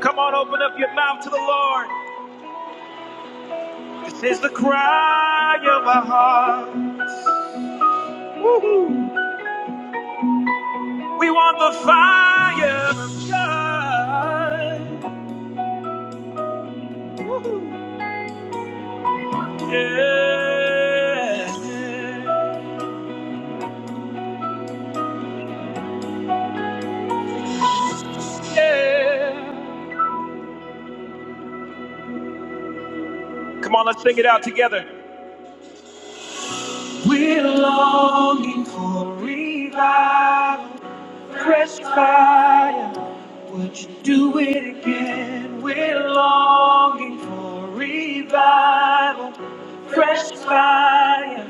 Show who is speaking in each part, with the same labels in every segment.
Speaker 1: Come on, open up your mouth to the Lord. This is the cry of our heart. Woo-hoo. We want the fire of God. Yeah. Yeah. Come on, let's sing it out together. We're longing for revival. fresh fire. Would you do it again? We're longing for revival, fresh fire.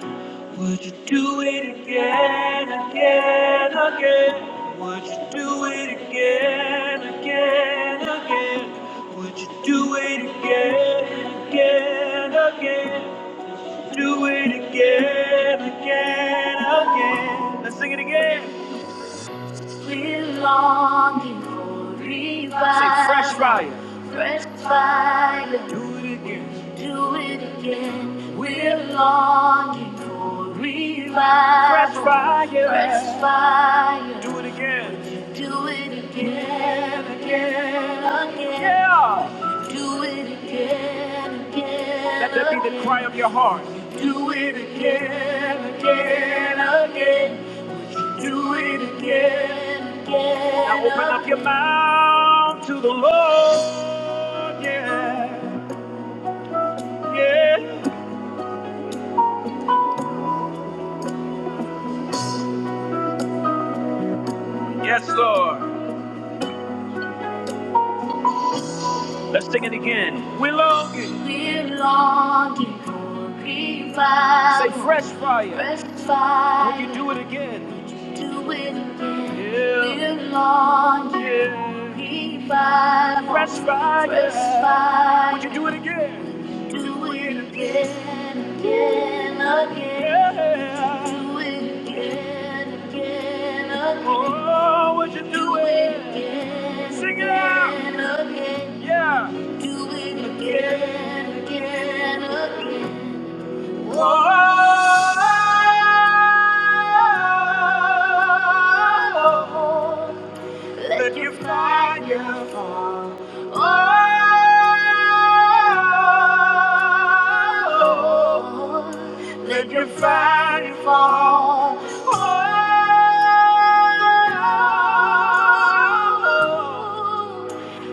Speaker 1: Would you do it again, again, again? Would you do it again, again, again? Would you do it again, again, again? Do it again, again, again. Let's sing it again. We're longing for revival. Say fresh fire. Fresh fire. Do it again. Do it again. We're longing for revival. Fresh fire. Fresh fire. Do it again. Do it again. Again. Again. Yeah. Do it again. Again. Let that be the cry of your heart. Do it again. Again. Again. Do it again, again. Now open up your mouth to the Lord. Yeah, yeah. Yes, Lord. Let's sing it again. We're longing. We're longing for revival. Say fresh fire. Fresh fire. Would you do it again? Would you do it again? Yeah. We're longing yeah. for revival. Fresh fire. Fresh fire. Would you do it again? Do it again, again, again. Yeah. Do it again, again, again. Oh, what you do, do it again, Sing it out. Again, again. Yeah. Do it again, again, again. Whoa. Let your fire fall. Oh, let your fire fall. Oh,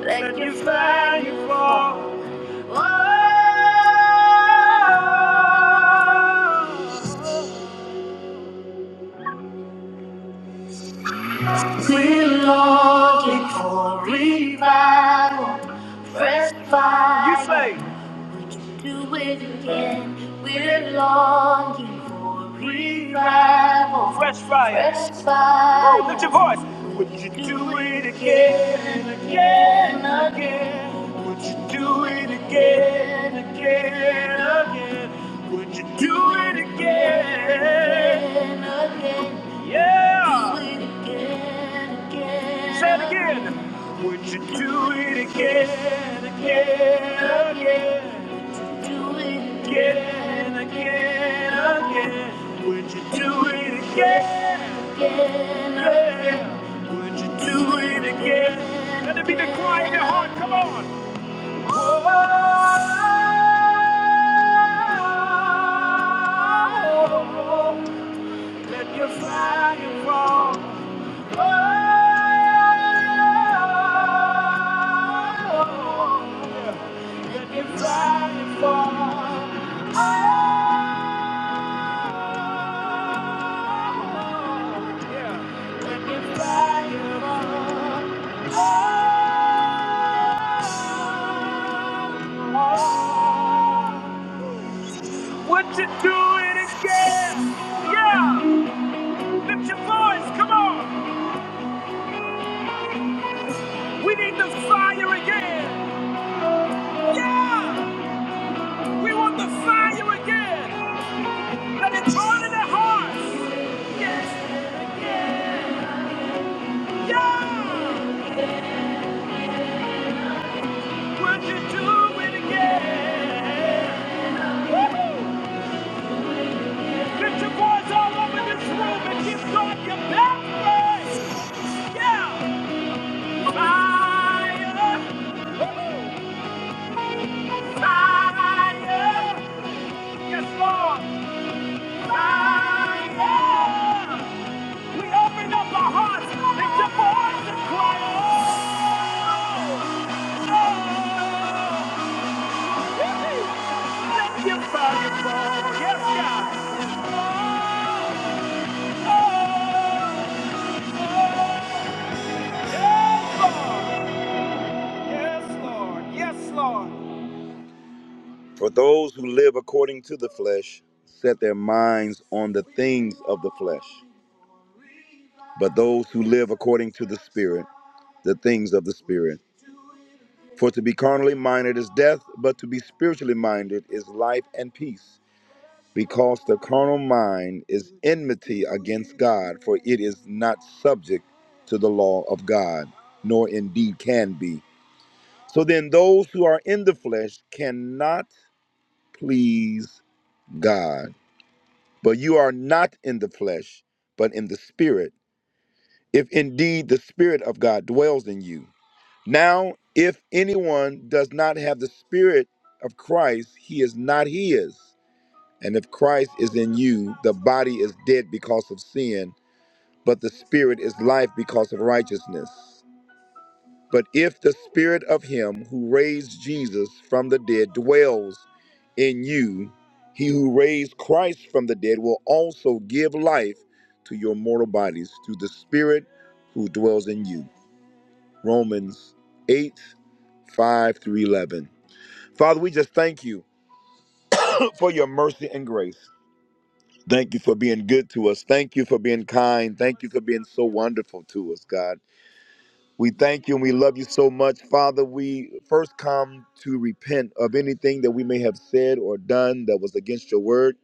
Speaker 1: let your fire fall. Oh, revival, fresh fire. You say. do it again. We're longing for revival. Fresh fire. Fresh fire. Oh, lift your voice. Would you do it again, again, again? Would you do it again, again, again? Would you do it again, again? Yeah. Do it again, again. Say it again. Would you do it again, again, again? do it again, again, again? Would you do it again, again, again? Would you do it again? Let it be the cry in your heart. Come on. Oh, let your fire fall. Oh, yeah. let your fire fall. What you doing again? Yeah! Lift your voice, come on! We need the fire again! Yeah! We want the fire again! Let it burn in their hearts! Yeah! What you doing again? Woo-hoo! Lift your voice all over this room and give God your best praise! Yes, Lord. Yes, Lord. For those who live according to the flesh set their minds on the things of the flesh, but those who live according to the Spirit, the things of the Spirit. For to be carnally minded is death, but to be spiritually minded is life and peace. Because the carnal mind is enmity against God, for it is not subject to the law of God, nor indeed can be. So then, those who are in the flesh cannot please God. But you are not in the flesh, but in the Spirit, if indeed the Spirit of God dwells in you. Now, if anyone does not have the Spirit of Christ, he is not his. And if Christ is in you, the body is dead because of sin, but the Spirit is life because of righteousness. But if the spirit of him who raised Jesus from the dead dwells in you, he who raised Christ from the dead will also give life to your mortal bodies through the spirit who dwells in you. Romans 8, 5 through 11. Father, we just thank you for your mercy and grace. Thank you for being good to us. Thank you for being kind. Thank you for being so wonderful to us, God. We thank you and we love you so much. Father, we first come to repent of anything that we may have said or done that was against your word.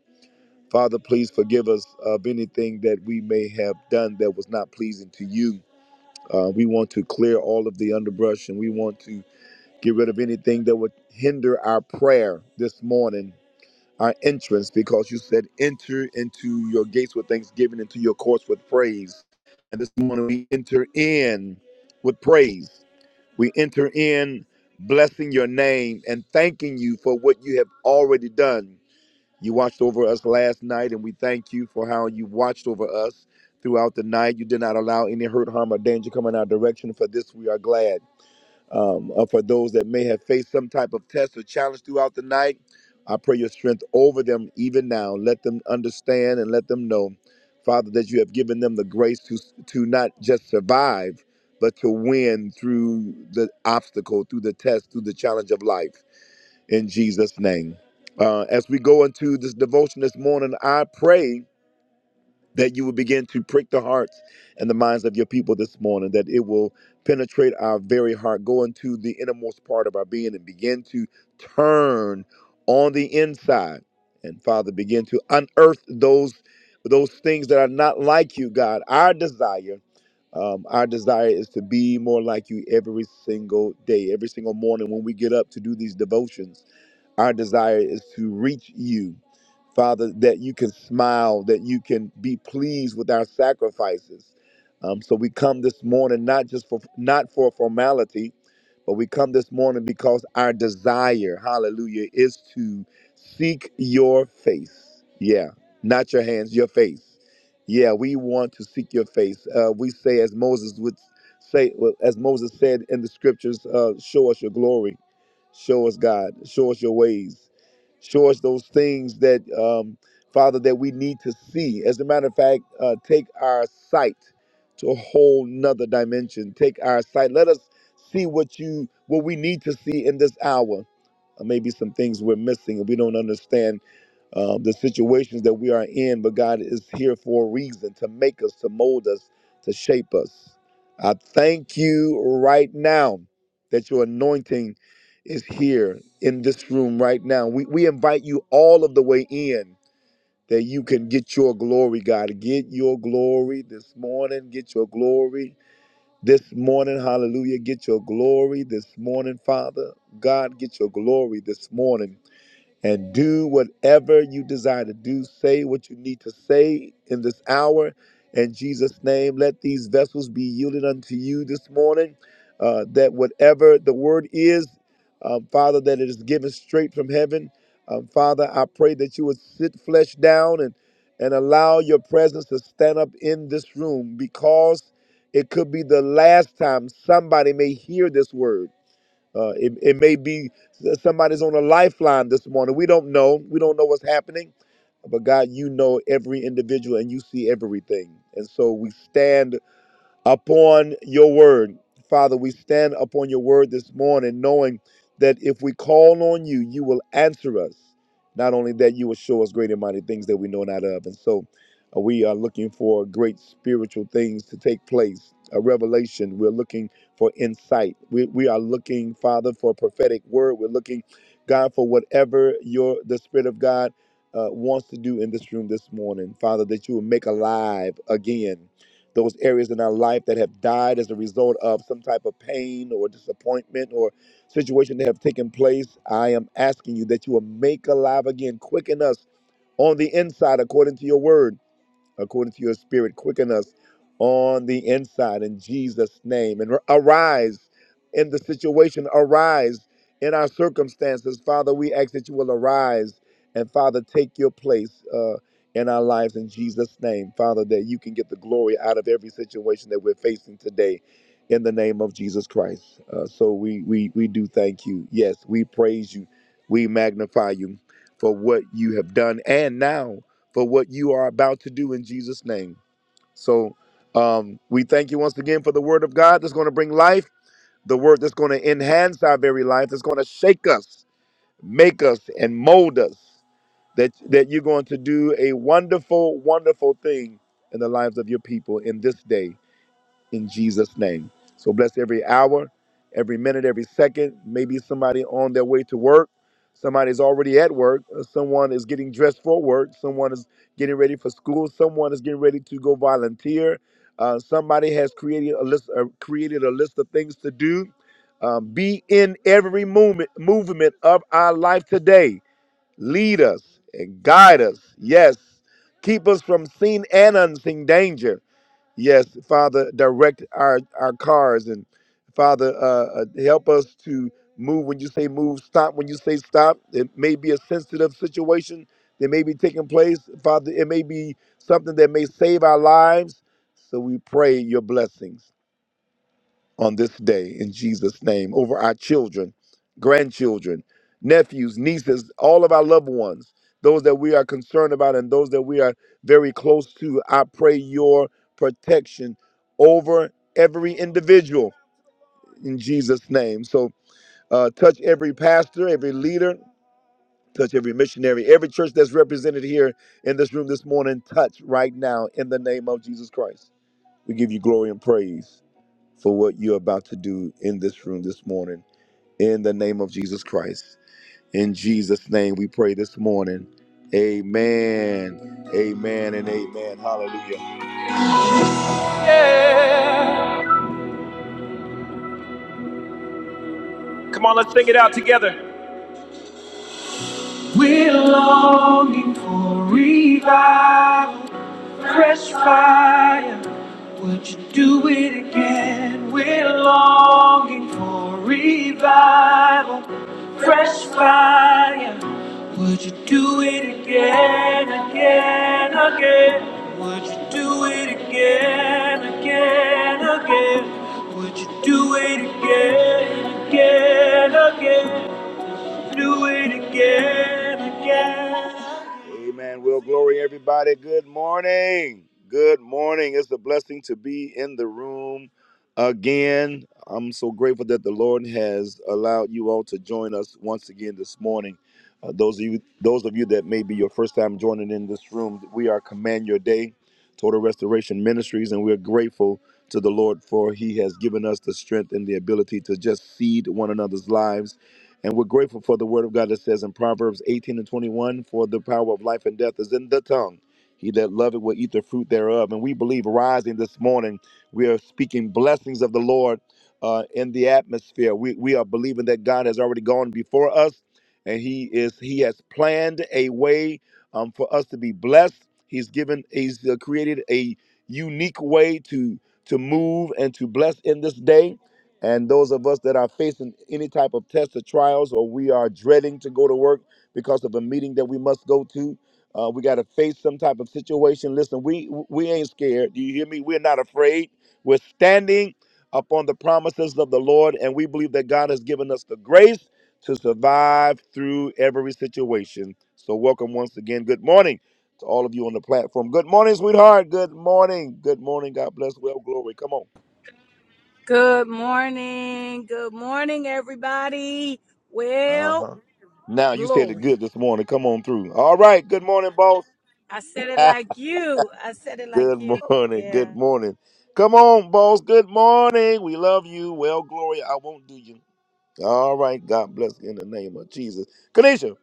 Speaker 1: Father, please forgive us of anything that we may have done that was not pleasing to you. Uh, we want to clear all of the underbrush and we want to get rid of anything that would hinder our prayer this morning, our entrance, because you said, enter into your gates with thanksgiving, into your courts with praise. And this morning we enter in with praise. We enter in blessing your name and thanking you for what you have already done. You watched over us last night, and we thank you for how you watched over us throughout the night. You did not allow any hurt, harm, or danger come in our direction. For this, we are glad um, uh, for those that may have faced some type of test or challenge throughout the night. I pray your strength over them even now. Let them understand and let them know, Father, that you have given them the grace to to not just survive, but to win through the obstacle, through the test, through the challenge of life. In Jesus' name. Uh, as we go into this devotion this morning, I pray that you will begin to prick the hearts and the minds of your people this morning, that it will penetrate our very heart, go into the innermost part of our being and begin to turn on the inside. And Father, begin to unearth those those things that are not like you, God. Our desire um, our desire is to be more like you every single day, every single morning when we get up to do these devotions. Our desire is to reach you Father, that you can smile, that you can be pleased with our sacrifices. Um, so we come this morning not just for not for formality, but we come this morning because our desire, hallelujah, is to seek your face. Yeah, not your hands, your face. Yeah, we want to seek your face. Uh, we say, as Moses would say, well, as Moses said in the scriptures, uh, show us your glory, show us God, show us your ways. Show us those things that, um, Father, that we need to see. As a matter of fact, uh, take our sight to a whole nother dimension. Take our sight. Let us see what you what we need to see in this hour. Uh, maybe some things we're missing and we don't understand um, the situations that we are in, but God is here for a reason to make us, to mold us, to shape us. I thank you right now that your anointing is here in this room right now. We, we invite you all of the way in that you can get your glory, God. Get your glory this morning. Get your glory this morning. Hallelujah. Get your glory this morning, Father. God, get your glory this morning and do whatever you desire to do. Say what you need to say in this hour. In Jesus' name, let these vessels be yielded unto you this morning, uh, that whatever the word is, um, Father, that it is given straight from heaven. Um, Father, I pray that you would sit flesh down and, and allow your presence to stand up in this room because it could be the last time somebody may hear this word uh, it, it may be that somebody's on a lifeline this morning. We don't know. We don't know what's happening. But God, you know every individual and you see everything. And so we stand upon your word. Father, we stand upon your word this morning, knowing that if we call on you, you will answer us. Not only that, you will show us great and mighty things that we know not of. And so uh, we are looking for great spiritual things to take place, a revelation. We're looking for insight. We, we are looking, Father, for a prophetic word. We're looking, God, for whatever your the Spirit of God uh, wants to do in this room this morning. Father, that you will make alive again those areas in our life that have died as a result of some type of pain or disappointment or situation that have taken place, I am asking you that you will make alive again, quicken us on the inside according to your word according to your spirit. Quicken us on the inside in Jesus' name and arise in the situation, arise in our circumstances. Father, we ask that you will arise and, Father, take your place uh, in our lives in Jesus' name. Father, that you can get the glory out of every situation that we're facing today in the name of Jesus Christ. Uh, so we, we, we do thank you. Yes, we praise you. We magnify you for what you have done and now for what you are about to do in Jesus' name. So um, we thank you once again for the word of God that's going to bring life, the word that's going to enhance our very life, that's going to shake us, make us, and mold us. That, that you're going to do a wonderful, wonderful thing in the lives of your people in this day in Jesus' name. So bless every hour, every minute, every second. Maybe somebody on their way to work, somebody's already at work, uh, someone is getting dressed for work, someone is getting ready for school, someone is getting ready to go volunteer. Uh, somebody has created a list, uh, created a list of things to do. Um, be in every movement, movement of our life today. Lead us and guide us. Yes, keep us from seen and unseen danger Yes, Father, direct our, our cars and Father, uh, uh, help us to move when you say move, stop when you say stop. It may be a sensitive situation that may be taking place. Father, it may be something that may save our lives. So we pray your blessings on this day in Jesus' name over our children, grandchildren, nephews, nieces, all of our loved ones, those that we are concerned about and those that we are very close to. I pray your protection over every individual in Jesus' name. So uh, touch every pastor, every leader. Touch every missionary, every church that's represented here in this room this morning. Touch right now in the name of Jesus Christ. We give you glory and praise for what you're about to do in this room this morning. In the name of Jesus Christ. In Jesus' name we pray this morning. Amen. Amen and amen. Hallelujah. Come on, let's sing it out together. We're longing for revival, fresh fire. Would you do it again? We're longing for revival, fresh fire. Would you do it again, again, again? Would you do it again, again, again? Would you do it again, again, again? Do it again. Amen. Well, glory, everybody. Good morning. Good morning. It's a blessing to be in the room again. I'm so grateful that the Lord has allowed you all to join us once again this morning. Uh, those of you, those of you that may be your first time joining in this room, we are Command Your Day, Total Restoration Ministries, and we're grateful to the Lord for He has given us the strength and the ability to just feed one another's lives and we're grateful for the word of God that says in Proverbs 18 and 21 For the power of life and death is in the tongue. He that loveth will eat the fruit thereof. And we believe rising this morning, we are speaking blessings of the Lord uh, in the atmosphere. We, we are believing that God has already gone before us and He is He has planned a way um, for us to be blessed. He's given He's uh, created a unique way to to move and to bless in this day and those of us that are facing any type of test or trials, or we are dreading to go to work because of a meeting that we must go to, uh, we got to face some type of situation. Listen, we we ain't scared. Do you hear me? We're not afraid. We're standing upon the promises of the Lord, and we believe that God has given us the grace to survive through every situation. So, welcome once again. Good morning to all of you on the platform. Good morning, sweetheart. Good morning. Good morning. God bless. Well, glory. Come on.
Speaker 2: Good morning. Good morning, everybody.
Speaker 1: Uh
Speaker 2: Well,
Speaker 1: huh. Now you said it
Speaker 2: glory.
Speaker 1: good this morning. Come on through. All right. Good morning, boss.
Speaker 2: I said it like you. I said it like
Speaker 1: good
Speaker 2: you.
Speaker 1: morning.
Speaker 2: Yeah.
Speaker 1: Good morning. Come on, boss. Good morning. We love you. Well, Gloria, I won't do you. All right. God bless in the name of Jesus. Kanisha.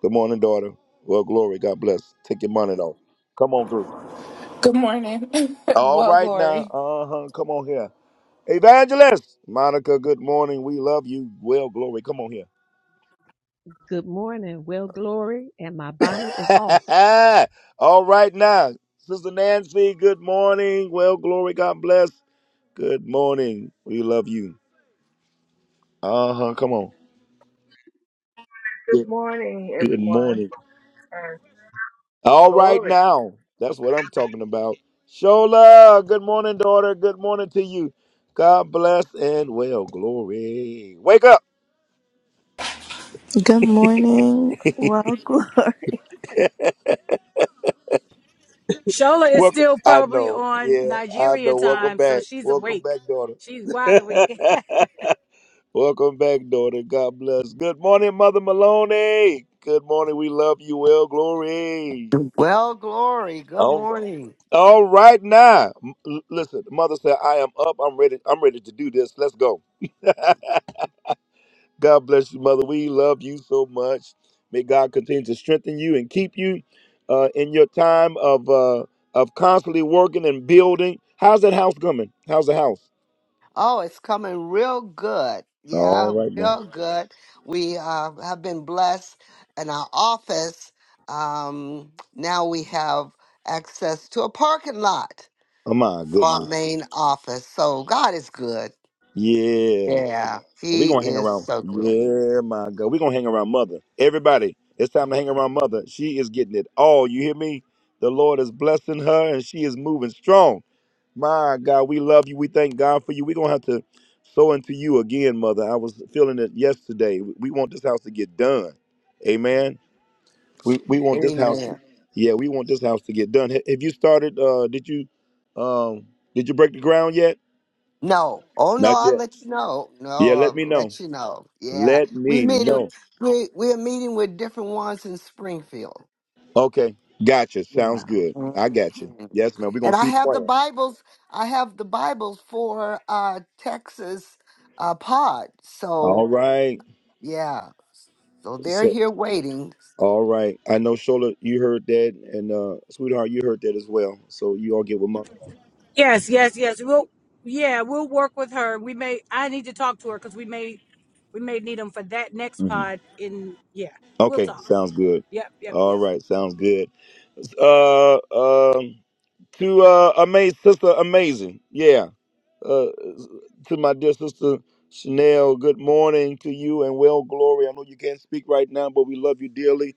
Speaker 1: Good morning, daughter. Well, Glory. God bless. Take your money off. Come on through.
Speaker 3: Good morning.
Speaker 1: All
Speaker 3: well,
Speaker 1: right now.
Speaker 3: glory.
Speaker 1: Uh huh. Come on here. Evangelist. Monica. Good morning. We love you. Well, Glory. Come on here.
Speaker 4: Good morning. Well, glory, and my bonnet is off.
Speaker 1: All right now. Sister Nancy, good morning. Well, glory, God bless. Good morning. We love you. Uh-huh. Come on. Good,
Speaker 5: Good morning,
Speaker 1: good
Speaker 5: everyone,
Speaker 1: morning.
Speaker 5: and
Speaker 1: All right
Speaker 5: glory.
Speaker 1: now. That's what I'm talking about. Shola, good morning, daughter. Good morning to you. God bless and well, glory. Wake up.
Speaker 6: Good morning. Well, glory.
Speaker 2: Shola is
Speaker 1: Welcome.
Speaker 2: still
Speaker 1: I
Speaker 2: probably
Speaker 1: know.
Speaker 2: on
Speaker 1: Yeah, I
Speaker 2: Nigeria
Speaker 1: know. Welcome
Speaker 2: time, so
Speaker 1: back.
Speaker 2: she's
Speaker 1: Welcome
Speaker 2: awake.
Speaker 1: back,
Speaker 2: She's wide awake.
Speaker 1: daughter. Welcome back, daughter. God bless. Good morning, Mother Maloney. Good morning. We love you. Well, glory.
Speaker 7: Well, Glory, good
Speaker 1: All right.
Speaker 7: morning.
Speaker 1: All right now. M- l- Listen, Mother said, I am up. I'm ready. I'm ready to do this. Let's go. God bless you, Mother. We love you so much. May God continue to strengthen you and keep you uh, in your time of uh, of constantly working and building. How's that house coming? How's the house?
Speaker 7: Oh, it's coming real good. Yeah,
Speaker 1: All right, man.
Speaker 7: real good. We uh, have been blessed in our office. Um, now we have access to a parking lot
Speaker 1: Oh my
Speaker 7: for our
Speaker 1: goodness.
Speaker 7: main office. So God is good.
Speaker 1: Yeah.
Speaker 7: Yeah,
Speaker 1: We're
Speaker 7: He
Speaker 1: gonna hang
Speaker 7: is
Speaker 1: around.
Speaker 7: so good.
Speaker 1: Yeah, my God. We're gonna hang around mother. Everybody, it's time to hang around mother. She is getting it all. You hear me? The Lord is blessing her and she is moving strong. My God, we love you. We thank God for you. We're gonna have to sow into you again, mother. I was feeling it yesterday. We want this house to get done. Amen. We we want this house to,
Speaker 7: Amen.
Speaker 1: yeah, we want this house to get done. Ha- Have you started? Uh did you um did you break the ground yet?
Speaker 7: No, oh no,
Speaker 1: Not
Speaker 7: I'll
Speaker 1: yet.
Speaker 7: let you know. No,
Speaker 1: Yeah, let
Speaker 7: I'll
Speaker 1: me know.
Speaker 7: let you know. Yeah,
Speaker 1: Let
Speaker 7: we
Speaker 1: me
Speaker 7: meet.
Speaker 1: know.
Speaker 7: We we're meeting with different ones in Springfield.
Speaker 1: Okay, gotcha. Sounds
Speaker 7: Yeah.
Speaker 1: good. I got you.
Speaker 7: Mhm.
Speaker 1: Yes, man. We're gonna
Speaker 7: And I
Speaker 1: keep
Speaker 7: have the
Speaker 1: playing.
Speaker 7: Bibles. I have the Bibles for uh, Texas uh, pod.
Speaker 1: All
Speaker 7: So
Speaker 1: right.
Speaker 7: yeah, so they're
Speaker 1: So,
Speaker 7: here waiting.
Speaker 1: all right. I know, Shola, you heard that, and uh, sweetheart, you heard that as well. So you all get with mom.
Speaker 2: yes, yes, yes. We'll yeah, we'll work with her. We may I need to talk to her because we may we may need them for that next
Speaker 1: hmm
Speaker 2: pod in yeah. We'll
Speaker 1: Okay,
Speaker 2: talk.
Speaker 1: sounds good.
Speaker 2: Yep, yep,
Speaker 1: All
Speaker 2: yep.
Speaker 1: right, sounds good. Uh, um, to uh, amazing sister, amazing. Yeah. Uh, to my dear sister Chanel, good morning to you and well glory. I know you can't speak right now, but we love you dearly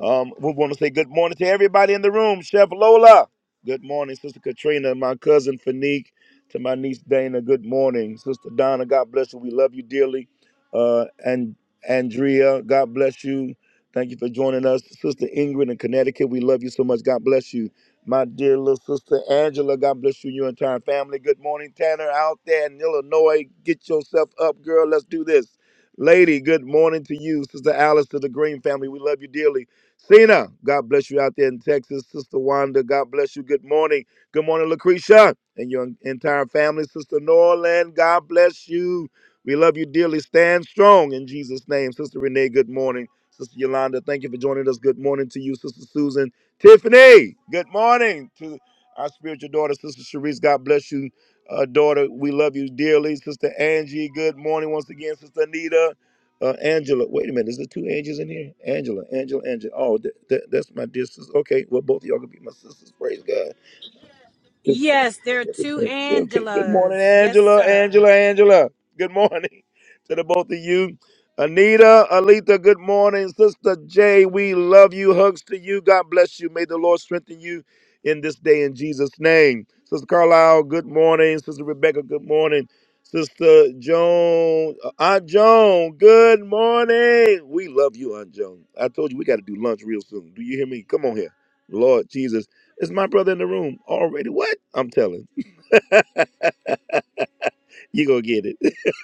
Speaker 1: Um, we want to say good morning to everybody in the room. Chef Lola, good morning. Sister Katrina, my cousin Fanique, to my niece Dana, good morning. Sister Donna, God bless you. We love you dearly. Uh, and Andrea, God bless you. Thank you for joining us. Sister Ingrid in Connecticut, we love you so much. God bless you. My dear little sister Angela, God bless you and your entire family. Good morning, Tanner, out there in Illinois. Get yourself up, girl. Let's do this. Lady, good morning to you. Sister Alice to the Green family, we love you dearly. Cena, God bless you out there in Texas. Sister Wanda, God bless you. Good morning. Good morning, Lucretia, and your entire family. Sister Norland, God bless you. We love you dearly. Stand strong in Jesus' name. Sister Renee, good morning. Sister Yolanda, thank you for joining us. Good morning to you, Sister Susan. Tiffany, good morning to our spiritual daughter, Sister Sharice. God bless you, uh, daughter. We love you dearly. Sister Angie, good morning once again. Sister Anita, uh, Angela. Wait a minute, is there two Angels in here? Angela, Angela, Angela. Oh, th- th- that's my dear sister. Okay, well, both of y'all can be my sisters. Praise God.
Speaker 2: Yes, there are two
Speaker 1: Okay. Good morning,
Speaker 2: Angelas. Yes,
Speaker 1: Angela,
Speaker 2: sir.
Speaker 1: Angela, Angela. Good morning to the both of you. Anita, Alita, good morning. Sister Jay, we love you. Hugs to you. God bless you. May the Lord strengthen you in this day in Jesus' name. Sister Carlisle, good morning. Sister Rebecca, good morning. Sister Joan, uh, Aunt Joan, good morning. We love you, Aunt Joan. I told you we got to do lunch real soon. Do you hear me? Come on here. Lord Jesus. It's my brother in the room already. What? I'm telling. you gonna get it.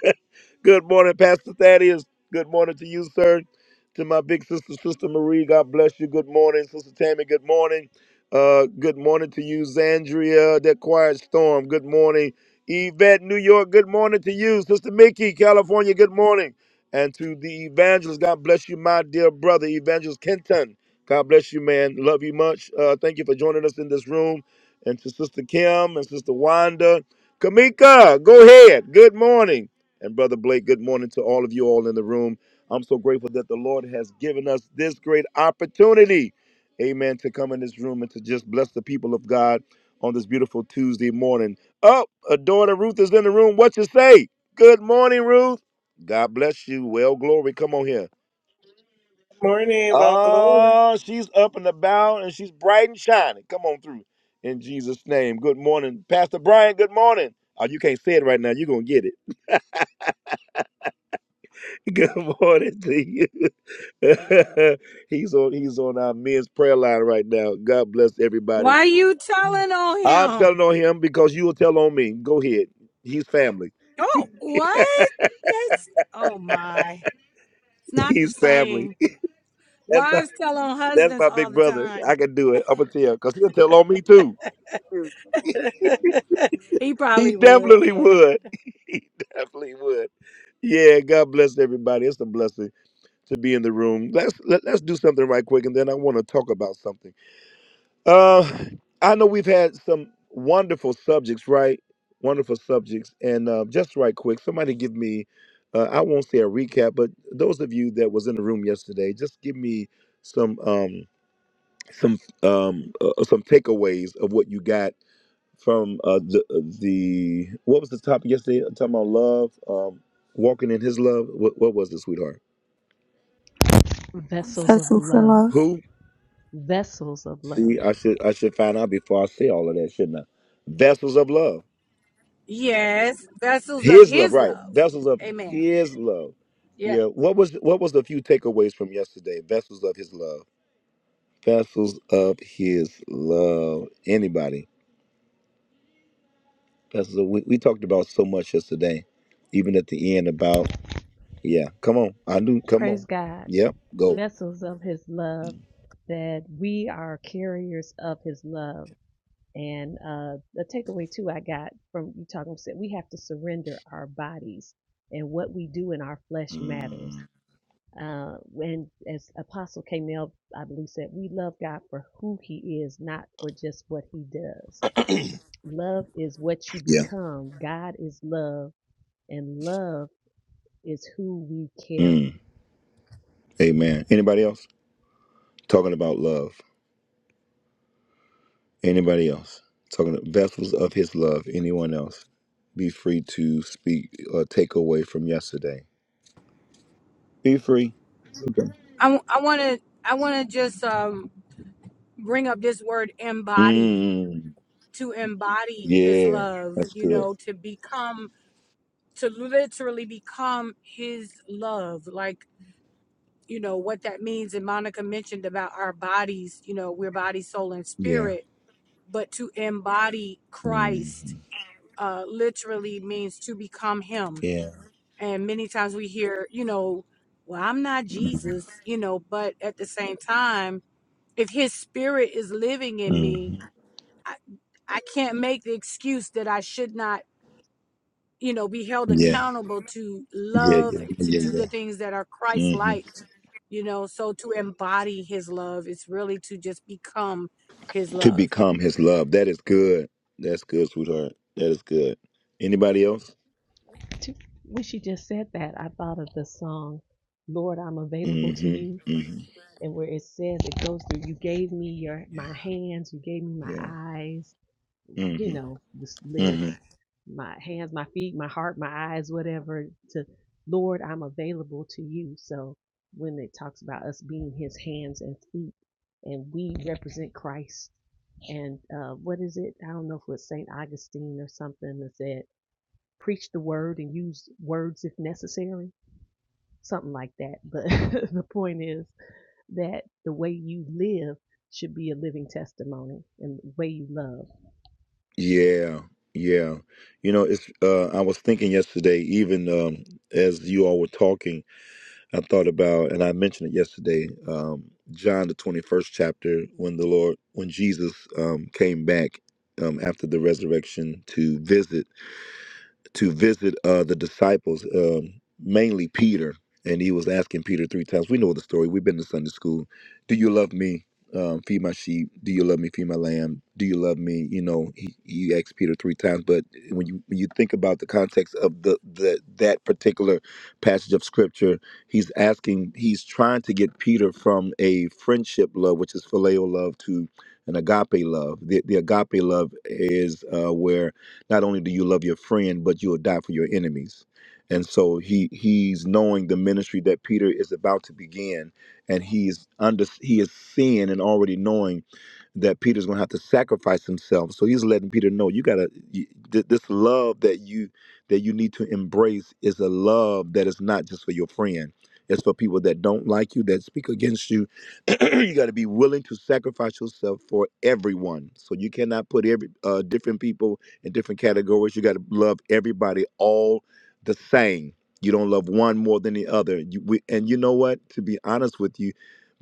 Speaker 1: Good morning, Pastor Thaddeus. Good morning to you, sir. To my big sister, Sister Marie. God bless you. Good morning, Sister Tammy. Good morning. Uh, good morning to you, Zandria. That quiet storm. Good morning, Yvette, New York. Good morning to you, Sister Mickey, California. Good morning. And to the evangelist, God bless you, my dear brother, Evangelist Kenton. God bless you, man. Love you much. Uh, thank you for joining us in this room. And to Sister Kim and Sister Wanda. Kamika, go ahead. Good morning. And Brother Blake, good morning to all of you all in the room. I'm so grateful that the Lord has given us this great opportunity, amen, to come in this room and to just bless the people of God on this beautiful Tuesday morning. Oh, a daughter Ruth is in the room. What you say? Good morning, Ruth. God bless you. Well, glory. Come on here.
Speaker 8: Morning about glory.
Speaker 1: Oh, she's up and about and she's bright and shining. Come on through in Jesus' name. Good morning, Pastor Brian. Good morning. Oh, you can't say it right now. You're going to get it. Good morning to you. he's on he's on our men's prayer line right now. God bless everybody.
Speaker 2: Why you telling on
Speaker 1: I'm
Speaker 2: him?
Speaker 1: telling on him because you will tell on me. Go ahead. He's family.
Speaker 2: Oh, what? That's oh my. It's not the
Speaker 1: He's family.
Speaker 2: same.
Speaker 1: That's my
Speaker 2: Wives tell on
Speaker 1: that's
Speaker 2: husbands
Speaker 1: my
Speaker 2: all
Speaker 1: big
Speaker 2: the
Speaker 1: brother. I
Speaker 2: time.
Speaker 1: can do it. I'm gonna tell because he'll tell on me too.
Speaker 2: He
Speaker 1: He
Speaker 2: probably would,
Speaker 1: definitely
Speaker 2: yeah.
Speaker 1: would. He definitely would. Yeah, God bless everybody. It's a blessing to be in the room. Let's let, let's do something right quick, and then I want to talk about something. Uh, I know we've had some wonderful subjects, right? Wonderful subjects. And uh, just right quick, somebody give me, uh, I won't say a recap, but those of you that was in the room yesterday, just give me some um, some um, uh, uh, some takeaways of what you got from uh, the uh, the what was the topic yesterday? i talking about love, um, walking in His love. What, what was it, sweetheart?
Speaker 4: Vessels of
Speaker 6: Pastor
Speaker 4: love.
Speaker 6: Love.
Speaker 1: Who?
Speaker 4: Vessels of love.
Speaker 1: See, I should I should find out before I say all of that, shouldn't I? Vessels of love
Speaker 2: Yes, vessels of
Speaker 1: His love,
Speaker 2: his
Speaker 1: right?
Speaker 2: love.
Speaker 1: Vessels of
Speaker 2: Amen.
Speaker 1: His love.
Speaker 2: Yeah.
Speaker 1: Yeah. What was what was the few takeaways from yesterday? Vessels of His love. Vessels of His love. Anybody? Vessels. Of, we we talked about so much yesterday, even at the end about yeah. Come on, I do. Come
Speaker 4: Praise
Speaker 1: on.
Speaker 4: God.
Speaker 1: Yep. Go.
Speaker 4: Vessels of His love, that we are carriers of His love. And uh, the takeaway, too, I got from you talking said we have to surrender our bodies, and what we do in our flesh matters.
Speaker 1: Mm,
Speaker 4: Uh, when, as Apostle K. Nell, I believe, said, we love God for who He is, not for just what He does Love is what you
Speaker 1: yeah.
Speaker 4: become. God is love, and love is who we carry.
Speaker 1: Mm, amen. Anybody else talking about love? Anybody else talking vessels of His love? Anyone else? Be free to speak or take away from yesterday. Be free.
Speaker 2: I I want to I want to just um bring up this word embody
Speaker 1: Mm.
Speaker 2: to embody his
Speaker 1: Yeah.
Speaker 2: love,
Speaker 1: That's
Speaker 2: you
Speaker 1: good.
Speaker 2: know, to become to literally become his love. Like you know what that means and monica mentioned about our bodies you know we're body soul and
Speaker 1: Yeah.
Speaker 2: spirit but to embody christ
Speaker 1: Mm.
Speaker 2: uh literally means to become him
Speaker 1: Yeah.
Speaker 2: and many times we hear you know well i'm not jesus you know but at the same time if his spirit is living in me
Speaker 1: Mm-hmm.
Speaker 2: i, I can't make the excuse that i should not you know be held
Speaker 1: Yeah.
Speaker 2: accountable to
Speaker 1: Yeah.
Speaker 2: love
Speaker 1: Yeah.
Speaker 2: and to do
Speaker 1: Yeah.
Speaker 2: the things that are christ
Speaker 1: yeah. hmm
Speaker 2: like you know so to embody his love is really to just become his
Speaker 1: To
Speaker 2: love
Speaker 1: become his love. That is good. That's good, sweetheart. That is good. Anybody else?
Speaker 4: When she just said that, I thought of the song, Lord, I'm available to you.
Speaker 1: Mm-hmm. Mm-hmm.
Speaker 4: And where it says it goes through, you gave me your my
Speaker 1: Yeah.
Speaker 4: hands, you gave me my
Speaker 1: Yeah.
Speaker 4: eyes, you
Speaker 1: Mm-hmm.
Speaker 4: know, the s-
Speaker 1: Mm-hmm.
Speaker 4: lyrics, my hands, my feet, my heart, my eyes, whatever, to Lord, I'm available to you. So when it talks about us being his hands and feet and we represent Christ and uh, what is it? I don't know if it was St. Augustine or something that said, preach the word and use words if necessary, something like that. But the point is that the way you live should be a living testimony and the way you love.
Speaker 1: Yeah. Yeah. You know, it's uh I was thinking yesterday, even um as you all were talking, I thought about, and I mentioned it yesterday, um, John the twenty-first chapter, when the Lord, when Jesus um, came back um, after the resurrection to visit to visit uh, the disciples, um, mainly Peter, and he was asking Peter three times. We know the story. We've been to Sunday school. Do you love me? Um, feed my sheep. Do you love me? Feed my lamb. Do you love me? You know, he, he asked Peter three times. But when you when you think about the context of the, the that particular passage of scripture, he's asking, he's trying to get Peter from a friendship love, which is phileo love, to an agape love. The, the agape love is uh, where not only do you love your friend, but you'll die for your enemies. And so he he's knowing the ministry that Peter is about to begin, and he's under he is seeing and already knowing that Peter's going to have to sacrifice himself. So he's letting Peter know you got to this love that you that you need to embrace is a love that is not just for your friend. It's for people that don't like you, that speak against you. you got to be willing to sacrifice yourself for everyone. So you cannot put every uh, different people in different categories. You got to love everybody all the same. You don't love one more than the other. You, we, and you know what? To be honest with you,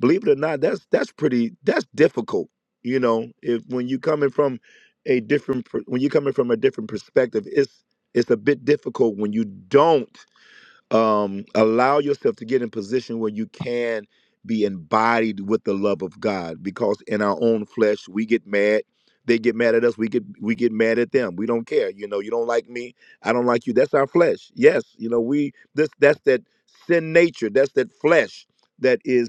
Speaker 1: believe it or not, that's that's pretty that's difficult. You know, if when you coming from a different per- when you coming from a different perspective, it's it's a bit difficult when you don't um, allow yourself to get in position where you can be embodied with the love of God. Because in our own flesh, we get mad. They get mad at us. We get we get mad at them. We don't care. You know, you don't like me. I don't like you. That's our flesh. Yes, you know, we this that's that sin nature. That's that flesh that is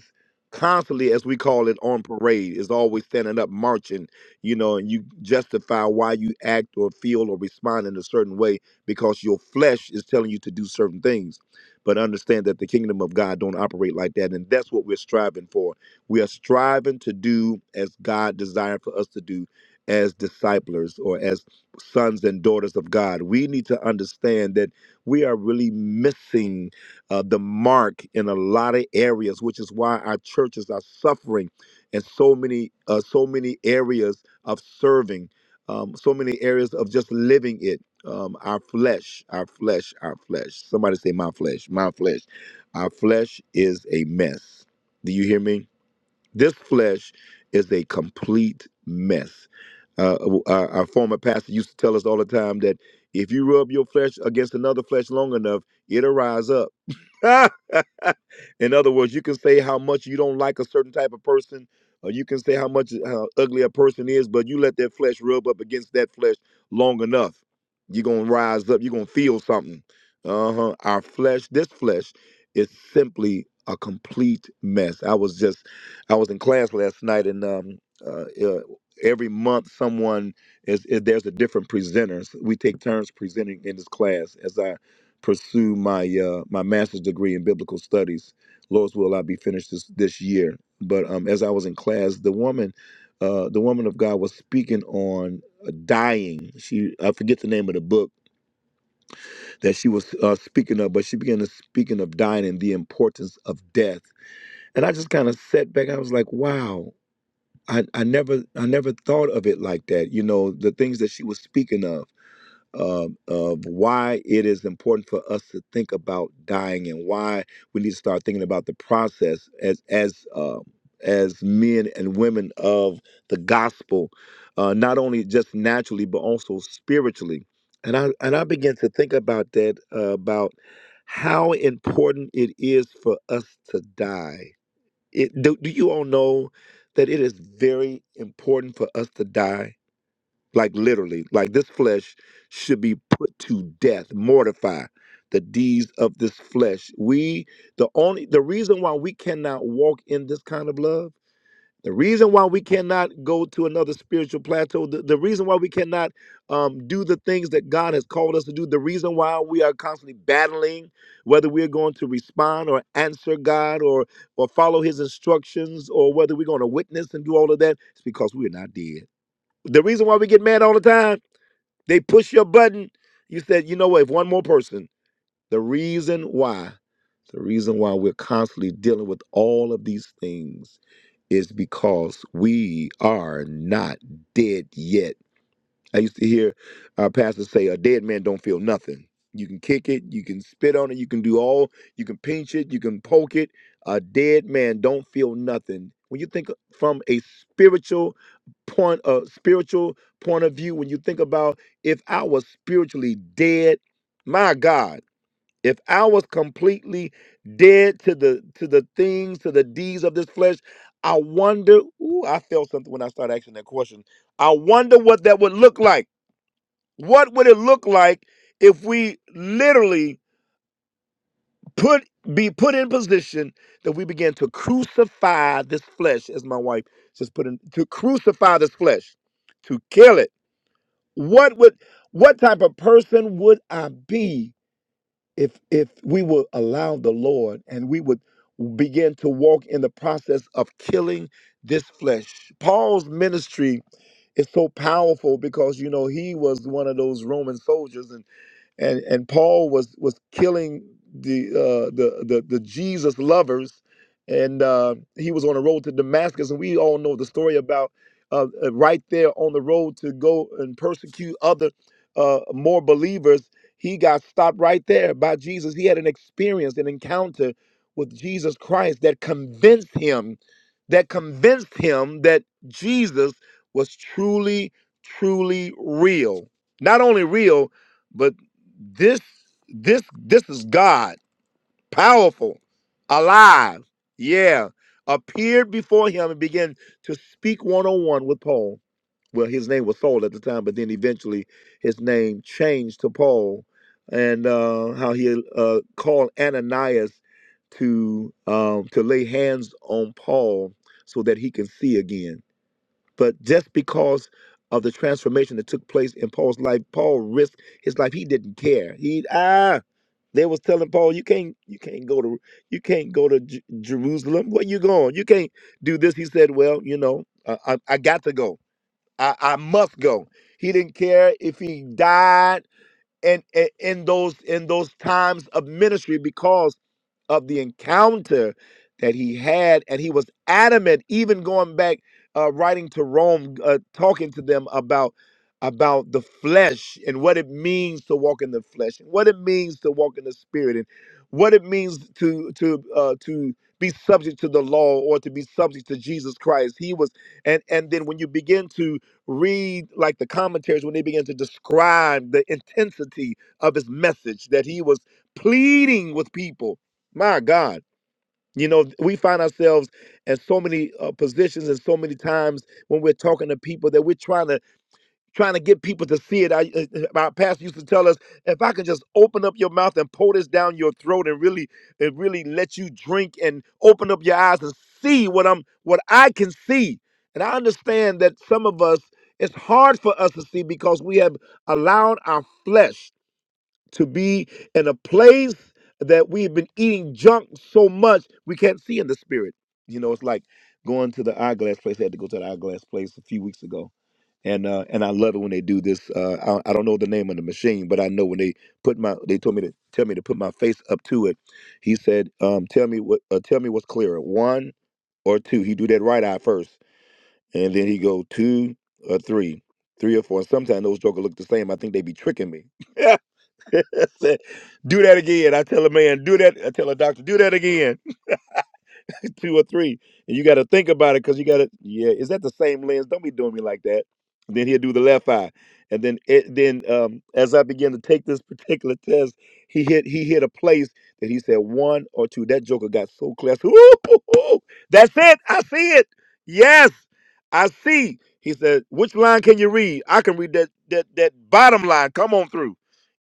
Speaker 1: constantly, as we call it, on parade. Is always standing up, marching. You know, and you justify why you act or feel or respond in a certain way because your flesh is telling you to do certain things but understand that the kingdom of God don't operate like that. And that's what we're striving for. We are striving to do as God desired for us to do as disciples or as sons and daughters of God. We need to understand that we are really missing uh, the mark in a lot of areas, which is why our churches are suffering in so many uh, so many areas of serving. Um, so many areas of just living it um, our flesh, our flesh, our flesh. Somebody say, My flesh, my flesh. Our flesh is a mess. Do you hear me? This flesh is a complete mess. Uh, our, our former pastor used to tell us all the time that if you rub your flesh against another flesh long enough, it'll rise up. In other words, you can say how much you don't like a certain type of person, or you can say how much how ugly a person is, but you let that flesh rub up against that flesh long enough, you're gonna rise up. You're gonna feel something. Uh huh. Our flesh, this flesh, is simply a complete mess. I was just, I was in class last night, and um, uh, uh, every month someone is, is there's a different presenter. So we take turns presenting in this class. As I pursue my uh, my master's degree in biblical studies. Lord's will, I'll be finished this this year. But um, as I was in class, the woman, uh, the woman of God, was speaking on dying. She I forget the name of the book that she was uh, speaking of, but she began to speaking of dying and the importance of death. And I just kind of sat back. I was like, wow. I, I never I never thought of it like that. You know the things that she was speaking of uh, of why it is important for us to think about dying and why we need to start thinking about the process as as uh, as men and women of the gospel, uh, not only just naturally but also spiritually. And I and I began to think about that uh, about how important it is for us to die. It, do, do you all know that it is very important for us to die? like literally like this flesh should be put to death mortify the deeds of this flesh we the only the reason why we cannot walk in this kind of love the reason why we cannot go to another spiritual plateau the, the reason why we cannot um, do the things that god has called us to do the reason why we are constantly battling whether we're going to respond or answer god or or follow his instructions or whether we're going to witness and do all of that it's because we're not dead the reason why we get mad all the time, they push your button. You said, you know what, if one more person, the reason why, the reason why we're constantly dealing with all of these things is because we are not dead yet I used to hear our pastor say, "A dead man don't feel nothing. You can kick it, you can spit on it, you can do all, you can pinch it, you can poke it. A dead man don't feel nothing." When you think uh, from a spiritual point, a spiritual point of view, when you think about if I was spiritually dead, my God, if I was completely dead to the to the things, to the deeds of this flesh, I wonder. Ooh, I felt something when I started asking that question. I wonder what that would look like. What would it look like if we literally put be put in position that we begin to crucify this flesh, as my wife just put in, to crucify this flesh, to kill it? What would what type of person would I be if if we would allow the Lord and we would begin to walk in the process of killing this flesh? Paul's ministry is so powerful because you know he was one of those Roman soldiers and and and Paul was was killing the uh, the, the the Jesus lovers, and uh, he was on the road to Damascus, and we all know the story about uh, uh, right there on the road to go and persecute other uh, more believers. He got stopped right there by Jesus. He had an experience, an encounter with Jesus Christ that convinced him, that convinced him that Jesus was truly, truly real. Not only real, but this this this is God, powerful, alive. Yeah, appeared before him and began to speak one on one with Paul. Well, his name was Saul at the time, but then eventually his name changed to Paul, and uh, how he uh, called Ananias to um, to lay hands on Paul so that he can see again. But just because of the transformation that took place in Paul's life, Paul risked his life. He didn't care. He ah they was telling Paul, "You can't, you can't go to, you can't go to J- Jerusalem. Where you going? You can't do this." He said, "Well, you know, I, I, I got to go. I, I must go." He didn't care if he died and in, those in those times of ministry because of the encounter that he had. And he was adamant, even going back, uh, writing to Rome, uh, talking to them about about the flesh and what it means to walk in the flesh and what it means to walk in the spirit and what it means to to uh, to be subject to the law or to be subject to Jesus Christ. He was and and then when you begin to read like the commentaries when they begin to describe the intensity of his message that he was pleading with people my God. You know, we find ourselves in so many uh, positions and so many times when we're talking to people that we're trying to trying to get people to see it. I, uh, our pastor used to tell us, if I can just open up your mouth and pour this down your throat and really and really let you drink and open up your eyes and see what I'm what I can see. And I understand that some of us it's hard for us to see because we have allowed our flesh to be in a place that we've been eating junk so much we can't see in the spirit. You know, it's like going to the eyeglass place. I had to go to the eyeglass place a few weeks ago, and uh, and I love it when they do this. Uh, I, I don't know the name of the machine, but I know when they put my they told me to tell me to put my face up to it. He said, um, "Tell me what uh, tell me what's clearer, one or two." He do that right eye first, and then he go two or three, three or four. And sometimes those jokers look the same. I think they be tricking me. I said, do that again. I tell a man, do that. I tell a doctor, do that again. two or three, and you got to think about it because you got to. Yeah, is that the same lens? Don't be doing me like that. Then he'll do the left eye, and then it, then um, as I began to take this particular test, he hit he hit a place that he said one or two. That joker got so clear. I said, "Ooh, that's it. I see it. Yes, I see. He said, which line can you read? I can read that that that bottom line. Come on through.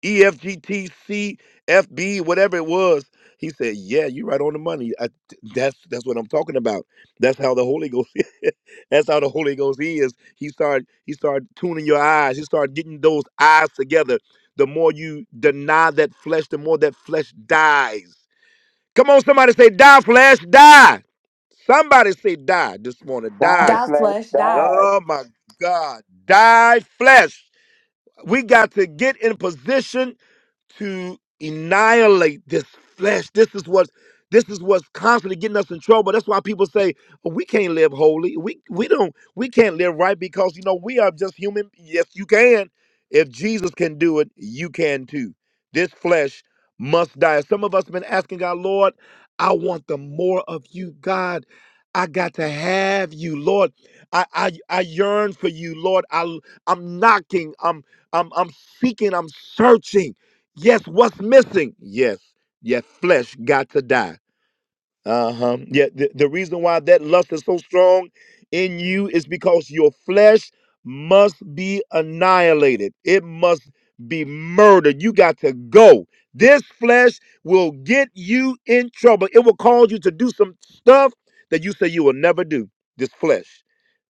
Speaker 1: E F G T C F B whatever it was. He said, "Yeah, you're right on the money. That's that's what I'm talking about. That's how the Holy Ghost. that's how the Holy Ghost is. He started he started tuning your eyes. He started getting those eyes together. The more you deny that flesh, the more that flesh dies. Come on, somebody say, die, flesh, die. Somebody say die this morning.
Speaker 9: God
Speaker 1: Die.
Speaker 3: Thou
Speaker 9: bless
Speaker 3: flesh, die.
Speaker 9: God.
Speaker 1: Oh my God. Die flesh. We got to get in position to annihilate this flesh. This is what this is what's constantly getting us in trouble. That's why people say "Oh, we can't live holy. We we don't we can't live right because you know we are just human. Yes, you can. If Jesus can do it, you can too. This flesh must die. Some of us have been asking God, Lord, I want the more of you, God. I got to have you, Lord. I I, I yearn for you, Lord. I I'm knocking. I'm I'm I'm seeking. I'm searching. Yes, what's missing? Yes, your flesh got to die. Uh huh. Yeah, the, the reason why that lust is so strong in you is because your flesh must be annihilated, it must be murdered. You got to go. This flesh will get you in trouble, it will cause you to do some stuff that you say you will never do. This flesh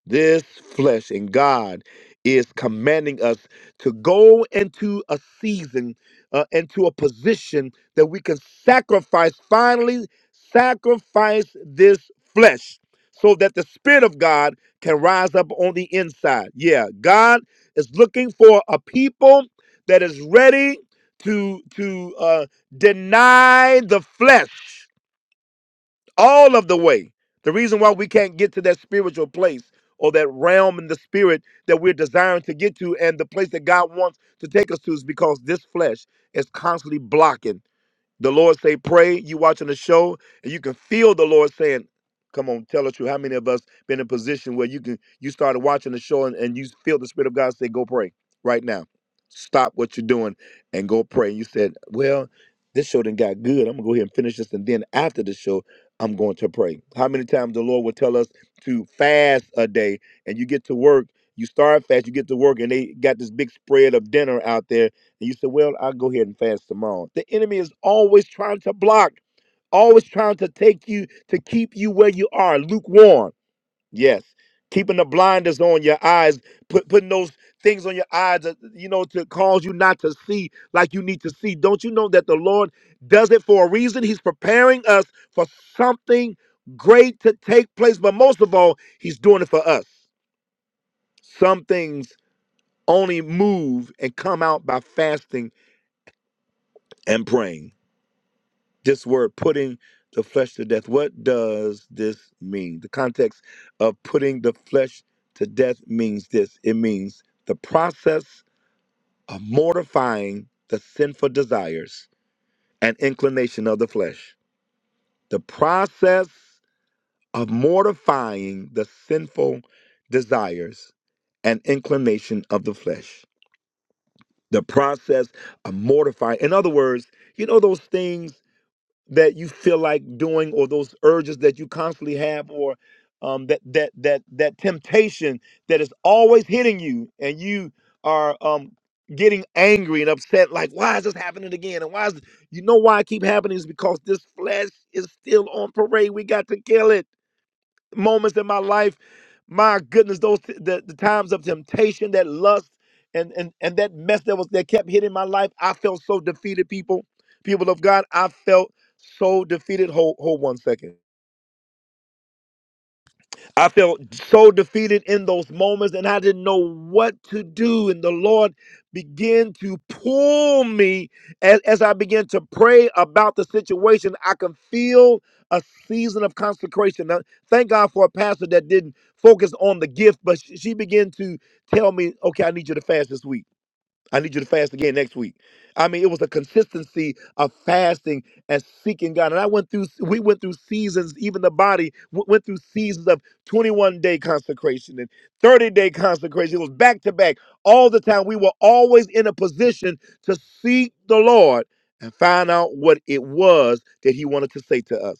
Speaker 1: this flesh and god is commanding us to go into a season uh, into a position that we can sacrifice finally sacrifice this flesh so that the spirit of god can rise up on the inside yeah god is looking for a people that is ready to to uh, deny the flesh all of the way. The reason why we can't get to that spiritual place or that realm in the spirit that we're desiring to get to and the place that God wants to take us to is because this flesh is constantly blocking. The Lord say, pray. You watching the show, and you can feel the Lord saying, Come on, tell us truth. How many of us been in a position where you can you started watching the show and, and you feel the Spirit of God say, Go pray right now. Stop what you're doing and go pray. And you said, Well, this show done got good. I'm gonna go ahead and finish this, and then after the show, I'm going to pray. How many times the Lord will tell us to fast a day and you get to work, you start fast, you get to work, and they got this big spread of dinner out there and you say, Well, I'll go ahead and fast tomorrow. The enemy is always trying to block, always trying to take you to keep you where you are, lukewarm. Yes. Keeping the blinders on your eyes, put, putting those things on your eyes, that, you know, to cause you not to see like you need to see. Don't you know that the Lord does it for a reason? He's preparing us for something great to take place. But most of all, He's doing it for us. Some things only move and come out by fasting and praying. this word putting the flesh to death what does this mean the context of putting the flesh to death means this it means the process of mortifying the sinful desires and inclination of the flesh the process of mortifying the sinful desires and inclination of the flesh the process of mortifying in other words you know those things that you feel like doing or those urges that you constantly have or um, that that that that temptation that is always hitting you and you are um, getting angry and upset like why is this happening again and why is you know why it keep happening is because this flesh is still on parade we got to kill it moments in my life, my goodness, those the, the times of temptation, that lust, and and and that mess that was that kept hitting my life, I felt so defeated. People, people of God, I felt so defeated. Hold hold one second. I felt so defeated in those moments and I didn't know what to do. And the Lord began to pull me as, as I began to pray about the situation. I could feel a season of consecration. Now, thank God for a pastor that didn't focus on the gift, but she, she began to tell me, okay, I need you to fast this week. I need you to fast again next week. I mean, it was a consistency of fasting and seeking God. And I went through, we went through seasons, even the body w- went through seasons of 21 day consecration and 30 day consecration. It was back to back all the time. We were always in a position to seek the Lord and find out what it was that He wanted to say to us.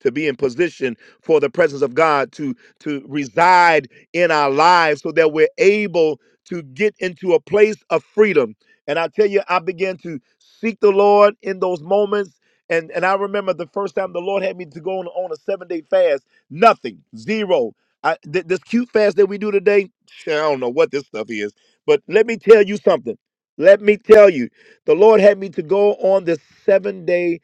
Speaker 1: To be in position for the presence of God to to reside in our lives, so that we're able to get into a place of freedom. And I tell you, I began to seek the Lord in those moments. And, and I remember the first time the Lord had me to go on, on a seven day fast, nothing, zero. I, th- this cute fast that we do today, I don't know what this stuff is, but let me tell you something. Let me tell you, the Lord had me to go on this seven day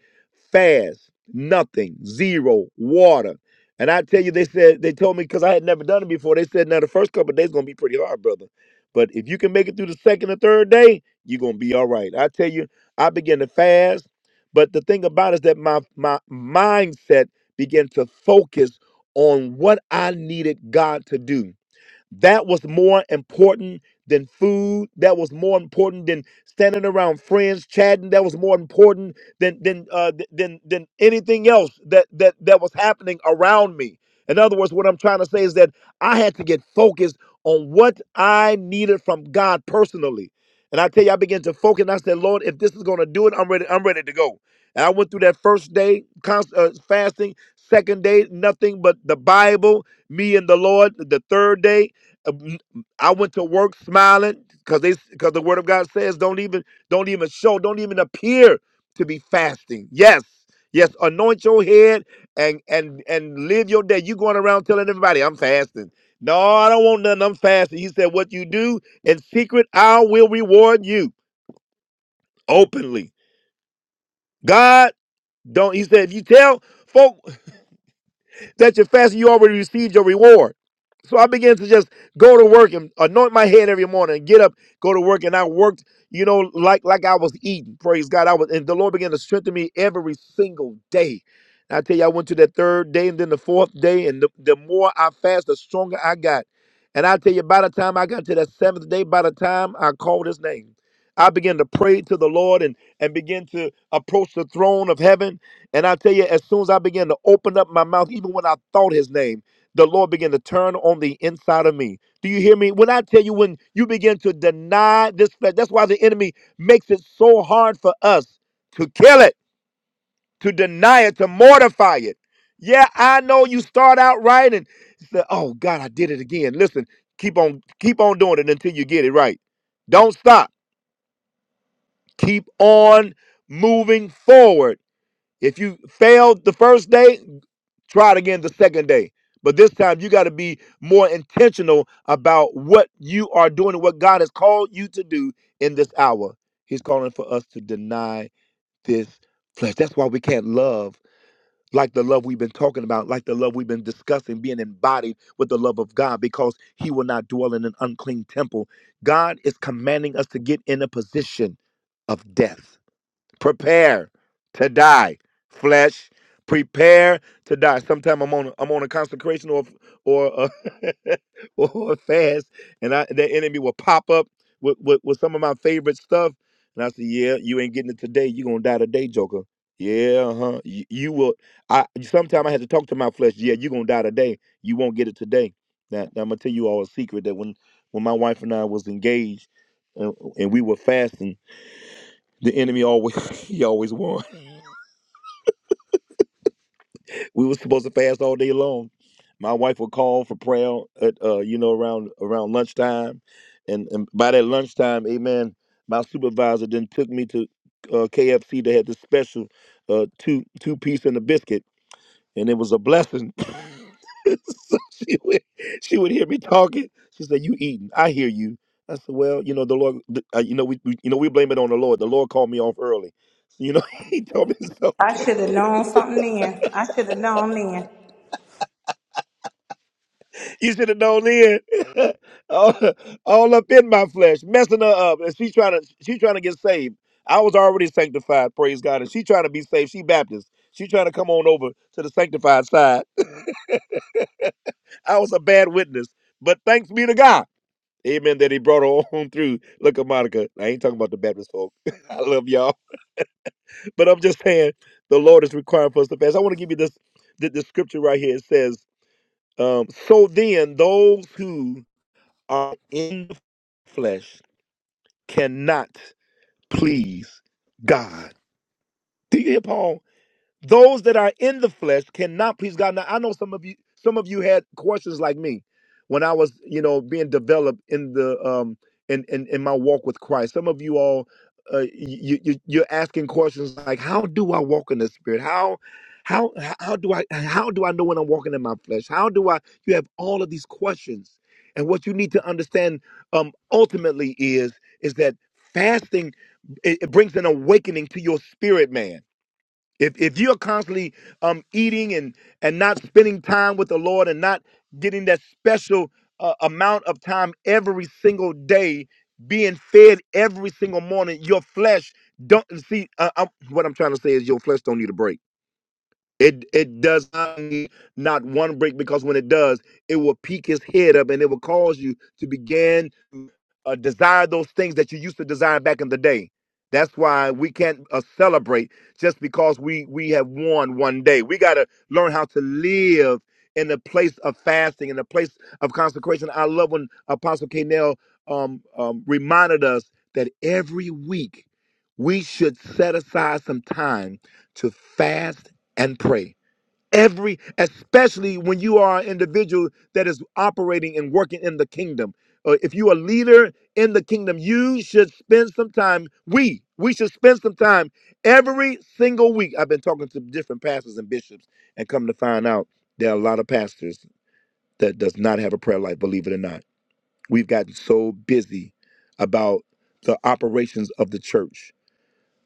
Speaker 1: fast, nothing, zero, water. And I tell you, they said, they told me because I had never done it before, they said, now the first couple of days going to be pretty hard, brother. But if you can make it through the second or third day, you're gonna be all right. I tell you, I began to fast, but the thing about it is that my my mindset began to focus on what I needed God to do. That was more important than food. That was more important than standing around friends chatting. That was more important than than uh, th- than than anything else that that that was happening around me. In other words, what I'm trying to say is that I had to get focused on what I needed from God personally. And I tell you, I began to focus. And I said, Lord, if this is going to do it, I'm ready. I'm ready to go. And I went through that first day const- uh, fasting. Second day, nothing but the Bible, me and the Lord. The third day, um, I went to work smiling because they because the word of God says don't even don't even show don't even appear to be fasting. Yes, yes, anoint your head and and and live your day. You going around telling everybody I'm fasting. No, I don't want nothing. I'm fasting. He said, "What you do in secret, I will reward you openly." God don't. He said, "If you tell folk." that you're fasting, you already received your reward. So I began to just go to work and anoint my head every morning, and get up, go to work, and I worked, you know, like like I was eating. Praise God! I was, and the Lord began to strengthen me every single day. And I tell you, I went to that third day, and then the fourth day, and the, the more I fast, the stronger I got. And I tell you, by the time I got to that seventh day, by the time I called His name, I began to pray to the Lord and and begin to approach the throne of heaven and I tell you, as soon as I began to open up my mouth, even when I thought his name, the Lord began to turn on the inside of me. Do you hear me? When I tell you, when you begin to deny this flesh, that's why the enemy makes it so hard for us to kill it, to deny it, to mortify it. Yeah, I know you start out right and say, "Oh God, I did it again." Listen, keep on, keep on doing it until you get it right. Don't stop. Keep on moving forward if you failed the first day, try it again the second day. But this time you got to be more intentional about what you are doing and what God has called you to do in this hour. He's calling for us to deny this flesh. That's why we can't love like the love we've been talking about, like the love we've been discussing, being embodied with the love of God, because He will not dwell in an unclean temple. God is commanding us to get in a position of death prepare to die flesh prepare to die sometime i'm on i'm on a consecration or or a, or a fast and i the enemy will pop up with, with with some of my favorite stuff and i say yeah you ain't getting it today you gonna die today joker yeah uh-huh you, you will i sometime i had to talk to my flesh yeah you gonna die today you won't get it today now, now i'm gonna tell you all a secret that when when my wife and i was engaged and, and we were fasting the enemy always he always won. We were supposed to fast all day long. My wife would call for prayer at uh, you know around around lunchtime, and, and by that lunchtime, amen. My supervisor then took me to uh, KFC. They had this special uh, two two piece and a biscuit, and it was a blessing. so she would she would hear me talking. She said, "You eating? I hear you." I said, "Well, you know the Lord. the- uh, you know we, we you know we blame it on the Lord. The Lord called me off early. So, you know He told me it's
Speaker 2: I
Speaker 1: okay."
Speaker 2: should have known something then. I should have known then.
Speaker 1: You should have known then. all, all up in my flesh, messing her up. And she trying to she trying to get saved. I was already sanctified, praise God. And she trying to be saved. She Baptist. She trying to come on over to the sanctified side. I was a bad witness. But thanks be to God. Amen. That he brought her on through. Look at Monica. I ain't talking about the Baptist folk. I love y'all. But I'm just saying the Lord is requiring for us to fast. I want to give you this the, the scripture right here. It says, um, so then those who are in the flesh cannot please God. Do you hear Paul? Those that are in the flesh cannot please God. Now I know some of you some of you had questions like me when I was, you know, being developed in the um in in, in my walk with Christ. Some of you all uh, you, you you're asking questions like how do I walk in the spirit? How how how do I how do I know when I'm walking in my flesh? How do I you have all of these questions. And what you need to understand um ultimately is is that fasting it, it brings an awakening to your spirit man if if you're constantly um eating and and not spending time with the Lord and not getting that special uh, amount of time every single day, being fed every single morning, your flesh don't see. Uh, I'm, what I'm trying to say is your flesh don't need a break. It it does not need not one break because when it does, it will peak his head up and it will cause you to begin to uh, desire those things that you used to desire back in the day. That's why we can't uh, celebrate just because we we have won one day. We got to learn how to live in a place of fasting, in a place of consecration. I love when Apostle Canel um, um, reminded us that every week we should set aside some time to fast and pray. Every, especially when you are an individual that is operating and working in the kingdom. Uh, if you are a leader in the kingdom, you should spend some time. We, we should spend some time every single week. I've been talking to different pastors and bishops, and come to find out there are a lot of pastors that does not have a prayer life. Believe it or not, we've gotten so busy about the operations of the church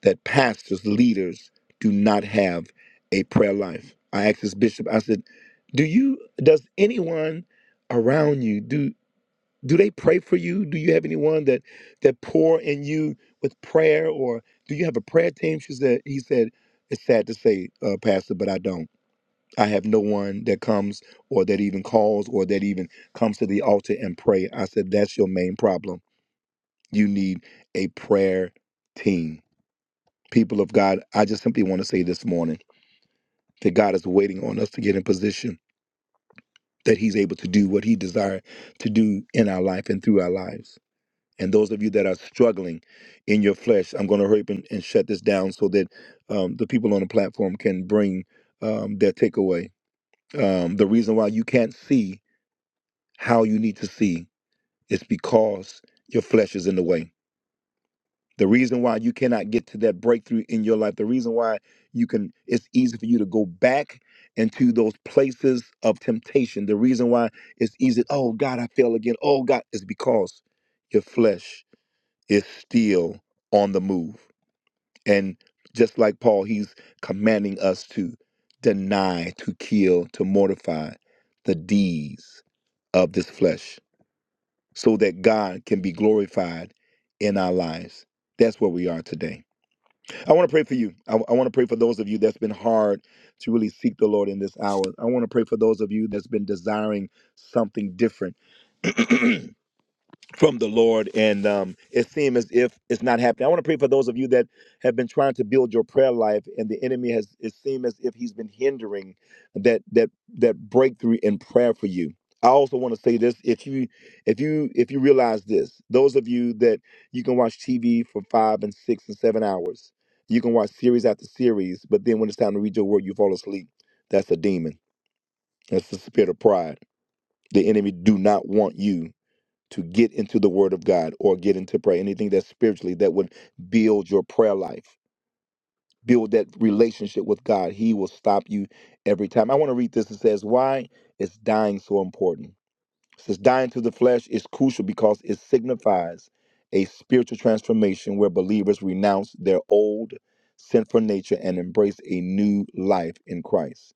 Speaker 1: that pastors, leaders do not have a prayer life. I asked this bishop, I said, Do you does anyone around you do do they pray for you? Do you have anyone that that pour in you with prayer or do you have a prayer team? She said he said, It's sad to say, uh, Pastor, but I don't. I have no one that comes or that even calls or that even comes to the altar and pray. I said, That's your main problem. You need a prayer team people of God, I just simply want to say this morning that God is waiting on us to get in position that He's able to do what He desires to do in our life and through our lives. And those of you that are struggling in your flesh, I'm going to hurry up and, and shut this down so that um, the people on the platform can bring um, their takeaway. Um, the reason why you can't see how you need to see is because your flesh is in the way The reason why you cannot get to that breakthrough in your life, the reason why you can, it's easy for you to go back into those places of temptation. The reason why it's easy, oh God, I fell again. Oh God, is because your flesh is still on the move. And just like Paul, he's commanding us to deny, to kill, to mortify the deeds of this flesh so that God can be glorified in our lives. That's where we are today. I want to pray for you. I, I want to pray for those of you that's been hard to really seek the Lord in this hour. I want to pray for those of you that's been desiring something different from the Lord, and um, it seems as if it's not happening. I want to pray for those of you that have been trying to build your prayer life, and the enemy has. It seems as if he's been hindering that that that breakthrough in prayer for you. I also want to say this: if you if you if you realize this, those of you that you can watch TV for five and six and seven hours, you can watch series after series, but then when it's time to read your word, you fall asleep. That's a demon. That's the spirit of pride. The enemy do not want you to get into the word of God or get into prayer, anything that's spiritually that would build your prayer life, build that relationship with God. He will stop you every time. I want to read this. It says, Why is dying so important? It says, Dying to the flesh is crucial because it signifies a spiritual transformation where believers renounce their old sinful nature and embrace a new life in Christ,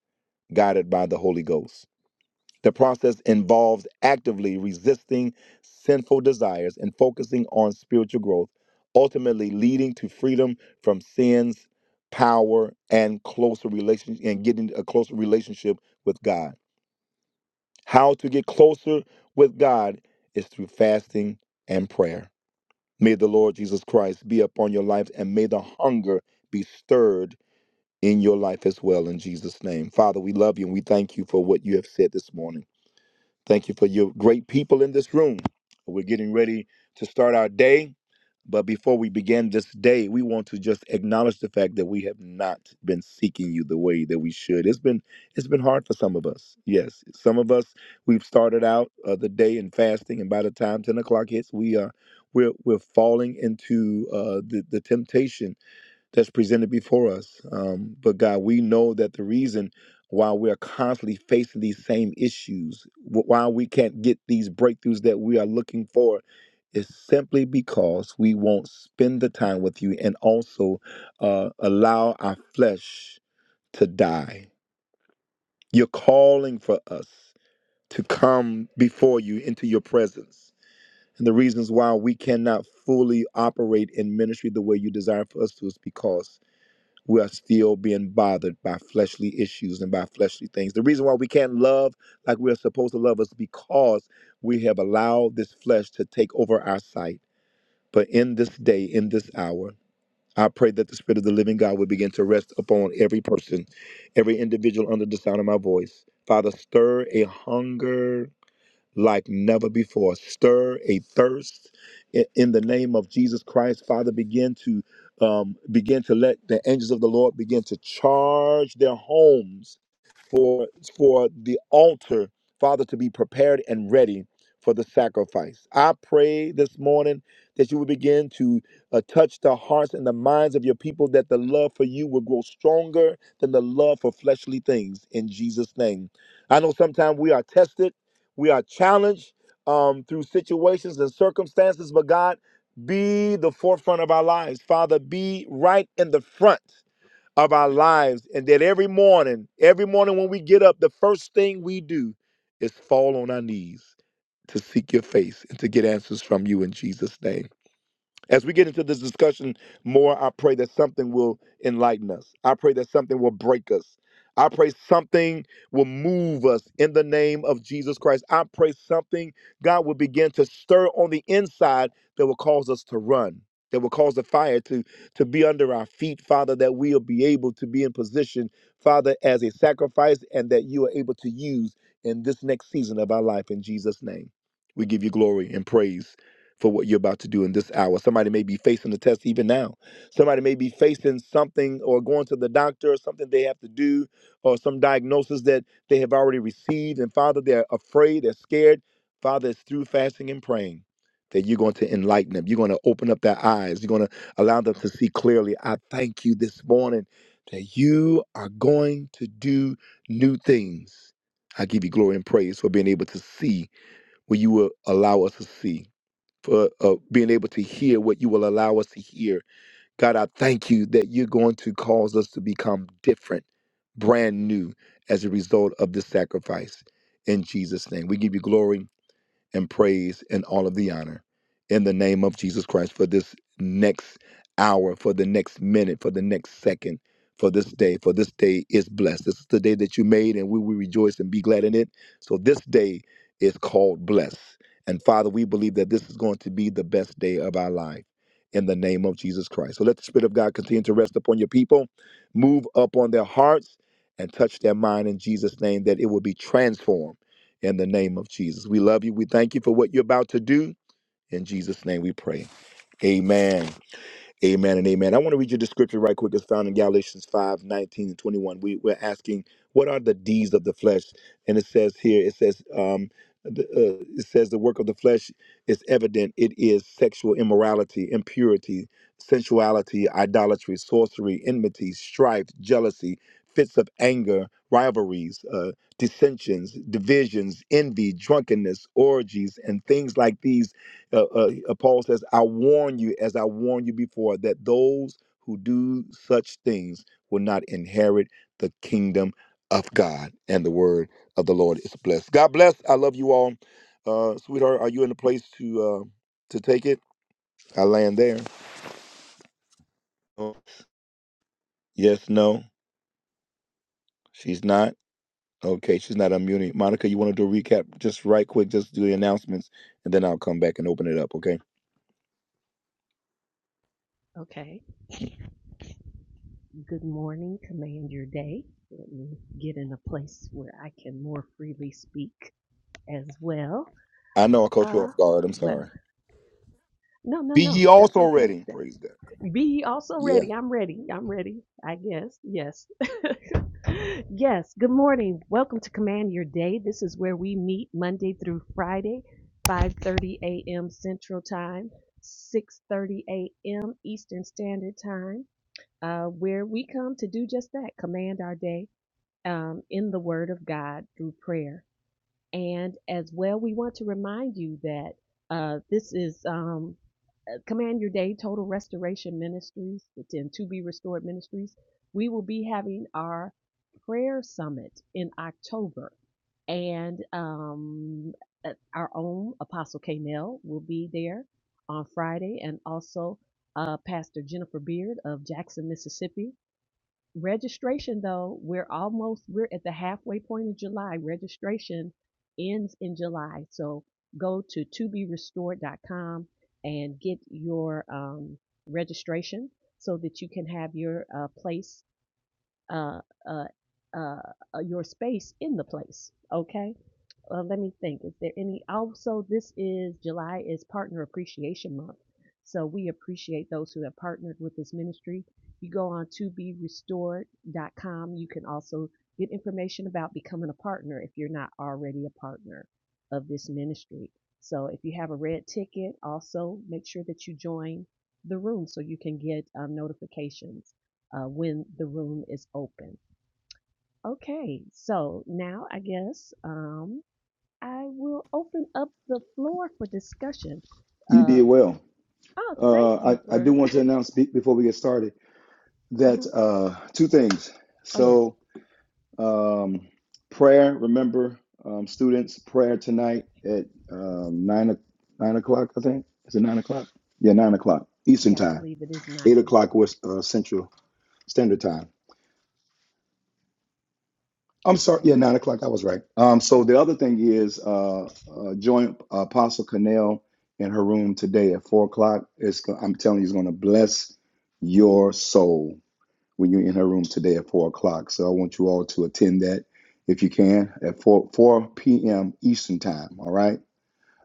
Speaker 1: guided by the Holy Ghost. The process involves actively resisting sinful desires and focusing on spiritual growth, ultimately leading to freedom from sins, power, and closer relationship and getting a closer relationship with God. How to get closer with God is through fasting and prayer. May the Lord Jesus Christ be upon your life and may the hunger be stirred in your life as well in Jesus' name. Father, we love you and we thank you for what you have said this morning. Thank you for your great people in this room. We're getting ready to start our day. But before we begin this day, we want to just acknowledge the fact that we have not been seeking you the way that we should. It's been it's been hard for some of us. Yes, some of us we've started out uh, the day in fasting, and by the time ten o'clock hits, we are we're we're falling into uh, the the temptation that's presented before us. Um, but God, we know that the reason why we're constantly facing these same issues, wh- why we can't get these breakthroughs that we are looking for, is simply because we won't spend the time with you and also uh, allow our flesh to die. You're calling for us to come before you into your presence. And the reasons why we cannot fully operate in ministry the way you desire for us to is because we are still being bothered by fleshly issues and by fleshly things. The reason why we can't love like we are supposed to love is because we have allowed this flesh to take over our sight. But in this day, in this hour, I pray that the Spirit of the living God would begin to rest upon every person, every individual under the sound of my voice. Father, stir a hunger like never before. Stir a thirst i- in the name of Jesus Christ. Father, begin to um, begin to let the angels of the Lord begin to charge their homes for for the altar, Father, to be prepared and ready for the sacrifice. I pray this morning that you will begin to uh, touch the hearts and the minds of your people, that the love for you will grow stronger than the love for fleshly things. In Jesus' name, I know sometimes we are tested, we are challenged um, through situations and circumstances, but God, be the forefront of our lives, Father. Be right in the front of our lives, and that every morning, every morning when we get up, the first thing we do is fall on our knees to seek your face and to get answers from you in Jesus' name. As we get into this discussion more, I pray that something will enlighten us. I pray that something will break us. I pray something will move us in the name of Jesus Christ. I pray something, God, will begin to stir on the inside that will cause us to run, that will cause the fire to, to be under our feet, Father, that we'll be able to be in position, Father, as a sacrifice and that you are able to use in this next season of our life in Jesus' name. We give you glory and praise for what you're about to do in this hour. Somebody may be facing a test even now. Somebody may be facing something or going to the doctor or something they have to do or some diagnosis that they have already received. And Father, they're afraid, they're scared. Father, it's through fasting and praying that you're going to enlighten them. You're going to open up their eyes. You're going to allow them to see clearly. I thank you this morning that you are going to do new things. I give you glory and praise for being able to see what you will allow us to see for uh, being able to hear what you will allow us to hear. God, I thank you that you're going to cause us to become different, brand new as a result of this sacrifice. In Jesus' name, we give you glory and praise and all of the honor in the name of Jesus Christ for this next hour, for the next minute, for the next second, for this day. For this day is blessed. This is the day that you made, and we will rejoice and be glad in it. So this day is called blessed. And Father, we believe that this is going to be the best day of our life in the name of Jesus Christ. So let the Spirit of God continue to rest upon your people, move up on their hearts, and touch their mind in Jesus' name that it will be transformed in the name of Jesus. We love you. We thank you for what you're about to do. In Jesus' name we pray. Amen. Amen and amen. I want to read you the scripture right quick. It's found in Galatians 5 19 and 21. We, we're asking, what are the deeds of the flesh? And it says here, it says, um, the, uh, it says the work of the flesh is evident. It is sexual immorality, impurity, sensuality, idolatry, sorcery, enmity, strife, jealousy, fits of anger, rivalries, uh, dissensions, divisions, envy, drunkenness, orgies, and things like these uh, uh, uh, Paul says, I warn you, as I warned you before, that those who do such things will not inherit the kingdom of God. And the word of the Lord is blessed. God bless. I love you all. Uh, sweetheart, are you in a place to uh, to take it? I land there. Oh, Yes, no, she's not. Okay, she's not unmuting. Monica, you want to do a recap just right quick, just do the announcements, and then I'll come back and open it up, okay?
Speaker 4: Okay. Good morning, command your day. Let me get in a place where I can more freely speak as well.
Speaker 1: I know I caught you
Speaker 4: Uh,
Speaker 1: off guard. I'm
Speaker 4: well,
Speaker 1: sorry.
Speaker 4: no, no,
Speaker 1: Be ye
Speaker 4: no, that's
Speaker 1: also
Speaker 4: okay.
Speaker 1: ready. Praise God.
Speaker 4: Be ye also
Speaker 1: Yeah.
Speaker 4: ready. I'm ready. I'm ready. I guess. Yes. yes. Good morning. Welcome to Command Your Day. This is where we meet Monday through Friday, 5:30 a.m. Central Time, 6:30 a.m. Eastern Standard Time, uh, where we come to do just that: command our day um, in the Word of God through prayer. And as well, we want to remind you that uh, this is um, uh, Command Your Day Total Restoration Ministries and To Be Restored Ministries. We will be having our prayer summit in October, and um, uh, our own Apostle Kanell will be there on Friday, and also uh, Pastor Jennifer Beard of Jackson, Mississippi registration though we're almost we're at the halfway point of july registration ends in july so go to to be restored dot com and get your um, registration so that you can have your uh, place uh, uh, uh, uh, your space in the place okay uh, let me think. Is there any? Also, this is July is Partner Appreciation Month, so we appreciate those who have partnered with this ministry. You go on to be restored dot com. You can also get information about becoming a partner if you're not already a partner of this ministry. So, if you have a red ticket, also make sure that you join the room so you can get um, notifications uh, when the room is open. Okay, so now I guess. Um, I will open up the floor for discussion.
Speaker 1: You did
Speaker 4: Um,
Speaker 1: well.
Speaker 4: oh, thank
Speaker 1: Uh,
Speaker 4: you
Speaker 1: I, I do
Speaker 4: for.
Speaker 1: want to announce be- before we get started that
Speaker 4: Mhm.
Speaker 1: uh, two things.
Speaker 4: oh,
Speaker 1: So.
Speaker 4: yes.
Speaker 1: Um, prayer, remember, um, students, prayer tonight at um, nine o- nine o'clock. I think is it nine o'clock? Yeah,
Speaker 4: I,
Speaker 1: nine o'clock Eastern
Speaker 4: yeah, I
Speaker 1: time.
Speaker 4: believe it is
Speaker 1: Eight
Speaker 4: 9
Speaker 1: o'clock
Speaker 4: Eastern.
Speaker 1: was uh, Central Standard Time. I'm sorry.
Speaker 4: Okay.
Speaker 1: Yeah, nine o'clock. I was right. Um, so
Speaker 4: Yes.
Speaker 1: the other thing is, uh, uh, join Apostle Connell in her room today at four o'clock. It's go- I'm telling you, it's going to bless your soul. when you're in her room today at four o'clock. So I want you all to attend that if you can at four four p.m. Eastern time. All right.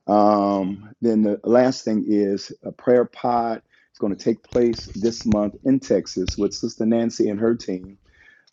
Speaker 1: Um, then the last thing is a prayer pod. It's going to take place this month in Texas with Sister Nancy and her team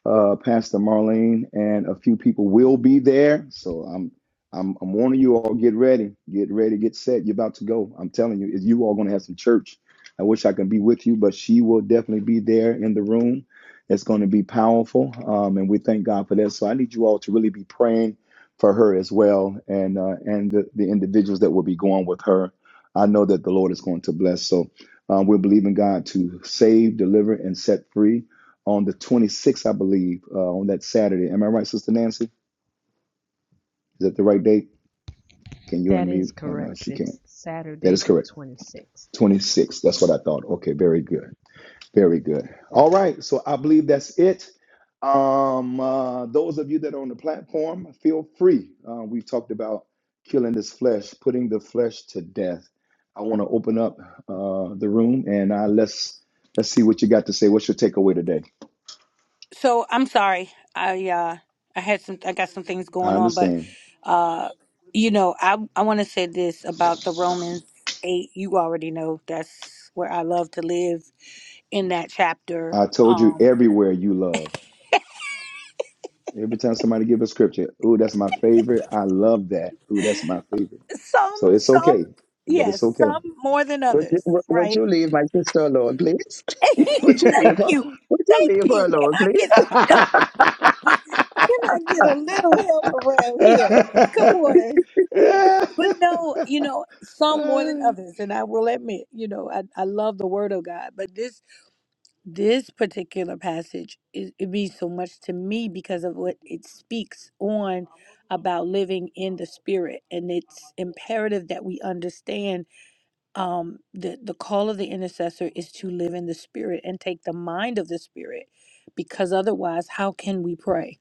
Speaker 1: uh, Pastor Marlene, and a few people will be there. So I'm, I'm, I'm warning you all. Get ready, get ready, get set. You're about to go. I'm telling you, you all going to have some church. I wish I could be with you, but she will definitely be there in the room. It's going to be powerful, um, and we thank God for that. So I need you all to really be praying for her as well, and uh, and the, the individuals that will be going with her. I know that the Lord is going to bless. So um, we're believing God to save, deliver, and set free on the 26th, I believe, uh, on that Saturday. Am I right, Sister Nancy? Is that the right date? Can you
Speaker 4: That
Speaker 1: unmute?
Speaker 4: is
Speaker 1: Oh, no,
Speaker 4: correct.
Speaker 1: she can't.
Speaker 4: It's
Speaker 1: That
Speaker 4: Saturday
Speaker 1: is
Speaker 4: the
Speaker 1: correct.
Speaker 4: 26th.
Speaker 1: 26. That's what I thought. Okay, very good. Very good. All right. So I believe that's it. Um, uh, those of you that are on the platform, feel free. Uh, we talked about killing this flesh, putting the flesh to death. I want to open up uh, the room today.
Speaker 2: So I'm sorry. I uh I had some I got some things going on, but uh you know, I I want to say this about the Romans 8. You already know that's where I love to live in that chapter.
Speaker 1: I told you
Speaker 2: Um
Speaker 1: everywhere you love. Every time somebody give a scripture, ooh, that's my favorite. I love that. Ooh, that's my favorite.
Speaker 2: some
Speaker 1: So it's
Speaker 2: some
Speaker 1: okay, but it's
Speaker 2: yes,
Speaker 1: okay.
Speaker 2: some more than
Speaker 9: Would you,
Speaker 2: others,
Speaker 9: would would
Speaker 2: right?
Speaker 9: you leave my sister alone, please? Would you leave
Speaker 2: Thank
Speaker 9: her?
Speaker 2: you.
Speaker 9: Would you
Speaker 2: Thank
Speaker 9: leave her
Speaker 2: you. Can
Speaker 9: alone,
Speaker 2: I
Speaker 9: please?
Speaker 2: get some help? Can I get a little help around here? Come on. But no, you know, some more than others, and I will admit, you know, I, I love the word of God, but this this particular passage it, it means so much to me because of what it speaks on about living in the spirit. And it's imperative that we understand um the the call of the intercessor is to live in the spirit and take the mind of the spirit because otherwise how can we pray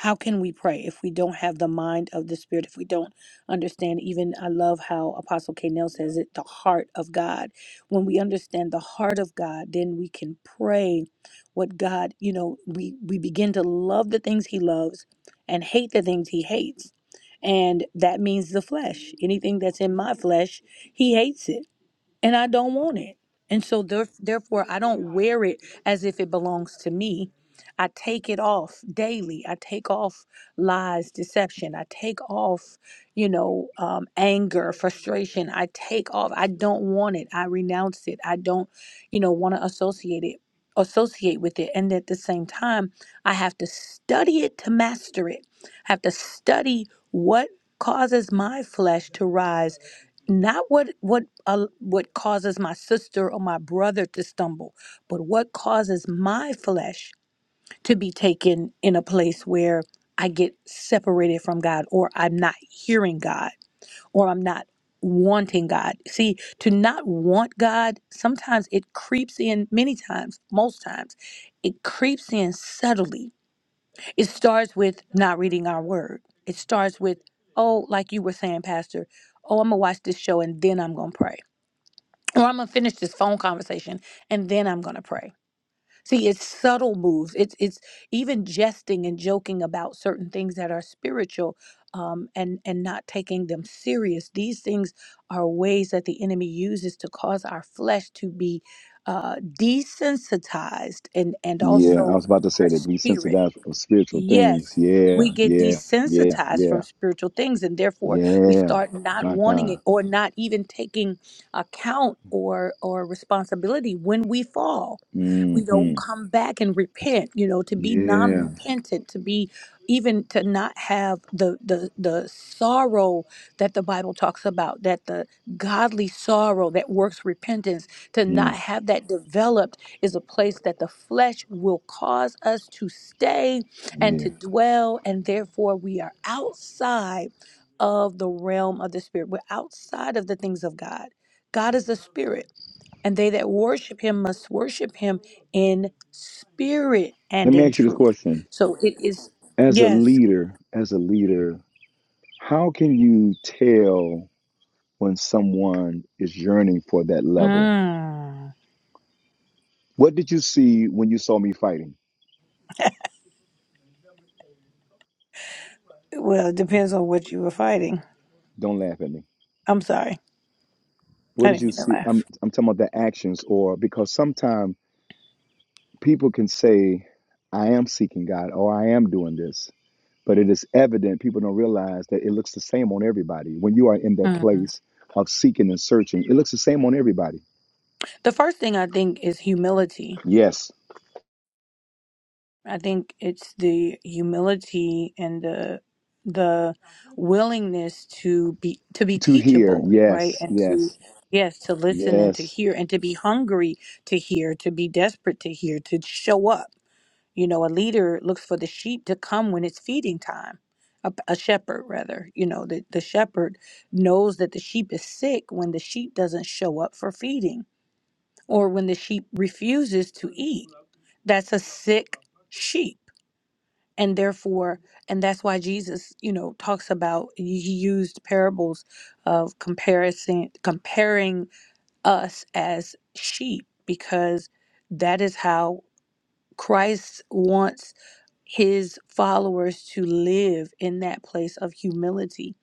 Speaker 2: how can we pray if we don't have the mind of the spirit if we don't understand even i love how apostle k nell says it the heart of god when we understand the heart of god then we can pray what god you know we we begin to love the things he loves and hate the things he hates and that means the flesh anything that's in my flesh he hates it and I don't want it. And so theref- therefore I don't wear it as if it belongs to me. I take it off daily. I take off lies, deception. I take off, you know, um, anger, frustration. I take off. I don't want it. I renounce it. I don't, you know, want to associate it, associate with it. And at the same time, I have to study it to master it. I have to study what causes my flesh to rise not what what uh, what causes my sister or my brother to stumble but what causes my flesh to be taken in a place where i get separated from god or i'm not hearing god or i'm not wanting god see to not want god sometimes it creeps in many times most times it creeps in subtly it starts with not reading our word it starts with oh like you were saying pastor oh i'm gonna watch this show and then i'm gonna pray or I'm gonna finish this phone conversation and then I'm gonna pray. See, it's subtle moves. It's it's even jesting and joking about certain things that are spiritual, um, and and not taking them serious. These things are ways that the enemy uses to cause our flesh to be uh, desensitized and and
Speaker 1: yeah, I
Speaker 2: also
Speaker 1: was about to say
Speaker 2: our
Speaker 1: that be
Speaker 2: spirit.
Speaker 1: sensitized of spiritual things.
Speaker 2: Yes,
Speaker 1: Yeah,
Speaker 2: we get
Speaker 1: yeah, yeah,
Speaker 2: desensitized
Speaker 1: yeah,
Speaker 2: from spiritual things, and therefore we
Speaker 1: yeah.
Speaker 2: start not
Speaker 1: My
Speaker 2: wanting
Speaker 1: God.
Speaker 2: it or not even taking account or or responsibility when we fall. We don't
Speaker 1: Mm-hmm.
Speaker 2: come back and repent, you know, to be
Speaker 1: Yeah.
Speaker 2: non-repentant, to be even to not have the the the sorrow that the Bible talks about, that the godly sorrow that works repentance, to not
Speaker 1: mhm,
Speaker 2: have that developed is a place that the flesh will cause us to stay and
Speaker 1: Yeah.
Speaker 2: to dwell, and therefore we are outside of the realm of the spirit. We're outside of the things of God. God is a spirit, and they that worship him must worship him in spirit
Speaker 1: Let
Speaker 2: and
Speaker 1: me
Speaker 2: in
Speaker 1: ask you this
Speaker 2: truth.
Speaker 1: question.
Speaker 2: So it is,
Speaker 1: As a
Speaker 2: yes.
Speaker 1: leader, as a leader, How can you tell when someone is yearning for that level?
Speaker 2: Mm.
Speaker 1: What did you see when you saw me fighting?
Speaker 2: Well, it depends on what you were fighting.
Speaker 1: Don't laugh at me.
Speaker 2: I'm sorry.
Speaker 1: What
Speaker 2: I
Speaker 1: did
Speaker 2: didn't
Speaker 1: you
Speaker 2: mean to
Speaker 1: see? I'm
Speaker 2: laugh.
Speaker 1: I'm talking about the actions or because sometimes people can say, I am seeking God or I am doing this. But it is evident people don't realize that it looks the same on everybody. When you are in that
Speaker 2: Mm.
Speaker 1: place of seeking and searching, it looks the same on everybody.
Speaker 2: The first thing I think is humility
Speaker 1: Yes.
Speaker 2: I think it's the humility and the the willingness to be to be
Speaker 1: To hear.
Speaker 2: teachable, right?
Speaker 1: Yes.
Speaker 2: And to
Speaker 1: Yes.
Speaker 2: yes, to listen and to
Speaker 1: Yes.
Speaker 2: hear and to be hungry to hear, to be desperate to hear, to show up. You know, a leader looks for the sheep to come when it's feeding time. A, a shepherd, rather, you know, the, the shepherd knows that the sheep is sick when the sheep doesn't show up for feeding or when the sheep refuses to eat. That's a sick sheep and therefore and that's why jesus you know talks about he he used parables of comparison comparing us as sheep because that is how christ wants his followers to live in that place of humility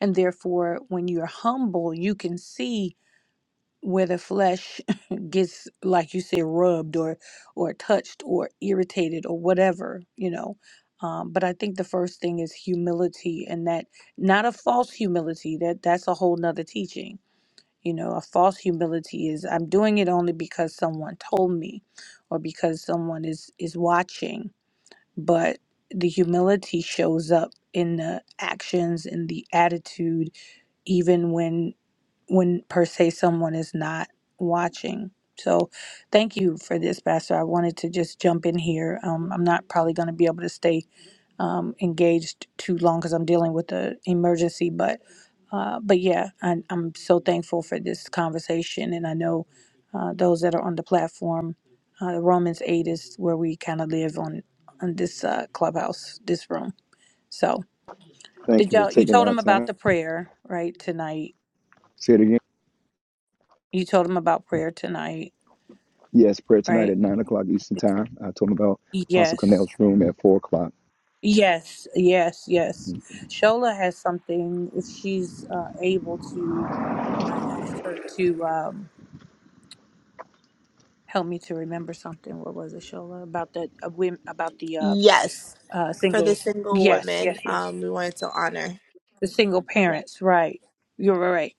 Speaker 2: and therefore when you're humble you can see where the flesh gets like you said rubbed or or touched or irritated or whatever you know um, but i think the first thing is humility and that not a false humility that that's a whole nother teaching you know a false humility is i'm doing it only because someone told me or because someone is is watching but the humility shows up in the actions in the attitude even when when per se someone is not watching. So thank you for this, Pastor. I wanted to just jump in here. Um, I'm not probably going to be able to stay um, engaged too long because I'm dealing with the emergency, but uh, but yeah, I, I'm so thankful for this conversation, and I know uh, those that are on the platform. Uh, Romans eight is where we kind of live on on this uh, clubhouse, this room. So
Speaker 1: Thank
Speaker 2: did
Speaker 1: you for
Speaker 2: y'all? You
Speaker 1: taking
Speaker 2: told
Speaker 1: our
Speaker 2: them about
Speaker 1: time.
Speaker 2: the prayer right tonight.
Speaker 1: Say it again.
Speaker 2: You told them about prayer tonight
Speaker 1: Yes, prayer tonight
Speaker 2: right?
Speaker 1: at nine o'clock Eastern Time. I told them about Apostle
Speaker 2: Yes,
Speaker 1: Cornell's room at four o'clock.
Speaker 2: yes, yes, yes. Shola has something. If she's uh, able to, I asked her to um, help me to remember something. What was it, Shola? About the uh, women, about the uh,
Speaker 6: Yes,
Speaker 2: uh,
Speaker 6: for the
Speaker 2: single.
Speaker 6: single
Speaker 2: Yes,
Speaker 6: woman,
Speaker 2: yes, yes.
Speaker 6: um, we wanted to honor.
Speaker 2: The single
Speaker 6: Yeah.
Speaker 2: parents, right? You're right.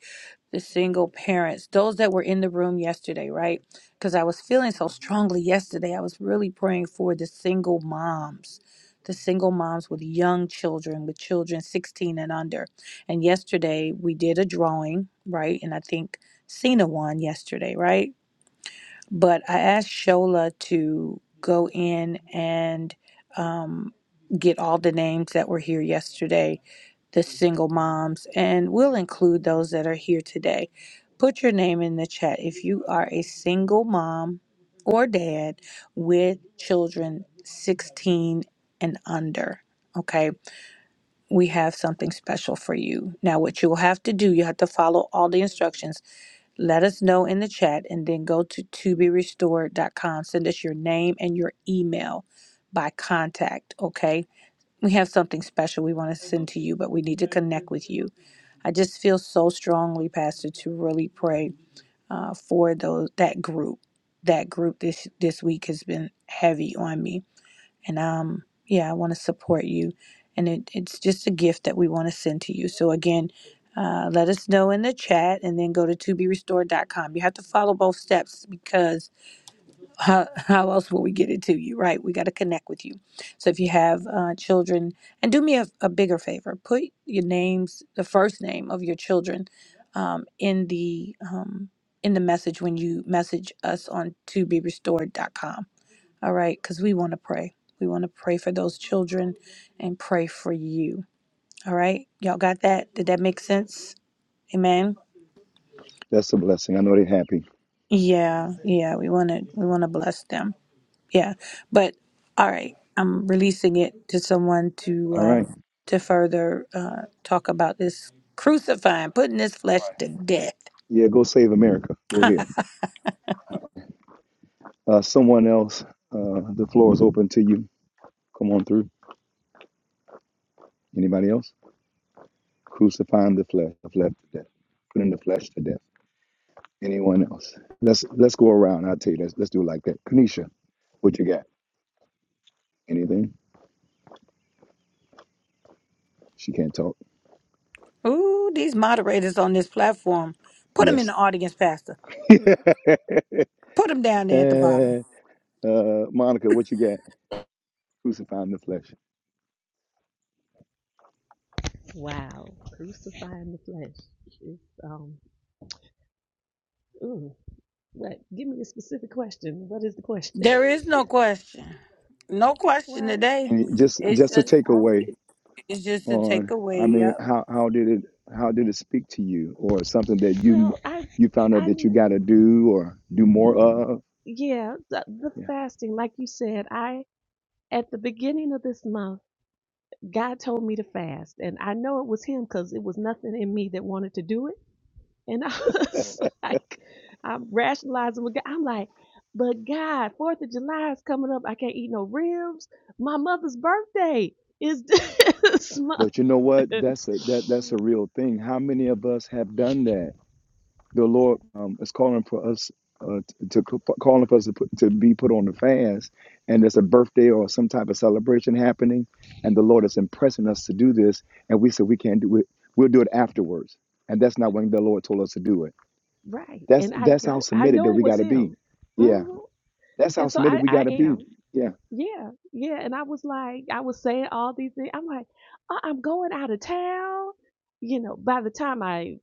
Speaker 2: the single parents, those that were in the room yesterday, right? Because I was feeling so strongly yesterday. I was really praying for the single moms, the single moms with young children, with children 16 and under. And yesterday we did a drawing, right? And I think Cena won yesterday, right? But I asked Shola to go in and um, get all the names that were here yesterday the single moms, and we'll include those that are here today. Put your name in the chat if you are a single mom or dad with children 16 and under. Okay, we have something special for you. Now, what you will have to do, you have to follow all the instructions. Let us know in the chat and then go to toberestored.com. Send us your name and your email by contact. Okay, we have something special we want to send to you, but we need to connect with you. I just feel so strongly, Pastor, to really pray uh, for those that group. That group this this week has been heavy on me, and um, yeah, I want to support you, and it, it's just a gift that we want to send to you. So again, uh, let us know in the chat, and then go to to be restored. dot com. You have to follow both steps because how, how else will we get it to you right we got to connect with you so if you have uh, children and do me a, a bigger favor put your names the first name of your children um, in the um, in the message when you message us on to be restored dot com. all right because we want to pray we want to pray for those children and pray for you all right y'all got that did that make sense amen
Speaker 1: That's a blessing. I know they're happy.
Speaker 2: yeah yeah we want to we want to bless them Yeah, but all right, I'm releasing it to someone to
Speaker 1: All
Speaker 2: uh,
Speaker 1: right.
Speaker 2: to further uh, talk about this crucifying, putting this flesh to death.
Speaker 1: Yeah, go save America. Go ahead. Uh, someone else, uh, the floor is open to you. Come on through. Anybody else? Crucifying the flesh, the flesh to death. Putting the flesh to death. Anyone else? Let's let's go around. I'll tell you. Let's let's do it like that. Kanisha, what you got? Anything? She can't talk.
Speaker 2: Ooh, these moderators on this platform, put them in
Speaker 1: Yes.
Speaker 2: the audience, Pastor.
Speaker 1: uh,
Speaker 2: Put them down there at the bottom.
Speaker 1: Monica, what you got? Crucifying the flesh.
Speaker 4: Wow. Crucifying the flesh. It's, um, ooh. What? Give me a specific question. What is the question?
Speaker 2: There is no question, no question
Speaker 4: well,
Speaker 2: today.
Speaker 1: And just
Speaker 2: It's
Speaker 1: just a
Speaker 4: okay.
Speaker 2: just
Speaker 4: I,
Speaker 1: takeaway
Speaker 2: it's just a
Speaker 1: on, I
Speaker 2: takeaway.
Speaker 1: mean,
Speaker 2: Yep.
Speaker 1: how how did it how did it speak to you, or something that you
Speaker 4: well, I,
Speaker 1: you found out
Speaker 4: I,
Speaker 1: that you got to do or do more
Speaker 4: yeah,
Speaker 1: of?
Speaker 4: yeah the, the
Speaker 1: Yeah.
Speaker 4: fasting, like you said, I at the beginning of this month, God told me to fast. And I know it was Him because it was nothing in me that wanted to do it. And I was like, I'm rationalizing with God. I'm like, but God, 4th of July is coming up. I can't eat no ribs. My mother's birthday is this month.
Speaker 1: But you know what? That's a that that's a real thing. How many of us have done that? The Lord um, is calling for us. Uh, to to- calling for us to, put, to be put on the fast, and there's a birthday or some type of celebration happening, and the Lord is impressing us to do this, and we said we can't do it. We'll do it afterwards, and that's not when the Lord told us to do it.
Speaker 4: right.
Speaker 1: That's
Speaker 4: And I
Speaker 1: that's how
Speaker 4: know, I
Speaker 1: submitted that
Speaker 4: know it
Speaker 1: we got
Speaker 4: was
Speaker 1: to be.
Speaker 4: Him.
Speaker 1: Yeah,
Speaker 4: hmm
Speaker 1: that's how
Speaker 4: And so
Speaker 1: submitted
Speaker 4: I,
Speaker 1: we
Speaker 4: I
Speaker 1: got to be.
Speaker 4: am.
Speaker 1: Yeah,
Speaker 4: Yeah, yeah. And I was like, I was saying all these things. I'm like, "Uh, I'm going out of town. You know, by the time I,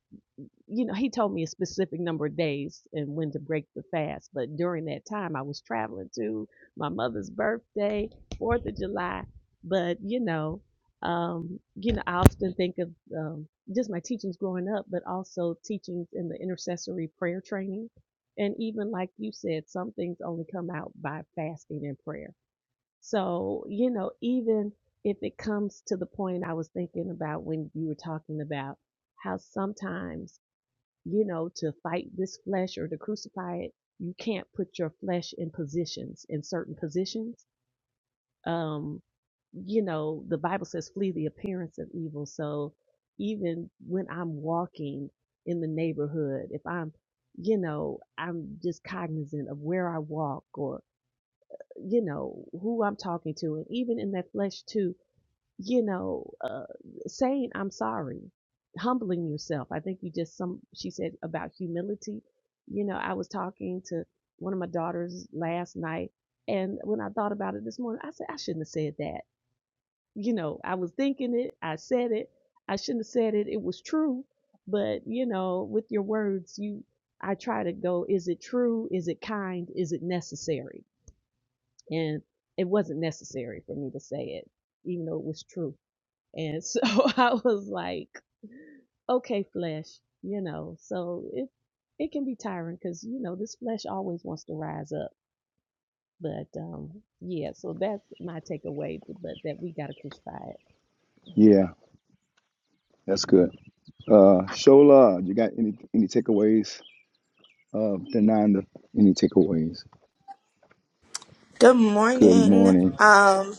Speaker 4: you know, he told me a specific number of days and when to break the fast. But during that time, I was traveling to my mother's birthday, Fourth of July. But you know, um, you know, I often think of um, just my teachings growing up, but also teachings in the intercessory prayer training, and even like you said, some things only come out by fasting and prayer so, you know, even if it comes to the point I was thinking about when you were talking about how sometimes, you know, to fight this flesh or to crucify it, you can't put your flesh in positions, in certain positions. Um, you know, the Bible says, flee the appearance of evil. So even when I'm walking in the neighborhood, if I'm, you know, I'm just cognizant of where I walk or you know, who I'm talking to, and even in that flesh too, you know, uh, saying I'm sorry, humbling yourself. I think you just some. She said about humility. You know, I was talking to one of my daughters last night, and when I thought about it this morning, I said I shouldn't have said that. You know, I was thinking it, I said it, I shouldn't have said it. It was true, but you know, with your words, you. I try to go, is it true? Is it kind? Is it necessary? and it wasn't necessary for me to say it, even though it was true. And so I was like, okay, flesh, you know. So it it can be tiring because you know this flesh always wants to rise up but um, yeah, so that's my takeaway. But that we got to crucify it.
Speaker 1: yeah, that's good. Uh, Shola, you got any any takeaways? Uh, Denanda, any takeaways?
Speaker 6: Good
Speaker 1: Good
Speaker 6: morning.
Speaker 1: morning.
Speaker 6: Um,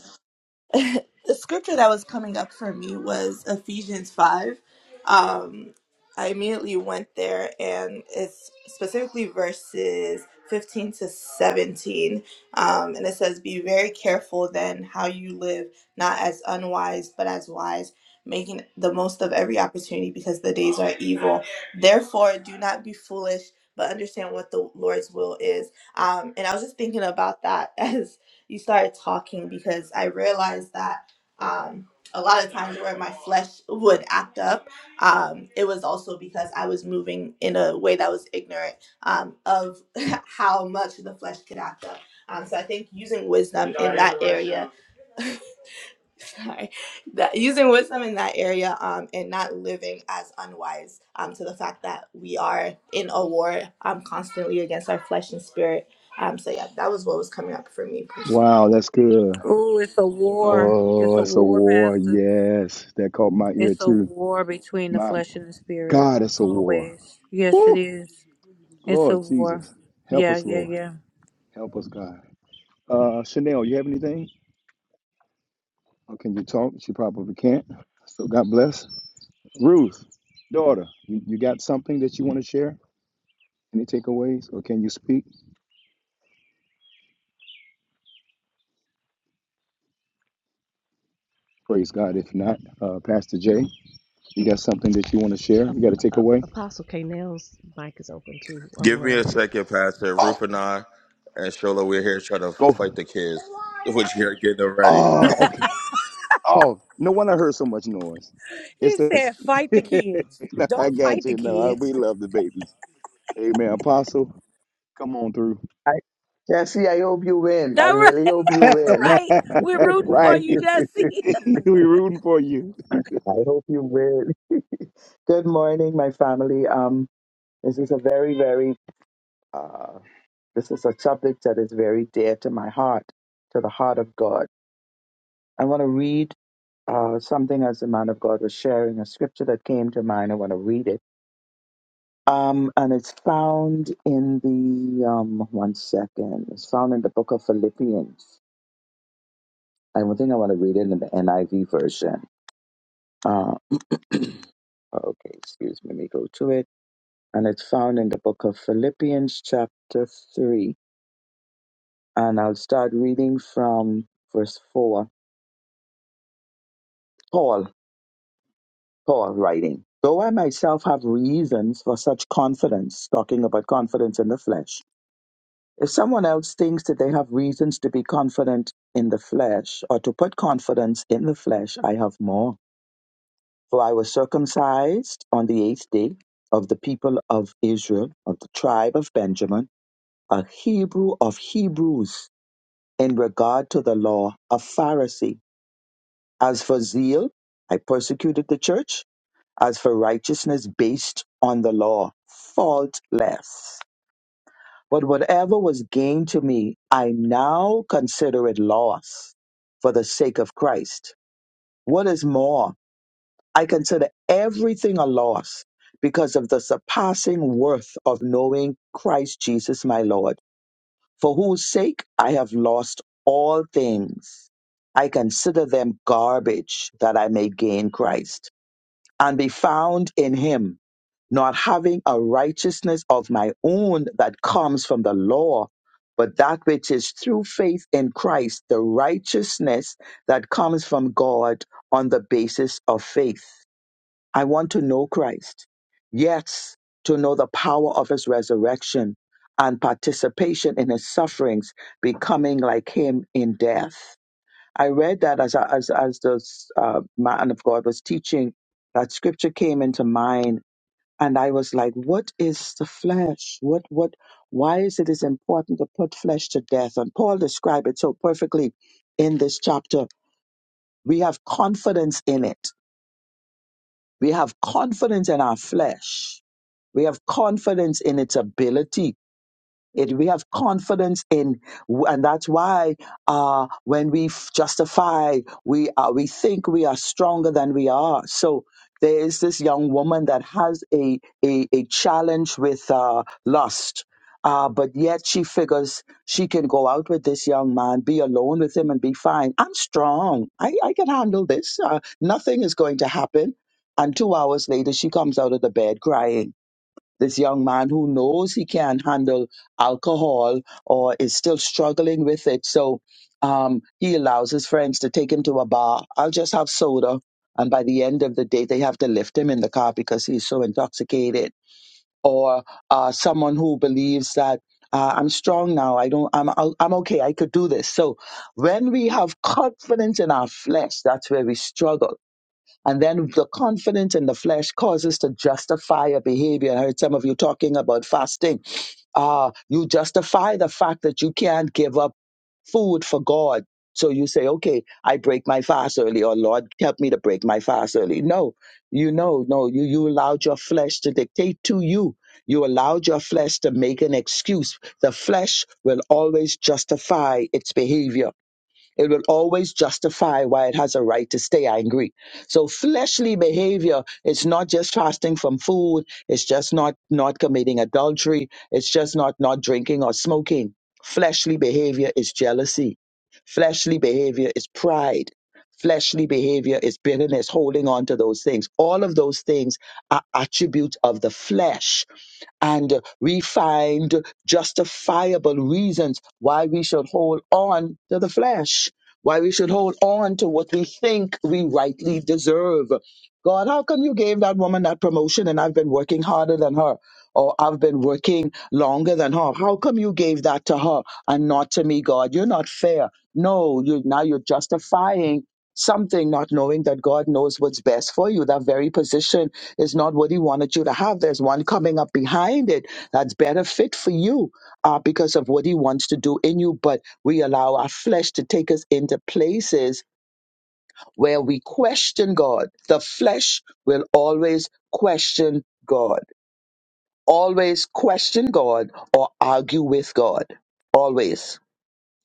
Speaker 6: the scripture that was coming up for me was Ephesians 5. Um, I immediately went there, and it's specifically verses 15 to 17. Um, and it says, Be very careful then how you live, not as unwise, but as wise, making the most of every opportunity because the days are evil. Therefore, do not be foolish. But understand what the Lord's will is, um, and I was just thinking about that as you started talking because I realized that um, a lot of times where my flesh would act up, um, it was also because I was moving in a way that was ignorant um, of how much the flesh could act up. Um, so I think using wisdom in that area, sorry, that using wisdom in that area, um, and not living as unwise um, to the fact that we are in a war um, constantly against our flesh and spirit. Um, so yeah, that was what was coming up for me personally.
Speaker 1: Wow, that's good.
Speaker 2: Ooh, it's a war. It's
Speaker 1: Oh,
Speaker 2: a
Speaker 1: it's a
Speaker 2: war,
Speaker 1: war.
Speaker 2: Pastor.
Speaker 1: Yes, that caught my ear
Speaker 2: It's a
Speaker 1: too.
Speaker 2: war between the
Speaker 1: My
Speaker 2: flesh and the spirit.
Speaker 1: God, it's a war.
Speaker 2: Always. Yes, it
Speaker 1: Woo!
Speaker 2: is. It's a
Speaker 1: Lord
Speaker 2: war.
Speaker 1: Jesus, help
Speaker 2: Yeah,
Speaker 1: us,
Speaker 2: yeah,
Speaker 1: Lord.
Speaker 2: yeah.
Speaker 1: Help us, God. Uh, Chanel, you have anything? Or can you talk? She probably can't. So God bless. Ruth, daughter, you, you got something that you want to share? Any takeaways or can you speak? Praise God. If not, uh, Pastor Jay, you got something that you want to share?
Speaker 4: Ap-
Speaker 1: You got a
Speaker 4: Ap-
Speaker 1: takeaway?
Speaker 4: Apostle K. Nail's mic is open too, or
Speaker 10: Give me a
Speaker 4: was.
Speaker 10: second, Pastor.
Speaker 1: Oh,
Speaker 10: Ruth and I and Shola, we're here trying to
Speaker 1: go.
Speaker 10: fight the kids, which you're getting them ready.
Speaker 1: Oh, okay. Oh, no wonder I heard so much noise. It's
Speaker 2: He
Speaker 1: this.
Speaker 2: said, fight the kids.
Speaker 1: No, I
Speaker 2: Don't
Speaker 1: got
Speaker 2: fight the
Speaker 1: you. No, I-
Speaker 2: kids.
Speaker 1: we love the babies. Amen. Apostle, come on through.
Speaker 9: I, Jesse, I hope you win. I
Speaker 2: That right.
Speaker 9: really hope you win.
Speaker 2: right. We're rooting for
Speaker 1: right.
Speaker 2: you, Jesse.
Speaker 1: we rooting for you.
Speaker 9: I hope you win. Good morning, my family. Um, this is a very, very, uh, this is a subject that is very dear to my heart, to the heart of God. I want to read uh, something as the man of God was sharing, a scripture that came to mind. I want to read it Um, and it's found in the um, one second. It's found in the book of Philippians. I don't think I want to read it in the NIV version. Uh, okay, excuse me. Let me go to it. And it's found in the book of Philippians, chapter three. And I'll start reading from verse four. Paul, Paul writing. Though I myself have reasons for such confidence, talking about confidence in the flesh. If someone else thinks that they have reasons to be confident in the flesh or to put confidence in the flesh, I have more. For I was circumcised on the eighth day of the people of Israel, of the tribe of Benjamin, a Hebrew of Hebrews, in regard to the law, a Pharisee. As for zeal, I persecuted the church. As for righteousness based on the law, faultless. But whatever was gain to me, I now consider it loss for the sake of Christ. What is more, I consider everything a loss because of the surpassing worth of knowing Christ Jesus my Lord, for whose sake I have lost all things. I consider them garbage that I may gain Christ and be found in him not having a righteousness of my own that comes from the law, but that which is through faith in Christ, the righteousness that comes from God on the basis of faith. I want to know Christ. Yes, to know the power of his resurrection and participation in his sufferings, becoming like him in death. I read that as, as, as the uh, man of God was teaching, that scripture came into mind and I was like, what is the flesh? What what why is it is important to put flesh to death? And Paul described it so perfectly in this chapter. We have confidence in it. We have confidence in our flesh. We have confidence in its ability it, we have confidence in, and that's why uh, when we f- justify, we are, we think we are stronger than we are. So there is this young woman that has a a, a challenge with uh, lust, uh, but yet she figures she can go out with this young man, be alone with him, and be fine. I'm strong. I, I can handle this. Uh, nothing is going to happen. And two hours later, she comes out of the bed crying this young man who knows he can't handle alcohol or is still struggling with it. So um, he allows his friends to take him to a bar. I'll just have soda. And by the end of the day, they have to lift him in the car because he's so intoxicated. Or uh, someone who believes that uh, I'm strong now. I don't. I'm. I'll- I'm okay. I could do this. So when we have confidence in our flesh, that's where we struggle and then the confidence in the flesh causes to justify a behavior. I heard some of you talking about fasting. Uh, you justify the fact that you can't give up food for God. So you say, okay, I break my fast early, or Lord, help me to break my fast early. No, you know, no, you, you allowed your flesh to dictate to you. You allowed your flesh to make an excuse. The flesh will always justify its behavior. It will always justify why it has a right to stay angry. So fleshly behavior, it's not just fasting from food, it's just not not committing adultery, it's just not not drinking or smoking. Fleshly behavior is jealousy. Fleshly behavior is pride Fleshly behavior is bitterness, holding on to those things. All of those things are attributes of the flesh and we find justifiable reasons why we should hold on to the flesh, why we should hold on to what we think we rightly deserve. God, how come you gave that woman that promotion and I've been working harder than her? Or I've been working longer than her. How come you gave that to her and not to me, God? You're not fair. No, you now you're justifying something, not knowing that God knows what's best for you. That very position is not what He wanted you to have. There's one coming up behind it that's better fit for you uh, because of what He wants to do in you. But we allow our flesh to take us into places where we question God. The flesh will always question God, always question God or argue with God, always.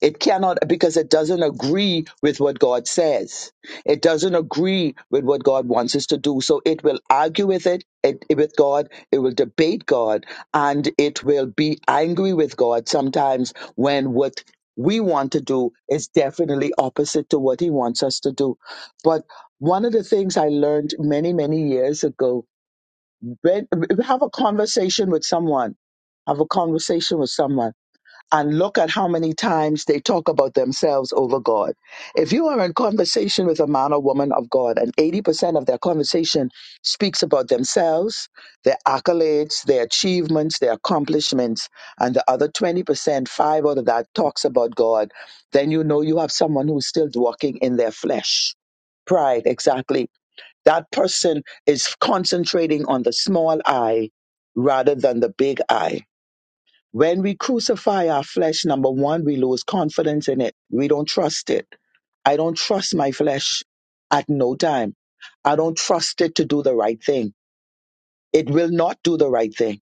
Speaker 9: It cannot because it doesn't agree with what God says. It doesn't agree with what God wants us to do. So it will argue with it, it with God, it will debate God, and it will be angry with God sometimes when what we want to do is definitely opposite to what he wants us to do. But one of the things I learned many, many years ago, when have a conversation with someone, have a conversation with someone and look at how many times they talk about themselves over God. If you are in conversation with a man or woman of God and 80% of their conversation speaks about themselves, their accolades, their achievements, their accomplishments, and the other 20%, five out of that talks about God, then you know you have someone who's still walking in their flesh. Pride, exactly. That person is concentrating on the small I rather than the big I when we crucify our flesh, number one, we lose confidence in it. We don't trust it. I don't trust my flesh at no time. I don't trust it to do the right thing. It will not do the right thing.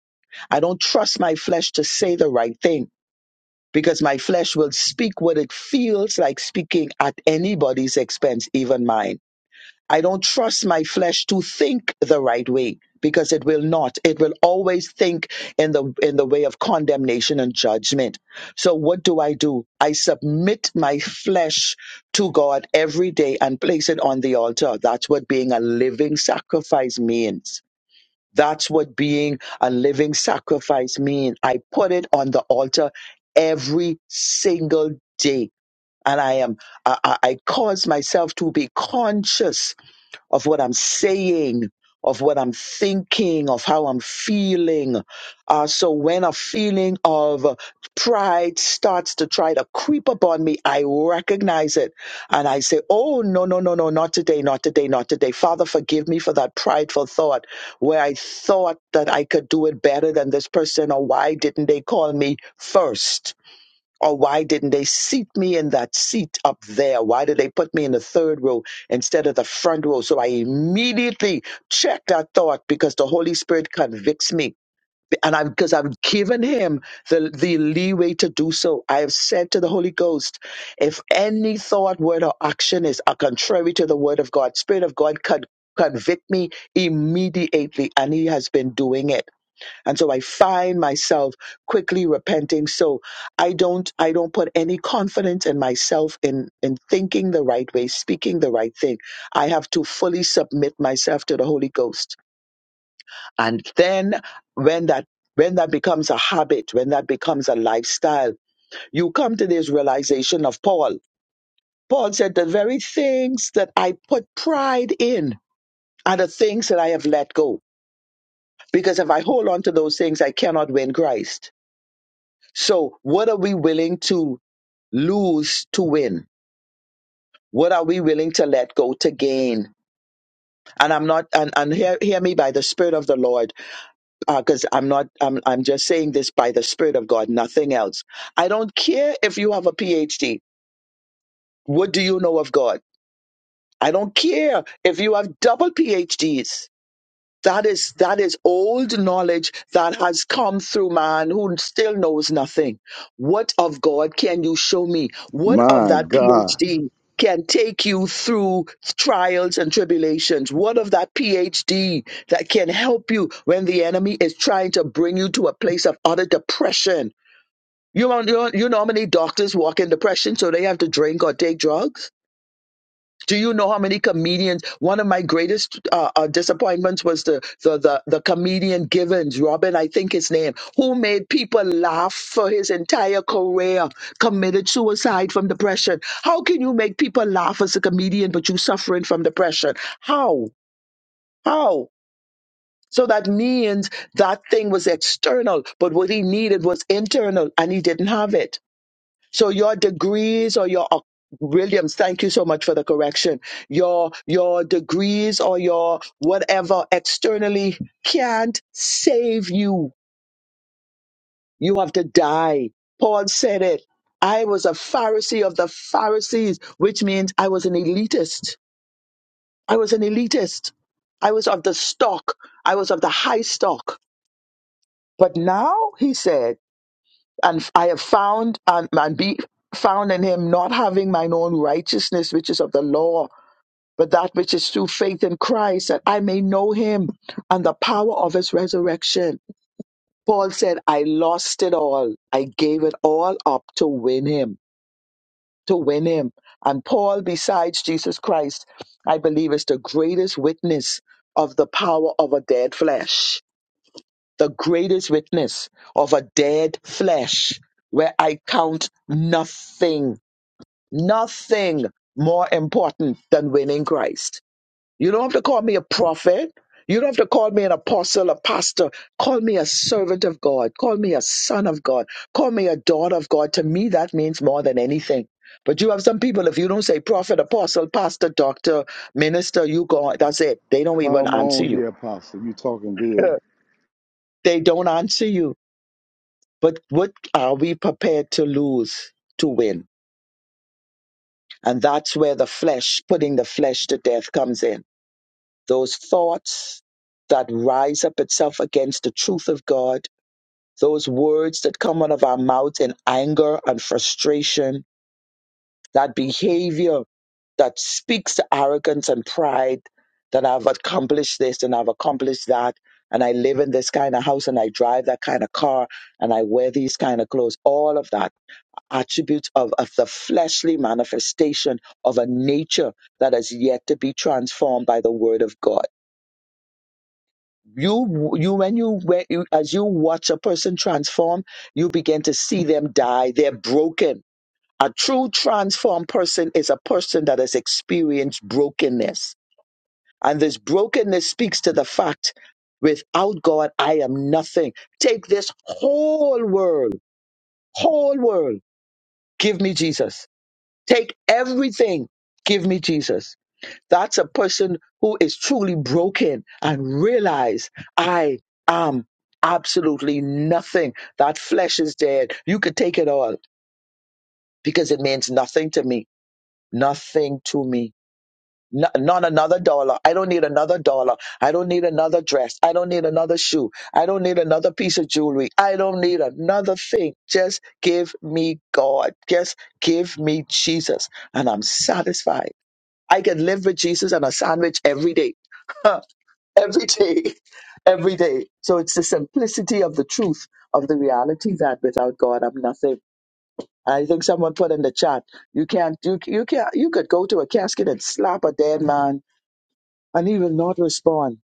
Speaker 9: I don't trust my flesh to say the right thing because my flesh will speak what it feels like speaking at anybody's expense, even mine. I don't trust my flesh to think the right way because it will not. It will always think in the in the way of condemnation and judgment. So what do I do? I submit my flesh to God every day and place it on the altar. That's what being a living sacrifice means. That's what being a living sacrifice means. I put it on the altar every single day. And I am, I, I I cause myself to be conscious of what I'm saying, of what I'm thinking, of how I'm feeling. Uh, so when a feeling of pride starts to try to creep upon me, I recognize it and I say, Oh, no, no, no, no, not today, not today, not today. Father, forgive me for that prideful thought where I thought that I could do it better than this person or why didn't they call me first? Or why didn't they seat me in that seat up there? Why did they put me in the third row instead of the front row? So I immediately checked that thought because the Holy Spirit convicts me. And I'm because I've given him the, the leeway to do so. I have said to the Holy Ghost, if any thought, word, or action is are contrary to the word of God, Spirit of God, con- convict me immediately. And he has been doing it. And so I find myself quickly repenting. So I don't I don't put any confidence in myself in in thinking the right way, speaking the right thing. I have to fully submit myself to the Holy Ghost. And then when that when that becomes a habit, when that becomes a lifestyle, you come to this realization of Paul. Paul said, The very things that I put pride in are the things that I have let go. Because if I hold on to those things, I cannot win Christ. So, what are we willing to lose to win? What are we willing to let go to gain? And I'm not, and, and hear, hear me by the Spirit of the Lord, because I'm not, I'm, I'm just saying this by the Spirit of God, nothing else. I don't care if you have a PhD. What do you know of God? I don't care if you have double PhDs. That is that is old knowledge that has come through man who still knows nothing. What of God can you show me? What of
Speaker 1: My
Speaker 9: that
Speaker 1: God.
Speaker 9: PhD can take you through trials and tribulations? What of that PhD that can help you when the enemy is trying to bring you to a place of utter depression? You know, you know, you know how many doctors walk in depression, so they have to drink or take drugs? Do you know how many comedians? One of my greatest uh, uh, disappointments was the, the the the comedian Givens, Robin, I think his name, who made people laugh for his entire career, committed suicide from depression. How can you make people laugh as a comedian, but you suffering from depression? How? How? So that means that thing was external, but what he needed was internal, and he didn't have it. So your degrees or your oc- Williams, thank you so much for the correction. Your your degrees or your whatever externally can't save you. You have to die. Paul said it. I was a Pharisee of the Pharisees, which means I was an elitist. I was an elitist. I was of the stock. I was of the high stock. But now he said. and I have found and, and be found in him not having mine own righteousness, which is of the law, but that which is through faith in Christ, that I may know him and the power of his resurrection. Paul said, I lost it all. I gave it all up to win him, to win him. And Paul, besides Jesus Christ, I believe is the greatest witness of the power of a dead flesh the greatest witness of a dead flesh where I count nothing, nothing more important than winning Christ. You don't have to call me a prophet. You don't have to call me an apostle, a pastor. Call me a servant of God. Call me a son of God. Call me a daughter of God. To me, that means more than anything. But you have some people, if you don't say prophet, apostle, pastor, doctor, minister, you go, that's it. They don't even
Speaker 1: Come
Speaker 9: answer
Speaker 1: on
Speaker 9: you.
Speaker 1: here, Apostle. You talking good.
Speaker 9: They don't answer you But what are we prepared to lose to win? And that's where the flesh, putting the flesh to death, comes in. Those thoughts that rise up itself against the truth of God, those words that come out of our mouth in anger and frustration, that behavior that speaks to arrogance and pride that I've accomplished this and I've accomplished that. And I live in this kind of house and I drive that kind of car and I wear these kind of clothes, all of that attributes of, of the fleshly manifestation of a nature that has yet to be transformed by the word of God. You, you, when you, when you, as you watch a person transform, you begin to see them die. They're broken. A true transformed person is a person that has experienced brokenness. And this brokenness speaks to the fact without God, I am nothing. Take this whole world, whole world. Give me Jesus Take everything. Give me Jesus. That's a person who is truly broken and realize I am absolutely nothing. That flesh is dead. You could take it all because it means nothing to me. Nothing to me. No- not another dollar. I don't need another dollar. I don't need another dress. I don't need another shoe. I don't need another piece of jewelry. I don't need another thing. Just give me God. Just give me Jesus. And I'm satisfied I can live with Jesus and a sandwich every day. every day. Every day. So it's the simplicity of the truth of the reality that without God I'm nothing. I think someone put in the chat, you can't you you can't you could go to a casket and slap a dead man and he will not respond.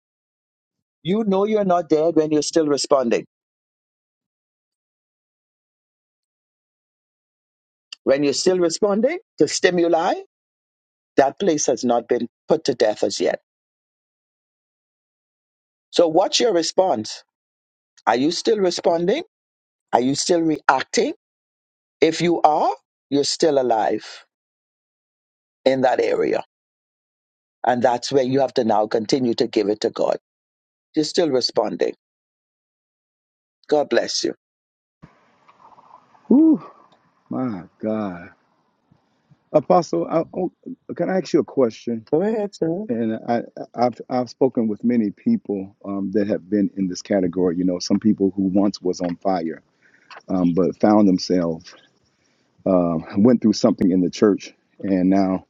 Speaker 9: You know you're not dead when you're still responding. When you're still responding to stimuli, that place has not been put to death as yet. So what's your response? Are you still responding? Are you still reacting? If you are, you're still alive in that area. And that's where you have to now continue to give it to God. You're still responding. God bless you.
Speaker 1: Whew. My God, Apostle, I, oh, can I ask you a question?
Speaker 9: Go ahead, sir.
Speaker 1: And I, I've I've spoken with many people um, that have been in this category. You know, some people who once was on fire, um, but found themselves um, went through something in the church, and now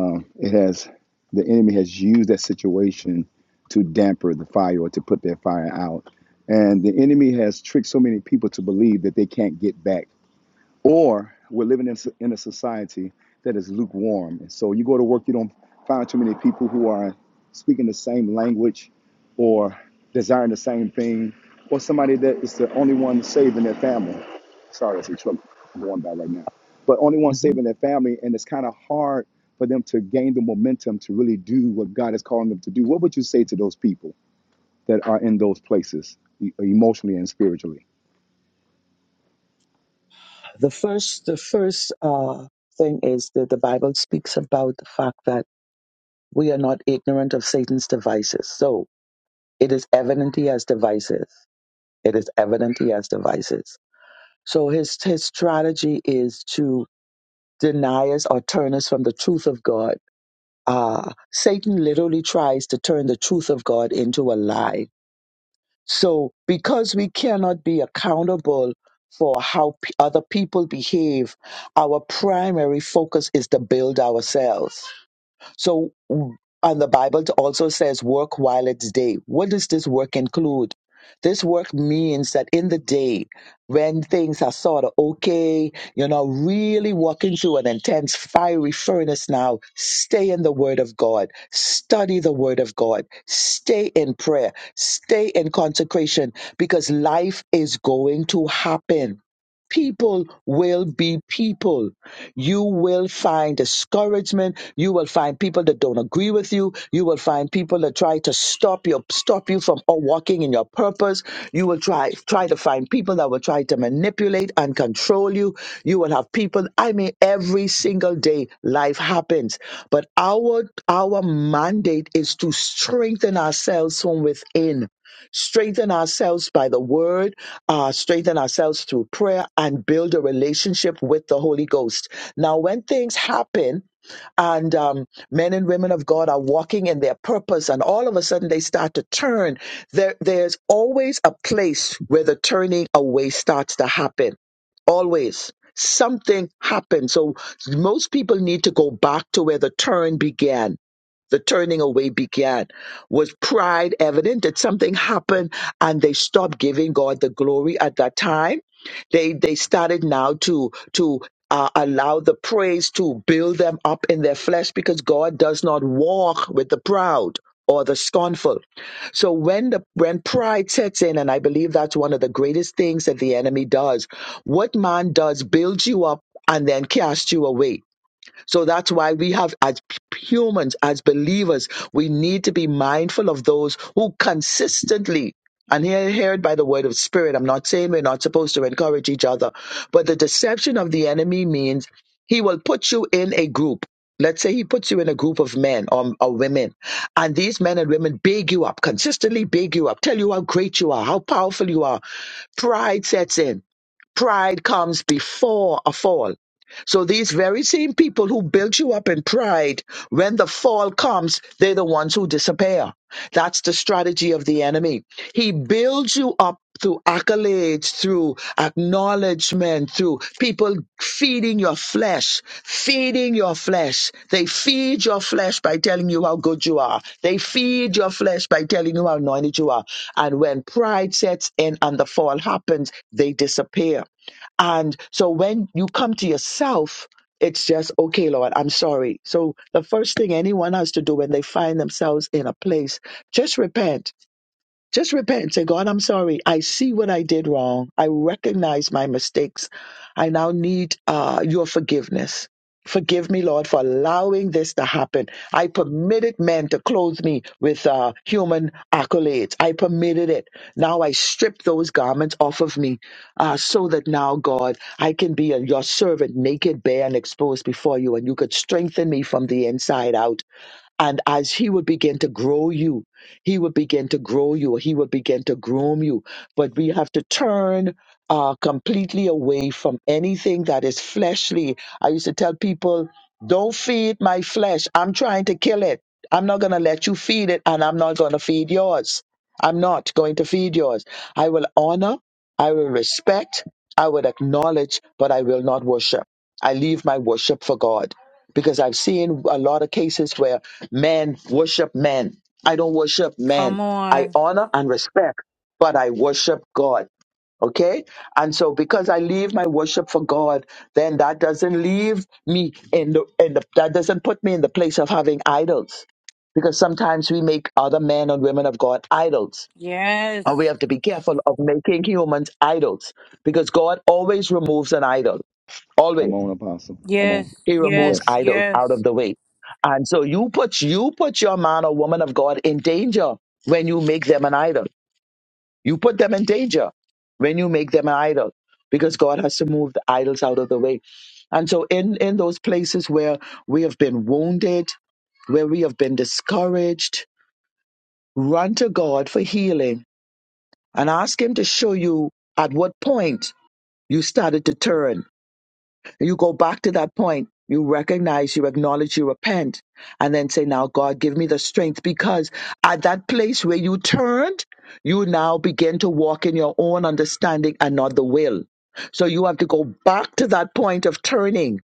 Speaker 1: um, it has the enemy has used that situation to damper the fire or to put their fire out. And the enemy has tricked so many people to believe that they can't get back or we're living in, so- in a society that is lukewarm. And so you go to work, you don't find too many people who are speaking the same language or desiring the same thing, or somebody that is the only one saving their family. Sorry, that's a truck I'm going by right now. But only one
Speaker 9: Mhm.
Speaker 1: saving their family, and it's kind of hard for them to gain the momentum to really do what God is calling them to do. What would you say to those people that are in those places, e- emotionally and spiritually?
Speaker 9: The first, the first uh, thing is that the Bible speaks about the fact that we are not ignorant of Satan's devices. So it is evident he has devices. It is evident he has devices. So his his strategy is to deny us or turn us from the truth of God uh, Satan literally tries to turn the truth of God into a lie. So, because we cannot be accountable for how p- other people behave, our primary focus is to build ourselves so, and the Bible also says, work while it's day. What does this work include? This work means that in the day, when things are sort of okay, you're not really walking through an intense fiery furnace now, stay in the Word of God. Study the Word of God. Stay in prayer. Stay in consecration because life is going to happen. People will be people you will find discouragement. You will find people that don't agree with you. You will find people that try to stop you, stop you from walking in your purpose. You will try try to find people that will try to manipulate and control you. You will have people. I mean, every single day, life happens. But our our mandate is to strengthen ourselves from within strengthen ourselves by the word, uh, strengthen ourselves through prayer, and build a relationship with the Holy Ghost. Now, when things happen, and um, men and women of God are walking in their purpose, and all of a sudden they start to turn. There, there's always a place where the turning away starts to happen. Always. Something happens. So most people need to go back to where the turn began the turning away began? Was pride evident? Did something happen and they stopped giving God the glory at that time? They they started now to to uh, allow the praise to build them up in their flesh because God does not walk with the proud or the scornful. So when the when pride sets in, and I believe that's one of the greatest things that the enemy does, what man does builds you up and then casts you away so that's why we have, as p- humans, as believers, we need to be mindful of those who consistently. And here, heard by the word of spirit, I'm not saying we're not supposed to encourage each other, but the deception of the enemy means he will put you in a group. Let's say he puts you in a group of men or, or women, and these men and women big you up, consistently big you up, tell you how great you are, how powerful you are. Pride sets in pride comes before a fall. So these very same people who built you up in pride, when the fall comes, they're the ones who disappear. That's the strategy of the enemy. He builds you up through accolades, through acknowledgement, through people feeding your flesh, feeding your flesh. They feed your flesh by telling you how good you are. They feed your flesh by telling you how anointed you are. And when pride sets in and the fall happens, they disappear. And so when you come to yourself, it's just, okay, Lord, I'm sorry. So the first thing anyone has to do when they find themselves in a place just repent. Just repent and say, God, I'm sorry. I see what I did wrong. I recognize my mistakes. I now need uh, your forgiveness. Forgive me, Lord, for allowing this to happen. I permitted men to clothe me with uh, human accolades. I permitted it. Now I strip those garments off of me uh, so that now, God, I can be a, your servant, naked, bare, and exposed before you, and you could strengthen me from the inside out. And as he would begin to grow you, he would begin to grow you, he would begin to groom you. But we have to turn uh, completely away from anything that is fleshly. I used to tell people, don't feed my flesh. I'm trying to kill it. I'm not going to let you feed it, and I'm not going to feed yours. I'm not going to feed yours. I will honor I will respect, I will acknowledge, but I will not worship. I leave my worship for God because I've seen a lot of cases where men worship men. I don't worship
Speaker 2: Come
Speaker 9: men. I
Speaker 2: on.
Speaker 9: honor and respect, but I worship God. Okay? And so because I leave my worship for God, then that doesn't leave me in the, in the that doesn't put me in the place of having idols. Because sometimes we make other men and women of God idols and we
Speaker 2: Yes.
Speaker 9: have to be careful of making humans idols because God always removes an idol.
Speaker 1: Come
Speaker 9: Always.
Speaker 1: on, Apostle. Come on.
Speaker 2: Yes.
Speaker 9: He removes
Speaker 2: Yes.
Speaker 1: Yes.
Speaker 9: idols out of
Speaker 2: Yes.
Speaker 9: the way. And so you put you put your man or woman of God in danger when you make them an idol. You put them in danger when you make them an idol because God has to move the idols out of the way. And so in in those places where we have been wounded, where we have been discouraged, run to God for healing and ask him to show you at what point You started to turn. You go back to that point. You recognize, you acknowledge, you repent, and then say, Now, God, give me the strength. Because at that place where you turned, you now begin to walk in your own understanding and not the will. So you have to go back to that point of turning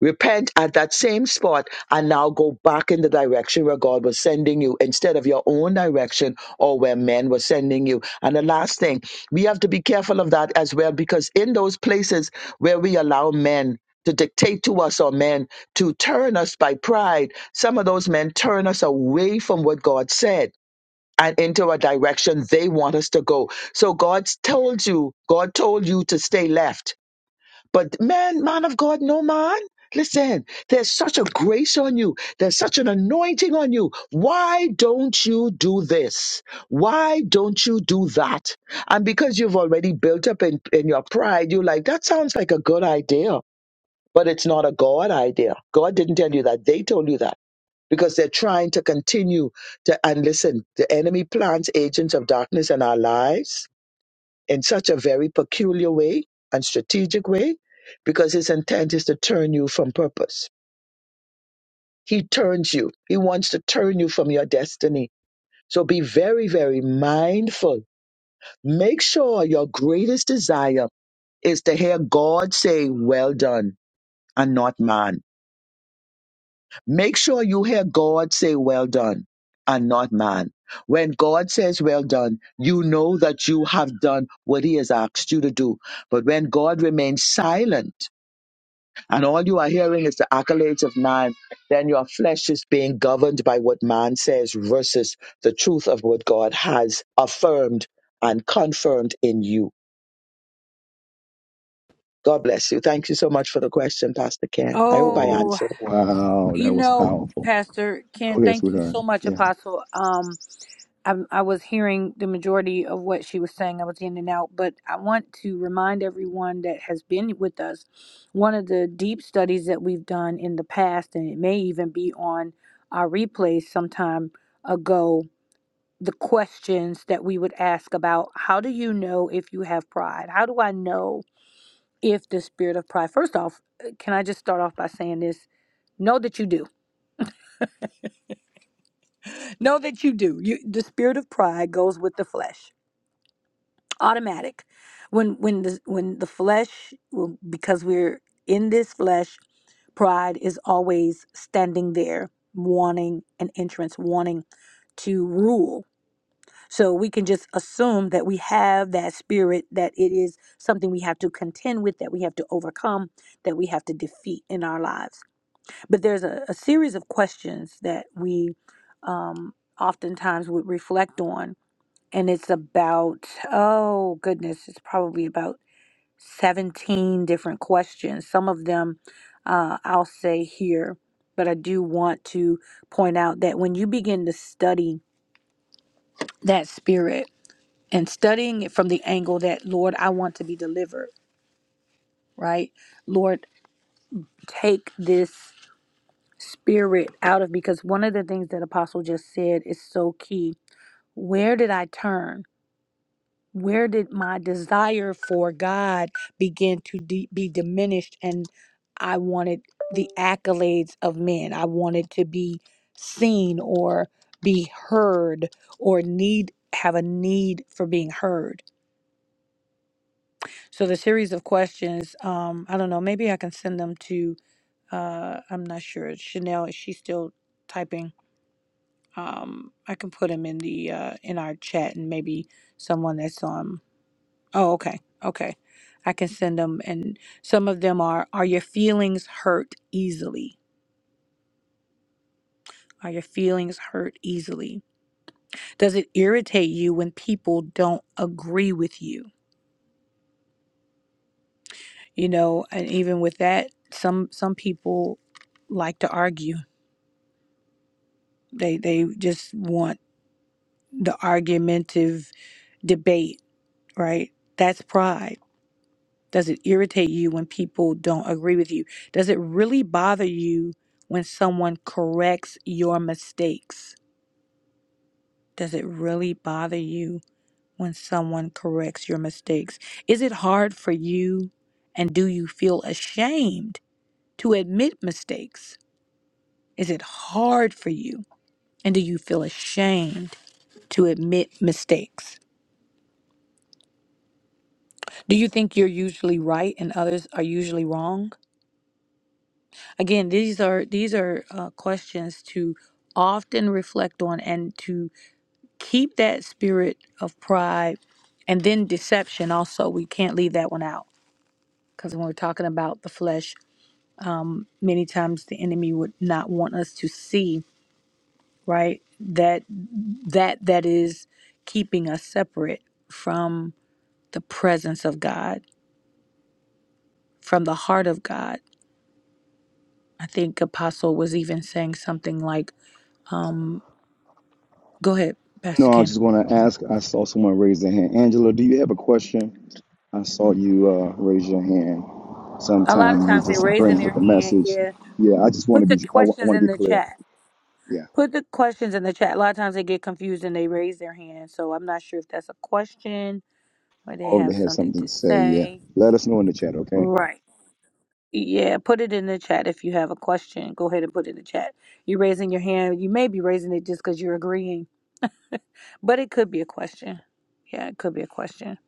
Speaker 9: Repent at that same spot and now go back in the direction where God was sending you instead of your own direction or where men were sending you. And the last thing, we have to be careful of that as well because in those places where we allow men to dictate to us or men to turn us by pride, some of those men turn us away from what God said. And into a direction they want us to go. So God told you, God told you to stay left. But man, man of God, no man. Listen, there's such a grace on you. There's such an anointing on you. Why don't you do this? Why don't you do that? And because you've already built up in, in your pride, you're like, that sounds like a good idea, but it's not a God idea. God didn't tell you that. They told you that because they're trying to continue to, and listen, the enemy plants agents of darkness in our lives in such a very peculiar way and strategic way because his intent is to turn you from purpose. He turns you, he wants to turn you from your destiny. So be very, very mindful. Make sure your greatest desire is to hear God say, Well done, and not man. Make sure you hear God say, Well done, and not man. When God says, Well done, you know that you have done what he has asked you to do. But when God remains silent, and all you are hearing is the accolades of man, then your flesh is being governed by what man says versus the truth of what God has affirmed and confirmed in you. God bless you. Thank you so much for the question, Pastor Ken. I hope I
Speaker 1: Oh,
Speaker 2: Oh,
Speaker 9: answered.
Speaker 1: wow,
Speaker 2: you
Speaker 1: that was
Speaker 2: know,
Speaker 1: powerful.
Speaker 2: Pastor Ken,
Speaker 1: Go ahead,
Speaker 2: thank you
Speaker 1: sweetheart.
Speaker 2: so much,
Speaker 1: Yeah.
Speaker 2: Apostle. Um. I, I was hearing the majority of what she was saying. I was in and out, but I want to remind everyone that has been with us. One of the deep studies that we've done in the past, and it may even be on our replays sometime ago, the questions that we would ask about how do you know if you have pride? How do I know if the spirit of pride? First off, uh, can I just start off by saying this? Know that you do. Know that you do. You, the spirit of pride goes with the flesh automatic when when the when the flesh well, because we're in this flesh pride is always standing there wanting an entrance wanting to rule so we can just assume that we have that spirit that it is something we have to contend with that we have to overcome that we have to defeat in our lives but there's a, a series of questions that we um, oftentimes would reflect on and it's about oh goodness it's probably about 17 different questions some of them uh, i'll say here but i do want to point out that when you begin to study that spirit and studying it from the angle that lord i want to be delivered right lord take this spirit out of because one of the things that apostle just said is so key where did i turn Where did my desire for God begin to de- be diminished? And I wanted the accolades of men. I wanted to be seen or be heard or need have a need for being heard. So the series of questions, um, I don't know, maybe I can send them to uh, I'm not sure. Chanel, is she still typing? Um, I can put them in the uh, in our chat and maybe someone that's on Oh, okay. Okay. I can send them. And some of them are Are your feelings hurt easily? Are your feelings hurt easily? Does it irritate you when people don't agree with you? You know, and even with that, some some people like to argue. They they just want the argumentative debate, right? That's pride. Does it irritate you when people don't agree with you? Does it really bother you when someone corrects your mistakes? Does it really bother you when someone corrects your mistakes? Is it hard for you and do you feel ashamed to admit mistakes? Is it hard for you and do you feel ashamed to admit mistakes? Do you think you're usually right and others are usually wrong? Again, these are these are uh, questions to often reflect on and to keep that spirit of pride and then deception also we can't leave that one out because when we're talking about the flesh many times the enemy would not want us to see right that that that is keeping us separate from the presence of god from the heart of god i think apostle was even saying something like um go ahead
Speaker 1: No,
Speaker 2: pastor
Speaker 1: I was
Speaker 2: ken
Speaker 1: just going to ask. I saw someone raise their hand. Angela, do you have a question? I saw you uh, raise your hand.
Speaker 2: a lot of
Speaker 1: Sometime you
Speaker 2: times they're
Speaker 1: just
Speaker 2: raising
Speaker 1: bring with
Speaker 2: their
Speaker 1: the
Speaker 2: hand
Speaker 1: message.
Speaker 2: yeah
Speaker 1: Yeah, I just want to
Speaker 2: put the
Speaker 1: be. I
Speaker 2: questions
Speaker 1: want to
Speaker 2: in
Speaker 1: be
Speaker 2: the
Speaker 1: clear.
Speaker 2: chat
Speaker 1: Yeah.
Speaker 2: put the questions in the chat a lot of times they get confused and they raise their hand so i'm not sure if that's a question or they
Speaker 1: Or if they
Speaker 2: have
Speaker 1: have
Speaker 2: something
Speaker 1: something to
Speaker 2: to
Speaker 1: say, yeah,
Speaker 2: say.
Speaker 1: let us know in the chat, okay?
Speaker 2: Right. Yeah, put it in the chat if you have a question. Go ahead and put it in the chat. You're raising your hand. You may be raising it just because you're agreeing, but it could be a question. Yeah, it could be a question.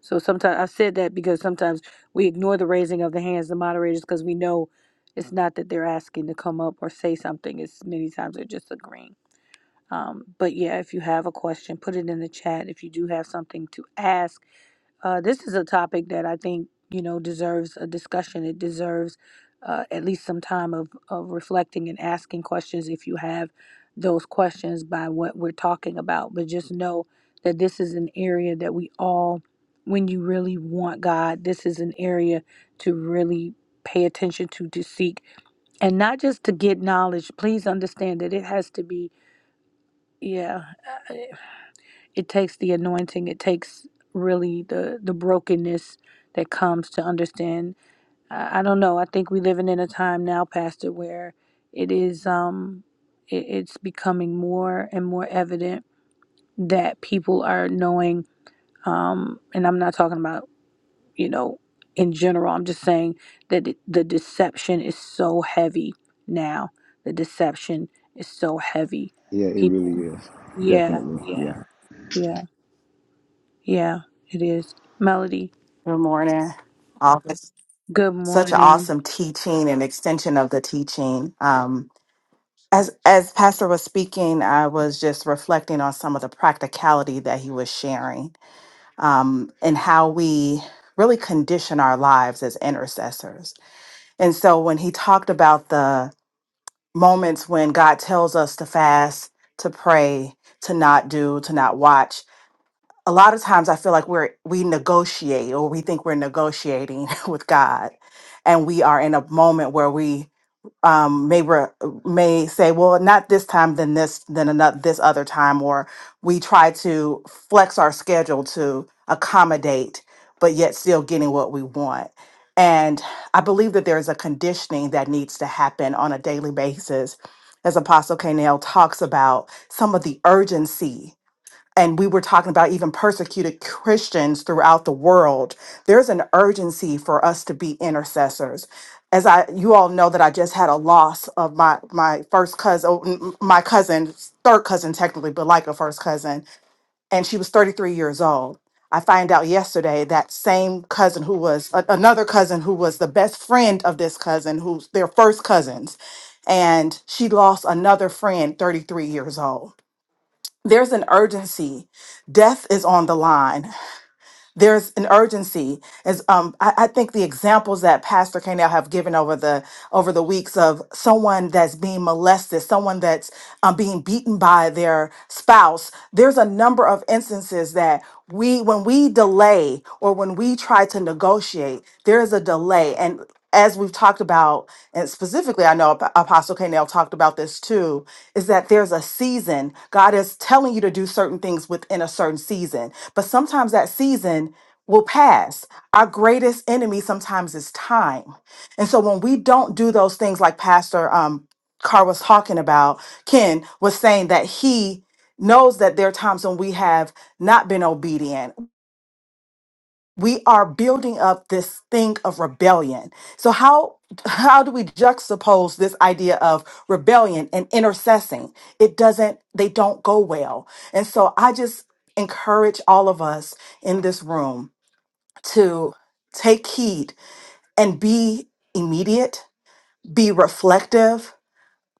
Speaker 2: So sometimes I've said that because sometimes we ignore the raising of the hands, the moderators, because we know it's not that they're asking to come up or say something. It's many times they're just agreeing. Um, but yeah, if you have a question, put it in the chat. If you do have something to ask, uh, this is a topic that I think you know deserves a discussion. It deserves uh, at least some time of, of reflecting and asking questions if you have those questions by what we're talking about. But just know that this is an area that we all, when you really want God, this is an area to really pay attention to, to seek, and not just to get knowledge. Please understand that it has to be, yeah. uh, it takes the anointing it takes really the the brokenness that comes to understand i, I don't know i think we're living in a time now pastor where it is um it, it's becoming more and more evident that people are knowing um and i'm not talking about you know in general i'm just saying that it, the deception is so heavy now the deception is so heavy
Speaker 1: Yeah, it
Speaker 2: people
Speaker 1: really is.
Speaker 2: yeah
Speaker 1: Definitely.
Speaker 2: yeah
Speaker 1: Yeah.
Speaker 2: yeah Yeah, it is. Melody,
Speaker 11: Good morning. All
Speaker 2: good
Speaker 11: such an
Speaker 2: morning.
Speaker 11: awesome teaching and extension of the teaching. Um, as as Pastor was speaking, I was just reflecting on some of the practicality that he was sharing um, and how we really condition our lives as intercessors. And so when he talked about the moments when God tells us to fast, to pray, to not do, to not watch, a lot of times I feel like we're we negotiate or we think we're negotiating with God, and we are in a moment where we um, may re- may say, "Well, not this time, then this, then another this other time," or we try to flex our schedule to accommodate, but yet still getting what we want. And I believe that there is a conditioning that needs to happen on a daily basis, as Apostle Canel talks about some of the urgency and we were talking about even persecuted Christians throughout the world, there's an urgency for us to be intercessors. As I, you all know that I just had a loss of my my first cousin, oh, n- n- my cousin, third cousin technically, but like a first cousin, and she was 33 years old. I find out yesterday that same cousin who was a- another cousin who was the best friend of this cousin, who's their first cousins, and she lost another friend, 33 years old there's an urgency. Death is on the line. There's an urgency. As um, I, I think the examples that Pastor Canel have given over the over the weeks of someone that's being molested, someone that's um, being beaten by their spouse. There's a number of instances that we, when we delay or when we try to negotiate, there is a delay. And as we've talked about, and specifically, I know Ap- Apostle Canel talked about this too, is that there's a season. God is telling you to do certain things within a certain season, but sometimes that season will pass. Our greatest enemy sometimes is time and so when we don't do those things like Pastor um, Carr was talking about, Ken was saying that he knows that there are times when we have not been obedient. We are building up this thing of rebellion. So how how do we juxtapose this idea of rebellion and intercessing? It doesn't they don't go well. And so I just encourage all of us in this room to take heed and be immediate be reflective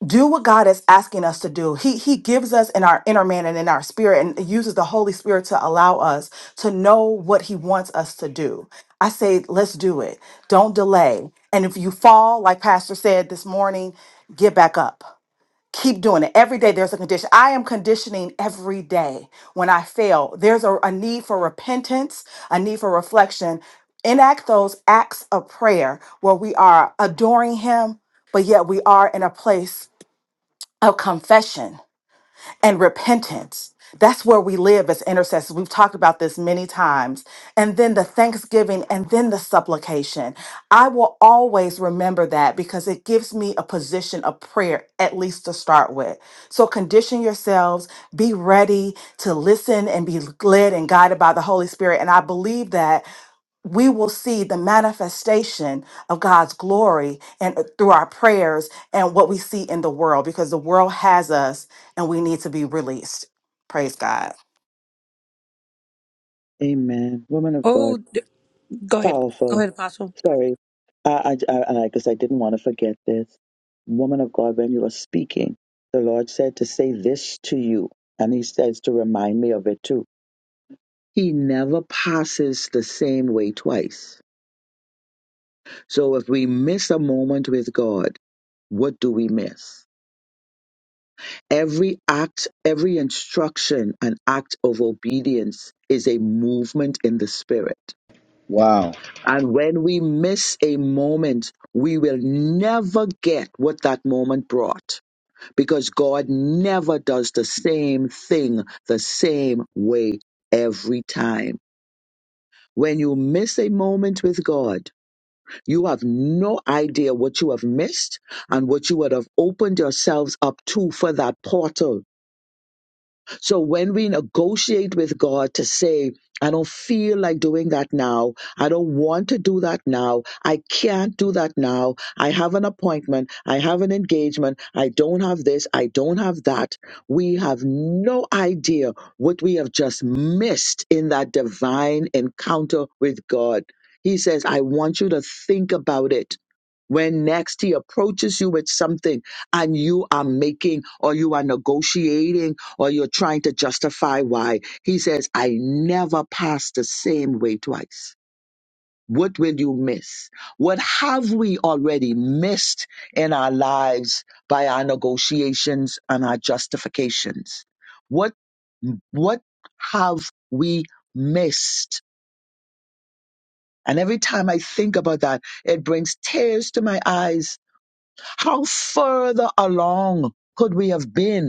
Speaker 11: do what god is asking us to do he he gives us in our inner man and in our spirit and uses the holy spirit to allow us to know what he wants us to do i say let's do it don't delay and if you fall like pastor said this morning get back up keep doing it every day there's a condition i am conditioning every day when i fail there's a, a need for repentance a need for reflection enact those acts of prayer where we are adoring him but yet we are in a place of confession and repentance. That's where we live as intercessors. We've talked about this many times. And then the thanksgiving and then the supplication. I will always remember that because it gives me a position of prayer, at least to start with. So condition yourselves, be ready to listen and be led and guided by the Holy Spirit. And I believe that we will see the manifestation of God's glory and uh, through our prayers and what we see in the world because the world has us and we need to be released. Praise God.
Speaker 9: Amen. Woman of God,
Speaker 2: Oh, d- go ahead. Go
Speaker 9: powerful.
Speaker 2: ahead, Apostle.
Speaker 9: Sorry, I I I, I guess I didn't want to forget this. Woman of God, when you were speaking, the Lord said to say this to you, and He says to remind me of it too He never passes the same way twice. So if we miss a moment with God, what do we miss? Every act, every instruction, an act of obedience is a movement in the spirit.
Speaker 1: Wow.
Speaker 9: And when we miss a moment, we will never get what that moment brought because God never does the same thing the same way every time. When you miss a moment with God, You have no idea what you have missed and what you would have opened yourselves up to for that portal so when we negotiate with God to say, I don't feel like doing that now. I don't want to do that now. I can't do that now. I have an appointment. I have an engagement. I don't have this. I don't have that. We have no idea what we have just missed in that divine encounter with God. He says, I want you to think about it when next he approaches you with something and you are making or you are negotiating or you're trying to justify why. He says, I never passed the same way twice. What will you miss? What have we already missed in our lives by our negotiations and our justifications? What, what have we missed? And every time I think about that, it brings tears to my eyes. How further along could we have been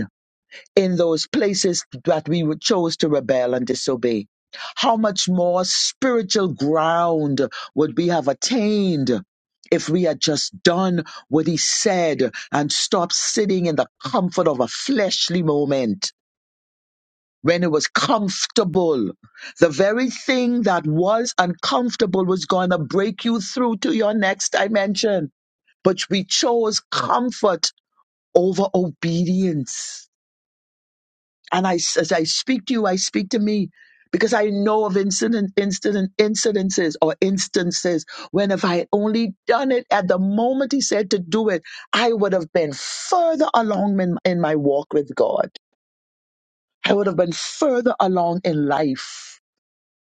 Speaker 9: in those places that we would chose to rebel and disobey. How much more spiritual ground would we have attained if we had just done what he said and stopped sitting in the comfort of a fleshly moment when it was comfortable? The very thing that was uncomfortable was going to break you through to your next dimension. But we chose comfort over obedience. And I, as I speak to you, I speak to me because I know of incident, incident, incidences or instances when if I had only done it at the moment he said to do it, I would have been further along in, in my walk with God. I would have been further along in life.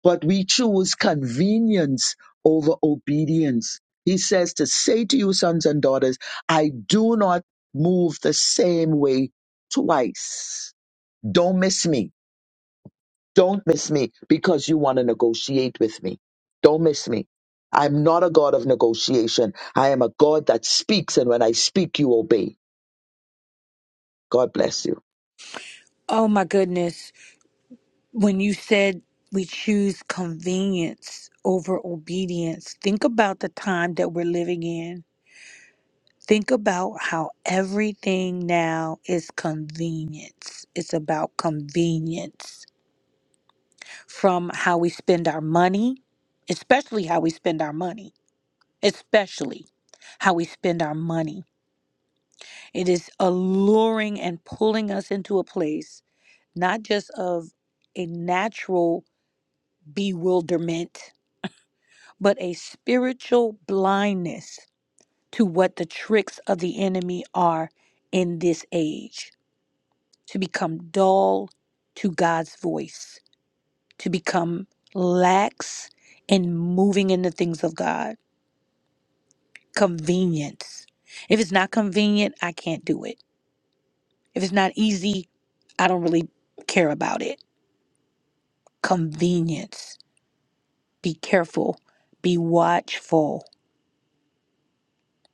Speaker 9: But we choose convenience over obedience. He says to say to you, sons and daughters, I do not move the same way twice. Don't miss me don't miss me because you want to negotiate with me. Don't miss me. I'm not a God of negotiation. I am a God that speaks, and when I speak, you obey. God bless you.
Speaker 2: Oh, my goodness. When you said we choose convenience over obedience, think about the time that we're living in. Think about how everything now is convenience. It's about convenience from how we spend our money, especially how we spend our money, especially how we spend our money It is alluring and pulling us into a place, not just of a natural bewilderment, but a spiritual blindness to what the tricks of the enemy are in this age, to become dull to God's voice, to become lax in moving in the things of God. Convenience. If it's not convenient, I can't do it. If it's not easy, I don't really care about it convenience. Be careful, be watchful,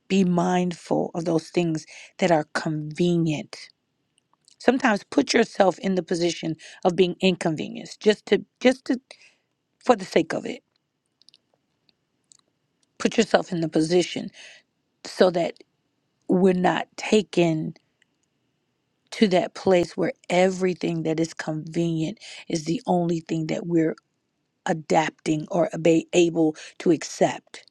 Speaker 2: be mindful of those things that are convenient. Sometimes put yourself in the position of being inconvenienced just to just to for the sake of it. Put yourself in the position so that we're not taken to that place where everything that is convenient is the only thing that we're adapting or be able to accept.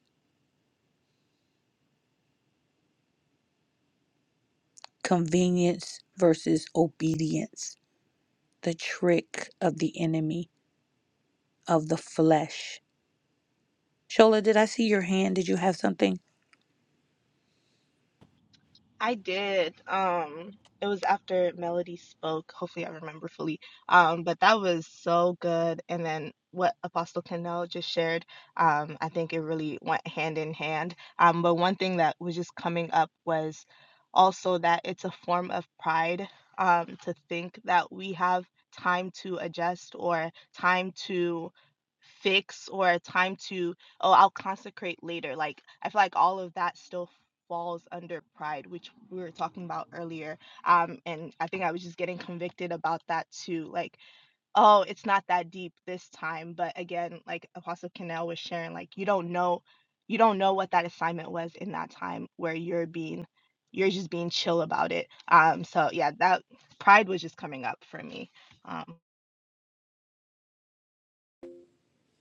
Speaker 2: Convenience versus obedience the trick of the enemy of the flesh. Shola, did I see your hand? Did you have something?
Speaker 6: I did. Um, it was after Melody spoke. Hopefully, I remember fully. Um, but that was so good. And then what Apostle Kendall just shared, um, I think it really went hand in hand. Um, but one thing that was just coming up was also that it's a form of pride um, to think that we have time to adjust or time to fix or time to oh i'll consecrate later like i feel like all of that still falls under pride, which we were talking about earlier. Um, and I think I was just getting convicted about that too. Like, oh, it's not that deep this time. But again, like Apostle Cannell was sharing, like you don't know, you don't know what that assignment was in that time where you're being, you're just being chill about it. Um, so yeah, that pride was just coming up for me. Um,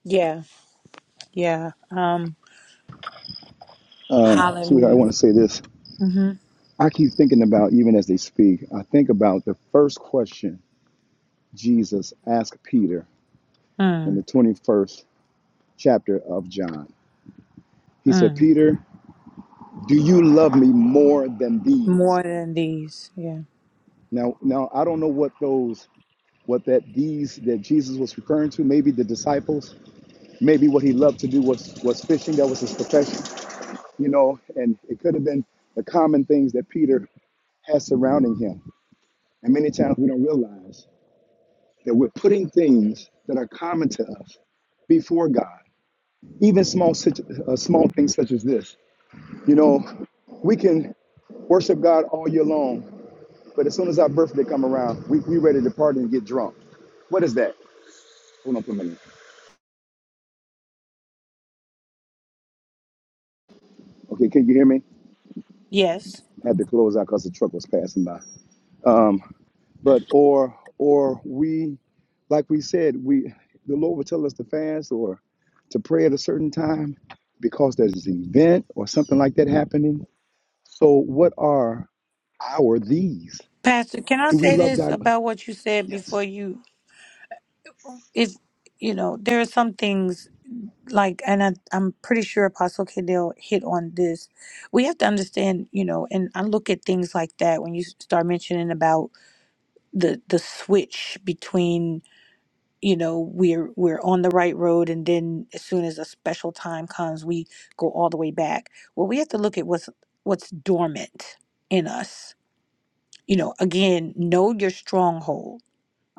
Speaker 2: Yeah, yeah. Um,
Speaker 1: Um, sweetheart, I
Speaker 2: hallelujah.
Speaker 1: want to say this.
Speaker 2: hmm
Speaker 1: I keep thinking about even as they speak. I think about the first question Jesus asked Peter in
Speaker 2: Mm,
Speaker 1: the 21st chapter of John. He said,
Speaker 2: mm.
Speaker 1: Peter, do you love me more than these?
Speaker 2: More than these. Yeah.
Speaker 1: Now, now I don't know what those, what that these that Jesus was referring to, maybe the disciples, maybe what he loved to do was was fishing, that was his profession, you know, and it could have been the common things that Peter has surrounding him. And many times we don't realize that we're putting things that are common to us before God. Even small, situ- uh, small things such as this. You know, we can worship God all year long, but as soon as our birthday come around, we we ready to party and get drunk. What is that? Hold on for a minute. Okay, can you hear me?
Speaker 2: Yes.
Speaker 1: I had to close out because the truck was passing by. Um, but or or we, like we said, we the Lord would tell us to fast or to pray at a certain time because there's an event or something like that happening. So what are our these?
Speaker 2: Pastor, can I
Speaker 1: Do we
Speaker 2: say
Speaker 1: love
Speaker 2: this
Speaker 1: God?
Speaker 2: about what you said
Speaker 1: Yes.
Speaker 2: before you? If you know, there are some things like, and I, I'm pretty sure Apostle Cadell hit on this. We have to understand, you know, and I look at things like that when you start mentioning about the the switch between you know we're we're on the right road and then as soon as a special time comes we go all the way back well we have to look at what's what's dormant in us you know again know your stronghold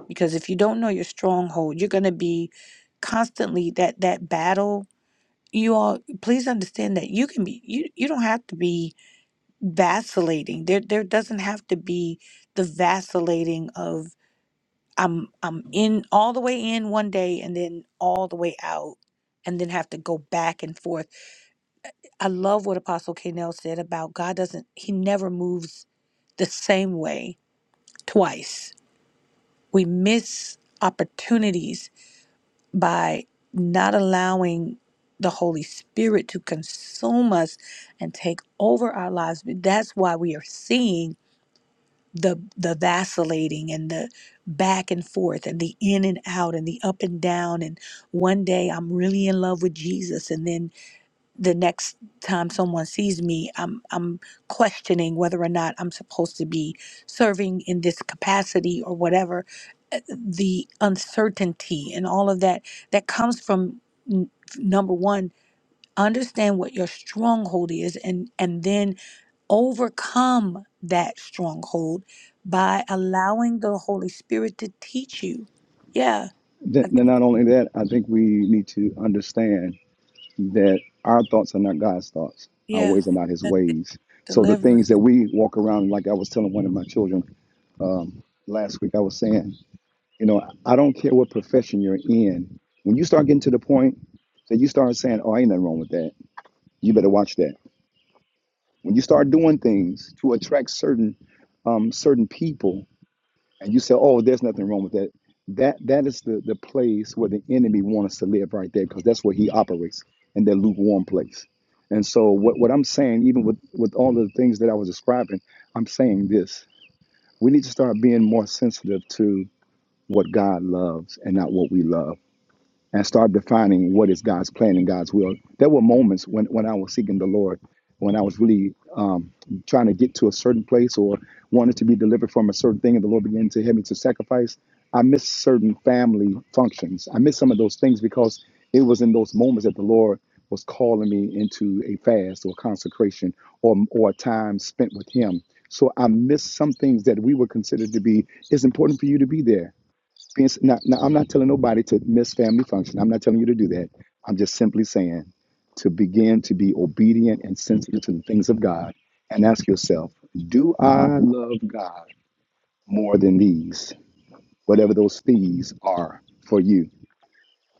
Speaker 2: because if you don't know your stronghold you're going to be constantly that that battle you all please understand that you can be you you don't have to be vacillating there there doesn't have to be the vacillating of. I'm I'm in all the way in one day and then all the way out and then have to go back and forth. I love what Apostle K. Nell said about God doesn't he never moves the same way twice. We miss opportunities by not allowing the Holy Spirit to consume us and take over our lives. That's why we are seeing the the vacillating and the back and forth and the in and out and the up and down and one day I'm really in love with Jesus and then the next time someone sees me I'm I'm questioning whether or not I'm supposed to be serving in this capacity or whatever Uh, the uncertainty and all of that that comes from n- number 1 Understand what your stronghold is and and then overcome that stronghold by allowing the Holy Spirit to teach you. Yeah.
Speaker 1: Then,
Speaker 2: I
Speaker 1: then
Speaker 2: think
Speaker 1: not only that, I think we need to understand that our thoughts are not God's thoughts. Our
Speaker 2: yeah.
Speaker 1: ways are not His
Speaker 2: That's it.
Speaker 1: ways. So the
Speaker 2: Deliverance.
Speaker 1: things that we walk around, like I was telling one of my children um, last week, I was saying, you know, I don't care what profession you're in. When you start getting to the point that you start saying, "Oh, ain't nothing wrong with that," you better watch that. When you start doing things to attract certain um, certain people, and you say, "Oh, there's nothing wrong with that." That that is the the place where the enemy wants us to live right there, because that's where he operates in that lukewarm place. And so, what what I'm saying, even with with all of the things that I was describing, I'm saying this: we need to start being more sensitive to what God loves and not what we love and start defining what is God's plan and God's will. There were moments when, when I was seeking the Lord, when I was really um, trying to get to a certain place or wanted to be delivered from a certain thing, and the Lord began to help me to sacrifice. I missed certain family functions. I missed some of those things because it was in those moments that the Lord was calling me into a fast or consecration or, or a time spent with Him. So I missed some things that we would consider to be, it's important for you to be there being s- now, now I'm not telling nobody to miss family function. I'm not telling you to do that. I'm just simply saying to begin to be obedient and sensitive to the things of God and ask yourself, do I love God more than these? Whatever those these are for you.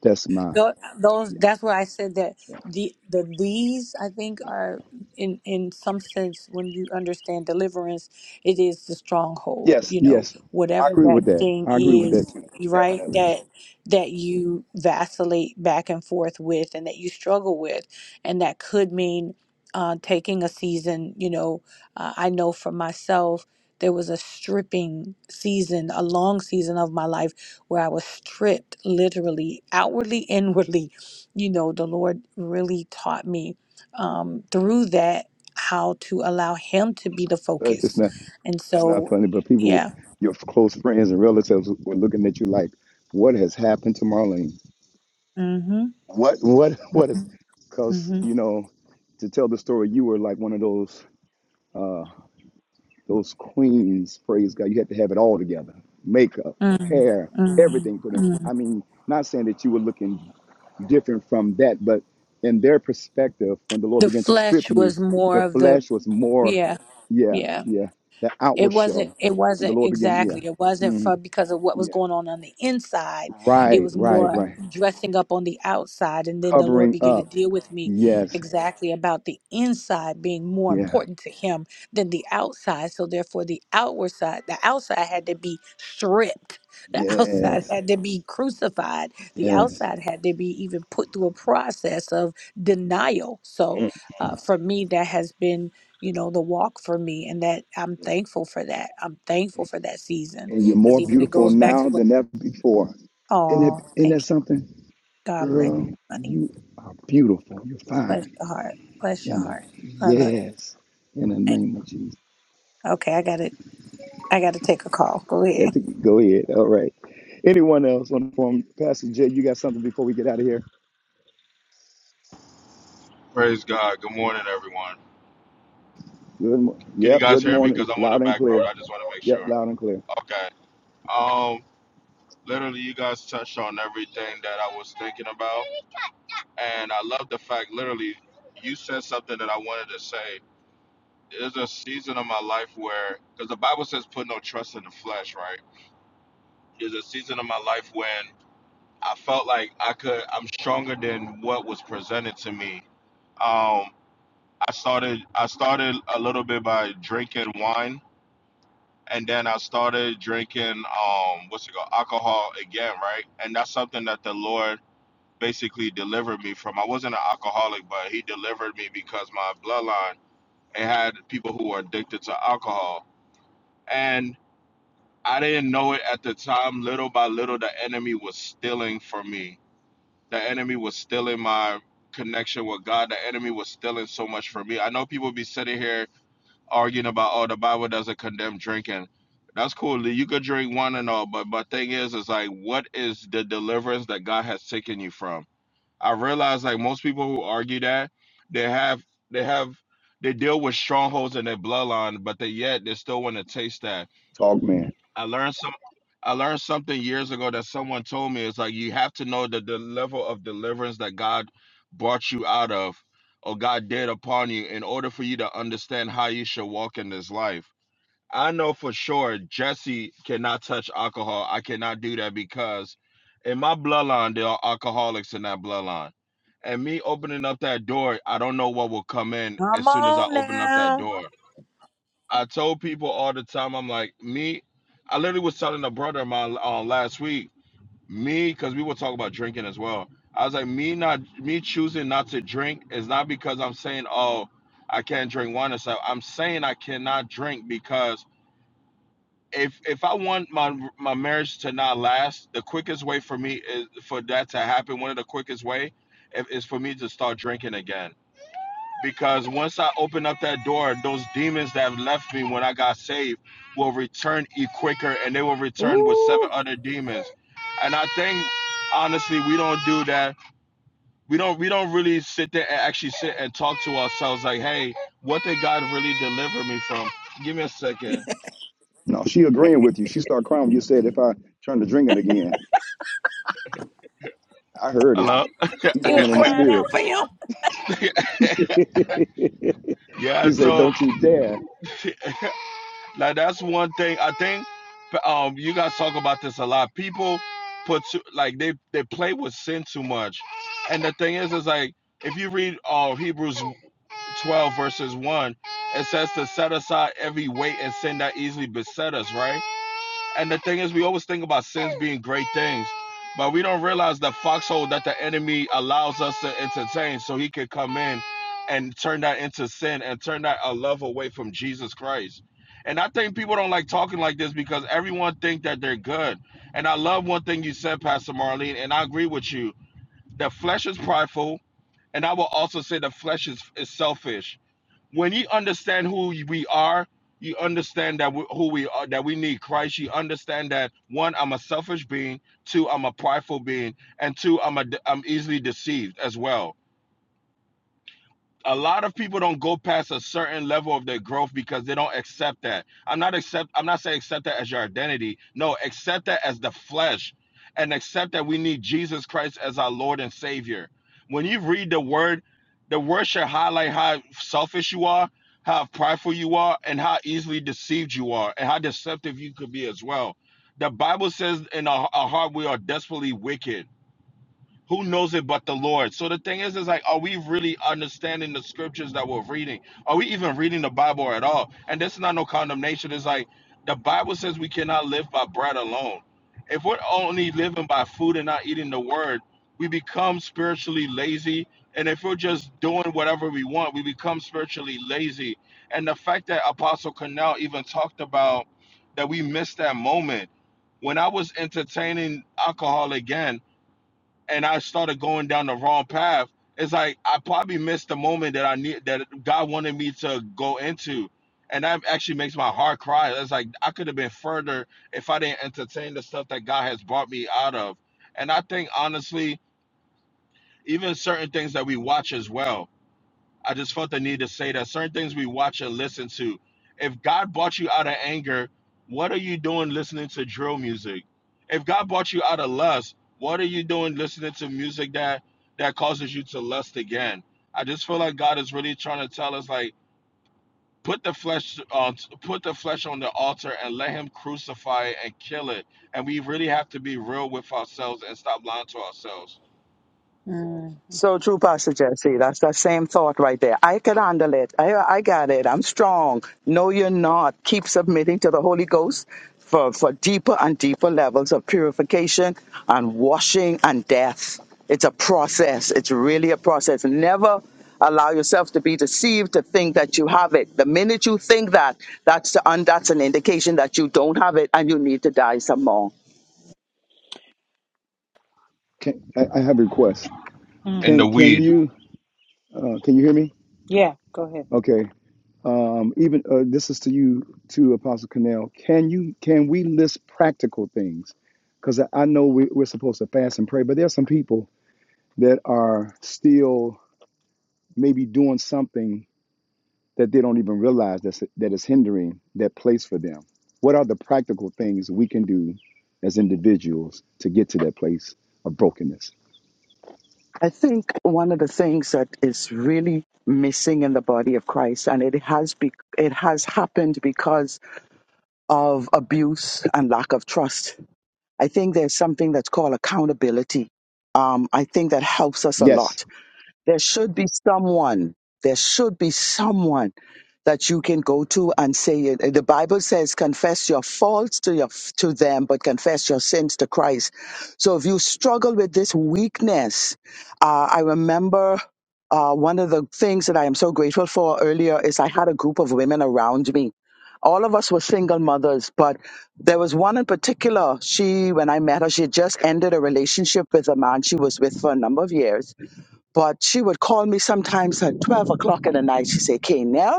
Speaker 1: That's my
Speaker 2: Tho- those
Speaker 1: yeah,
Speaker 2: that's why I said that the the these I think
Speaker 1: yeah.
Speaker 2: are in in some sense when you understand deliverance it is the stronghold
Speaker 1: Yes,
Speaker 2: you know
Speaker 1: yes. I
Speaker 2: whatever
Speaker 1: agree
Speaker 2: that
Speaker 1: with that.
Speaker 2: thing
Speaker 1: I agree with
Speaker 2: is
Speaker 1: that too.
Speaker 2: right
Speaker 1: Definitely.
Speaker 2: that that you vacillate back and forth with and that you struggle with and that could mean uh, taking a season you know uh, I know for myself there was a stripping season a long season of my life where I was stripped literally, outwardly, inwardly. You know, the Lord really taught me um, through that how to allow Him to be the
Speaker 1: Uh, It's
Speaker 2: focus.
Speaker 1: not
Speaker 2: And
Speaker 1: it's not
Speaker 2: so,
Speaker 1: funny, but people
Speaker 2: yeah.
Speaker 1: your close friends and relatives were looking at you like, what has happened to Marlene?
Speaker 2: Mm-hmm.
Speaker 1: What what what is?
Speaker 2: Mm-hmm.
Speaker 1: Because
Speaker 2: Mm-hmm.
Speaker 1: you know, to tell the story, you were like one of those uh, those queens. Praise God, you had to have it all together: makeup, hair,
Speaker 2: Mm-hmm.
Speaker 1: everything. Put
Speaker 2: Mm-hmm.
Speaker 1: them.
Speaker 2: Mm-hmm.
Speaker 1: I mean, not saying that you were looking different from that, but in their perspective, when the Lord
Speaker 2: The
Speaker 1: began to strip
Speaker 2: flesh
Speaker 1: you,
Speaker 2: was more
Speaker 1: the
Speaker 2: of the,
Speaker 1: flesh was more,
Speaker 2: yeah,
Speaker 1: yeah,
Speaker 2: yeah.
Speaker 1: yeah, the
Speaker 2: It
Speaker 1: outward
Speaker 2: wasn't.
Speaker 1: show,
Speaker 2: It
Speaker 1: and the
Speaker 2: wasn't
Speaker 1: Lord began, yeah,
Speaker 2: exactly. It wasn't
Speaker 1: mhm,
Speaker 2: for because of what was
Speaker 1: yeah,
Speaker 2: going on on the inside. It
Speaker 1: right,
Speaker 2: was
Speaker 1: right,
Speaker 2: more
Speaker 1: right,
Speaker 2: dressing up on the outside, and then the Lord
Speaker 1: covering
Speaker 2: began to
Speaker 1: up.
Speaker 2: deal with me
Speaker 1: Yes,
Speaker 2: exactly about the inside being more
Speaker 1: yeah,
Speaker 2: important to Him than the outside. So therefore, the outward side, the outside had to be stripped. The outside
Speaker 1: yes,
Speaker 2: had to be crucified. The
Speaker 1: Yes.
Speaker 2: outside had to be even put through a process of denial. So
Speaker 1: Mm.
Speaker 2: uh, for me, that has been you know, the walk for me and that I'm thankful for that. I'm thankful for that season
Speaker 1: And you're
Speaker 2: because
Speaker 1: more
Speaker 2: even it
Speaker 1: beautiful
Speaker 2: goes back to
Speaker 1: now
Speaker 2: what,
Speaker 1: than ever before. Isn't that,
Speaker 2: oh,
Speaker 1: isn't that
Speaker 2: thank you.
Speaker 1: something?
Speaker 2: God bless you,
Speaker 1: Girl,
Speaker 2: honey.
Speaker 1: you are beautiful. You're
Speaker 2: Bless
Speaker 1: fine.
Speaker 2: your heart. Bless your
Speaker 1: In the,
Speaker 2: heart. I love you.
Speaker 1: yes. In the
Speaker 2: Thank
Speaker 1: name of Jesus.
Speaker 2: you. Okay, I got it. I got to take a call. Go
Speaker 1: You got
Speaker 2: ahead.
Speaker 1: to go ahead. All right. Anyone else on the phone? Pastor Jay, you got something before we get out of here?
Speaker 10: Praise God. Good morning, everyone.
Speaker 1: Good mo-
Speaker 10: Can you
Speaker 1: yep,
Speaker 10: guys
Speaker 1: good
Speaker 10: hear me?
Speaker 1: morning.
Speaker 10: Because I'm on the
Speaker 1: Loud and
Speaker 10: back road.
Speaker 1: clear.
Speaker 10: I just want to make
Speaker 1: Yep,
Speaker 10: sure.
Speaker 1: loud and clear.
Speaker 10: Okay. Um, literally, you guys touched on everything that I was thinking about, and I love the fact. Literally, you said something that I wanted to say. There's a season of my life where, because the Bible says, put no trust in the flesh, right? There's a season of my life when I felt like I could I'm stronger than what was presented to me. Um I started I started a little bit by drinking wine and then I started drinking um what's it called alcohol again, right? And that's something that the Lord basically delivered me from. I wasn't an alcoholic, but he delivered me because my bloodline it had people who were addicted to alcohol. And I didn't know it at the time. Little by little, the enemy was stealing from me the enemy was still in my connection with God. The enemy was still in so much for me. I know people be sitting here arguing about, oh, the Bible doesn't condemn drinking. That's cool. You could drink one and all, but but thing is, is like, what is the deliverance that God has taken you from? I realize like most people who argue that they have they have they deal with strongholds in their bloodline, but they yet they still want to taste that.
Speaker 1: Talk man.
Speaker 10: I learned some I learned something years ago that someone told me. It's like you have to know that the level of deliverance that God brought you out of or God did upon you in order for you to understand how you should walk in this life. I know for sure Jesse cannot touch alcohol. I cannot do that because in my bloodline, there are alcoholics in that bloodline. And me opening up that door, I don't know what will come in
Speaker 2: Come
Speaker 10: as soon as I open up that
Speaker 2: He
Speaker 10: door. I told people all the time, I'm like, me, I literally was telling a brother of mine uh, last week, me, because we were talking about drinking as well. I was like, me not, me choosing not to drink is not because I'm saying, oh, I can't drink wine or something. I'm saying I cannot drink because if if I want my my marriage to not last, the quickest way for me is for that to happen. One of the quickest way is, is for me to start drinking again because once I open up that door, those demons that have left me when I got saved will return e quicker, and they will return with seven other demons. And I think honestly, we don't do that. We don't we don't really sit there and actually sit and talk to ourselves like, hey, what did God really deliver me from? Give me a second.
Speaker 1: No, she agreeing with you. She started crying when you said if I turn to drinking again. I heard it.
Speaker 10: Hello.
Speaker 1: She
Speaker 2: was
Speaker 1: walking in the
Speaker 2: crying
Speaker 1: spirit.
Speaker 2: out for him.
Speaker 1: he
Speaker 10: yeah.
Speaker 1: said,
Speaker 10: So
Speaker 1: "Don't you dare."
Speaker 10: Like that's one thing I think. Um, you guys talk about this a lot. People put too, like they they play with sin too much, and the thing is, is like if you read uh, Hebrews twelve verses one, it says to set aside every weight and sin that easily beset us, right? And the thing is, we always think about sins being great things, but we don't realize the foxhole that the enemy allows us to entertain so he could come in and turn that into sin and turn that a love away from Jesus Christ. And I think people don't like talking like this because everyone think that they're good. And I love one thing you said, Pastor Marlene, and I agree with you. The flesh is prideful, and I will also say the flesh is, is selfish when you understand who we are, you understand that we, who we are, that we need Christ. You understand that one, I'm a selfish being. Two, I'm a prideful being, and two, I'm a, I'm easily deceived as well a lot of people don't go past a certain level of their growth because they don't accept that. I'm not accept I'm not saying accept that as your identity. No, accept that as the flesh and accept that we need Jesus Christ as our Lord and Savior. When you read the word, the word should highlight how selfish you are, how prideful you are, and how easily deceived you are, and how deceptive you could be as well. The Bible says in our, our heart we are desperately wicked. Who knows it but the Lord? So the thing is, is like, are we really understanding the scriptures that we're reading? Are we even reading the Bible at all? And this is not no condemnation. It's like the Bible says we cannot live by bread alone. If we're only living by food and not eating the word, we become spiritually lazy. And if we're just doing whatever we want, we become spiritually lazy. And the fact that Apostle Cornell even talked about that we missed that moment when I was entertaining alcohol again and I started going down the wrong path, it's like I probably missed the moment that I need that God wanted me to go into. And that actually makes my heart cry. It's like I could have been further if I didn't entertain the stuff that God has brought me out of. And I think honestly, even certain things that we watch as well I just felt the need to say that certain things we watch and listen to. If God brought you out of anger, what are you doing listening to drill music? If God brought you out of lust, what are you doing listening to music that that causes you to lust again? I just feel like God is really trying to tell us like put the flesh uh, put the flesh on the altar and let him crucify it and kill it. And we really have to be real with ourselves and stop lying to ourselves.
Speaker 2: Mm.
Speaker 9: So true, Pastor Jesse. That's that same thought right there. I can handle it. I, I got it. I'm strong. No, you're not. Keep submitting to the Holy Ghost for, for deeper and deeper levels of purification and washing and death. It's a process. It's really a process. Never allow yourself to be deceived to think that you have it. The minute you think that, that's, the, and that's an indication that you don't have it and you need to die some more.
Speaker 1: Can, I, I have a request.
Speaker 10: And the
Speaker 1: Can can
Speaker 10: weed.
Speaker 1: you uh, can you hear me? Okay. Um, even uh, this is to you, to Apostle Cornell. Can you can we list practical things? Because I, I know we, we're supposed to fast and pray, but there are some people that are still maybe doing something that they don't even realize that's, that is hindering that place for them. What are the practical things we can do as individuals to get to that place of brokenness?
Speaker 9: I think one of the things that is really missing in the body of Christ, and it has be, it has happened because of abuse and lack of trust. I think there's something that's called accountability. Um, I think that helps us a
Speaker 1: Yes,
Speaker 9: lot. There should be someone. There should be someone that you can go to and say it. The Bible says, confess your faults to your, to them, but confess your sins to Christ. So if you struggle with this weakness, uh, I remember uh, one of the things that I am so grateful for earlier is I had a group of women around me. All of us were single mothers, but there was one in particular. She, when I met her, she had just ended a relationship with a man she was with for a number of years. But she would call me sometimes at 12 o'clock in the night. She'd say, Nell."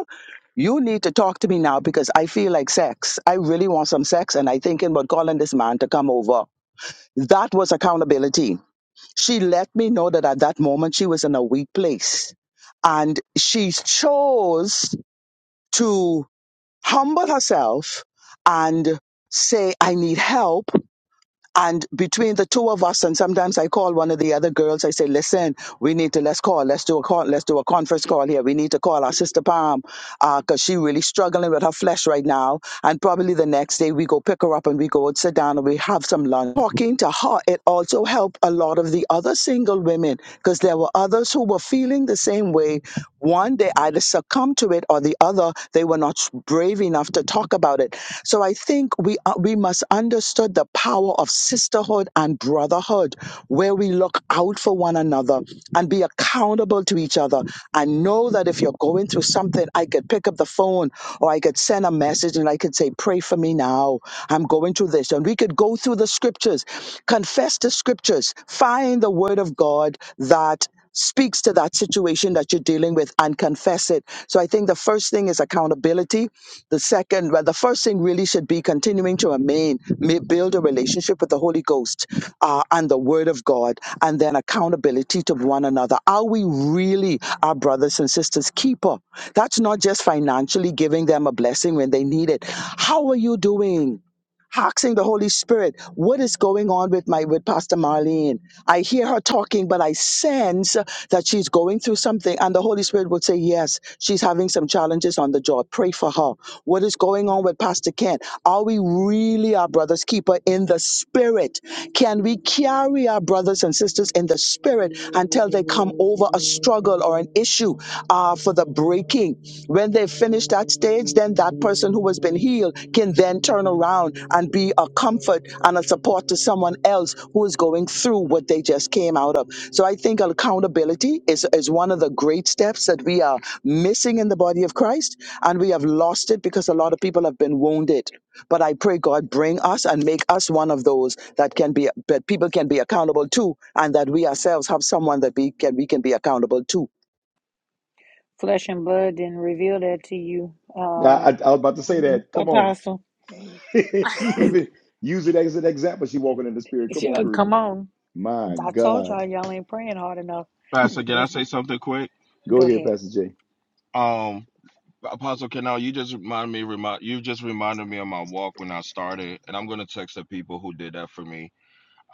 Speaker 9: You need to talk to me now because I feel like sex. I really want some sex and I thinking about calling this man to come over. That was accountability. She let me know that at that moment she was in a weak place. And she chose to humble herself and say, I need help. And between the two of us, and sometimes I call one of the other girls, I say, listen, we need to, let's call, let's do a call, let's do a conference call here. We need to call our sister Palm because she really struggling with her flesh right now and probably the next day we go pick her up and we go and sit down and we have some lunch. Talking to her, it also helped a lot of the other single women because there were others who were feeling the same way. One, they either succumbed to it or the other, they were not brave enough to talk about it. So I think we, uh, we must understood the power of sisterhood and brotherhood Spirit, where we look out for one another and be accountable to each other. And know that if you're going through something, I could pick up the phone or I could send a message and I could say, Pray for me now. I'm going through this. And we could go through the scriptures, confess the scriptures, find the word of God that speaks to that situation that you're dealing with and confess it. So I think the first thing is accountability. The second, well, the first thing really should be continuing to remain, may build a relationship with the Holy Ghost uh, and the Word of God, and then accountability to one another. Are we really our brothers and sisters' keeper? That's not just financially giving them a blessing when they need it. How are you doing? asking the Holy Spirit, what is going on with my with Pastor Marlene? I hear her talking, but I sense that she's going through something. And the Holy Spirit would say, Yes, she's having some challenges on the job. Pray for her. What is going on with Pastor Ken? Are we really our brother's keeper in the spirit? Can we carry our brothers and sisters in the spirit until they come over? a struggle or an issue uh, for the breaking. When they finish that stage, then that person who has been healed can then turn around and be a comfort and a support to someone else who is going through what they just came out of. So I think accountability is, is one of the great steps that we are missing in the body of Christ, and we have lost it because a lot of people have been wounded. But I pray God bring us and make us one of those that can be that people can be accountable to, and that we ourselves have someone that we can we can be accountable to.
Speaker 2: Flesh and blood didn't reveal that to you,
Speaker 1: I,
Speaker 2: uh,
Speaker 1: I, I was about to say that. Come on.
Speaker 2: Apostle.
Speaker 1: she even used it as an example. She walking in the spirit.
Speaker 2: If
Speaker 1: Come
Speaker 2: you-
Speaker 1: on
Speaker 2: uh,
Speaker 1: through.
Speaker 2: Come on.
Speaker 1: My
Speaker 2: I told
Speaker 1: God.
Speaker 2: y'all, y'all ain't praying hard enough.
Speaker 10: Pastor, can I
Speaker 2: This,
Speaker 10: say something quick?
Speaker 1: Go
Speaker 2: go
Speaker 1: ahead,
Speaker 2: ahead.
Speaker 1: Pastor Jay.
Speaker 10: Um Apostle Canal, you just reminded me remind you just reminded me of my walk when I started, and I'm gonna text the people who did that for me.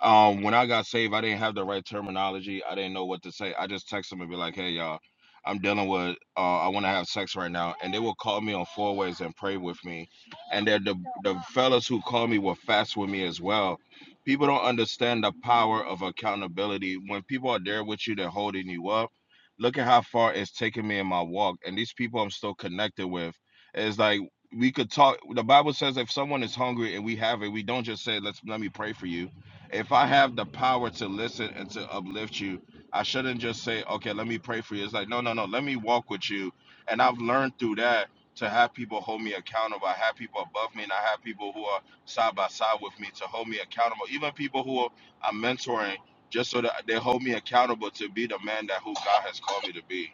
Speaker 10: Um, when I got saved, I didn't have the right terminology. I didn't know what to say. I just text them and be like, "Hey, y'all, I'm dealing with. Uh, I want to have sex right now," and they will call me on four ways and pray with me. And they're the the fellas who called me will fast with me as well. People don't understand the power of accountability. When people are there with you, they're holding you up. Look at how far it's taken me in my walk, and these people I'm still connected with. It's like we could talk. The Bible says if someone is hungry and we have it, we don't just say, "Let's let me pray for you." If I have the power to listen and to uplift you, I shouldn't just say, okay, let me pray for you. It's like, no, no, no, let me walk with you. And I've learned through that to have people hold me accountable. I have people above me and I have people who are side by side with me to hold me accountable. Even people who are, I'm mentoring, just so that they hold me accountable to be the man that who God has called me to be.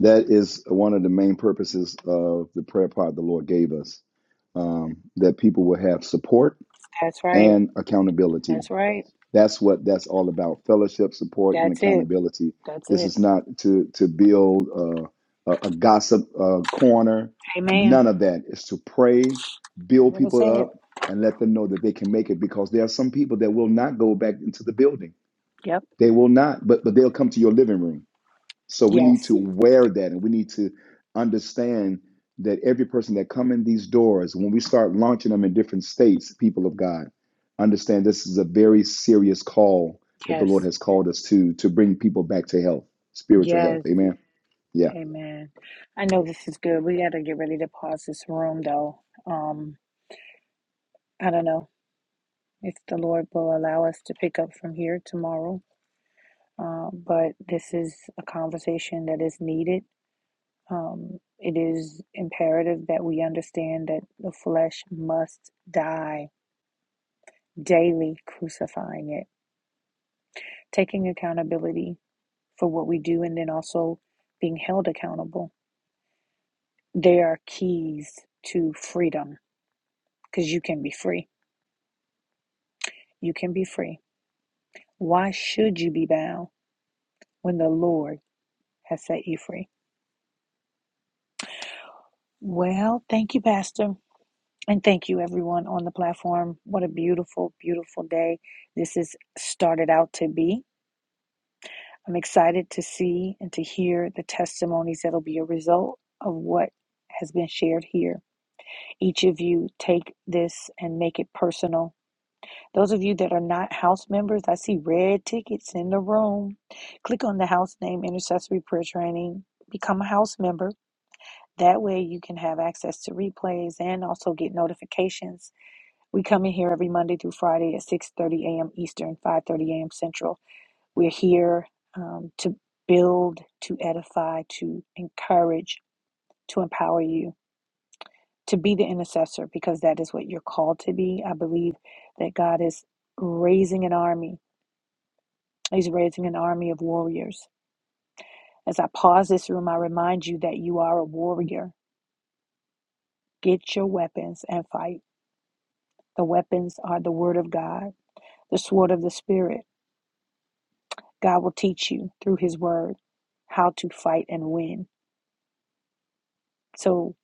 Speaker 1: That is one of the main purposes of the prayer pod the Lord gave us um, that people will have support
Speaker 2: That's right.
Speaker 1: and accountability
Speaker 2: That's right.
Speaker 1: That's what that's all about: fellowship, support, and
Speaker 2: That's it.
Speaker 1: accountability.
Speaker 2: That's
Speaker 1: This
Speaker 2: it.
Speaker 1: is not to to build uh, a, a gossip uh, corner.
Speaker 2: Amen.
Speaker 1: None of that. It's to pray,
Speaker 2: You're
Speaker 1: build
Speaker 2: going to
Speaker 1: people
Speaker 2: say it.
Speaker 1: up, and let them know that they can make it. Because there are some people that will not go back into the building.
Speaker 2: Yep.
Speaker 1: They will not, but but they'll come to your living room so we need
Speaker 2: Yes.
Speaker 1: to wear that and we need to understand that every person that come in these doors, when we start launching them in different states, people of God, understand this is a very serious call that the Lord
Speaker 2: Yes.
Speaker 1: has called us to to bring people back to health, spiritual health.
Speaker 2: Yes.
Speaker 1: Amen. Yeah.
Speaker 2: Amen. I know this is good. We got to get ready to pause this room, though. Um, I don't know if the Lord will allow us to pick up from here tomorrow. Uh, but this is a conversation that is needed. Um, it is imperative that we understand that the flesh must die daily, crucifying it, taking accountability for what we do, and then also being held accountable. They are keys to freedom because you can be free. You can be free. Why should you be bound when the Lord has set you free? Well, thank you, Pastor. And thank you, everyone on the platform. What a beautiful, beautiful day this has started out to be. I'm excited to see and to hear the testimonies that'll be a result of what has been shared here. Each of you take this and make it personal. Those of you that are not house members, I see red tickets in the room. Click on the house name Intercessory Prayer Training, become a house member. That way, you can have access to replays and also get notifications We come in here every Monday through Friday at 6:30 a.m. Eastern, 5:30 a.m. Central. We're here um, to build, to edify, to encourage, to empower you to be the intercessor because that is what you're called to be. I believe that God is raising an army. He's raising an army of warriors. As I pause this room, I remind you that you are a warrior. Get your weapons and fight. The weapons are the word of God, the sword of the spirit God will teach you through His Word how to fight and win. So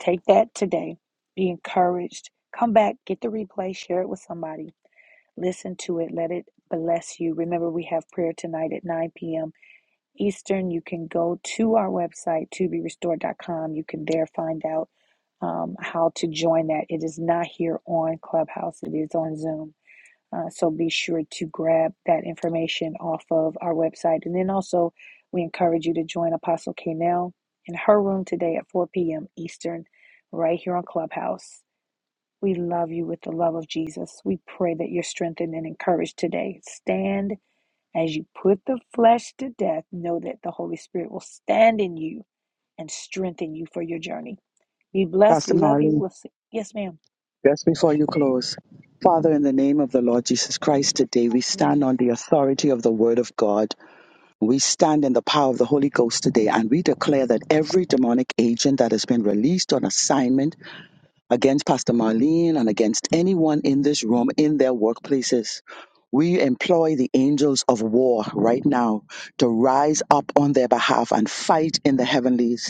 Speaker 2: take that today. Be encouraged. Come back, get the replay, share it with somebody, listen to it, let it bless you. Remember, we have prayer tonight at 9 p.m. Eastern. You can go to our website, to be restored dot com. You can there find out um, how to join that. It is not here on Clubhouse, it is on Zoom. Uh, so be sure to grab that information off of our website. And then also, we encourage you to join Apostle Kanell in her room today at 4 p.m. Eastern, right here on Clubhouse. We love you with the love of Jesus. We pray that you're strengthened and encouraged today. Stand as you put the flesh to death. Know that the Holy Spirit will stand in you and strengthen you for your journey. Be blessed.
Speaker 9: Pastor
Speaker 2: We love you.
Speaker 9: Marlene,
Speaker 2: We'll see. Yes, ma'am.
Speaker 9: just before you close, Father, in the name of the Lord Jesus Christ, today we stand on the authority of the Word of God. We stand in the power of the Holy Ghost today, and we declare that every demonic agent that has been released on assignment against Pastor Marlene and against anyone in this room in their workplaces. We employ the angels of war right now to rise up on their behalf and fight in the heavenlies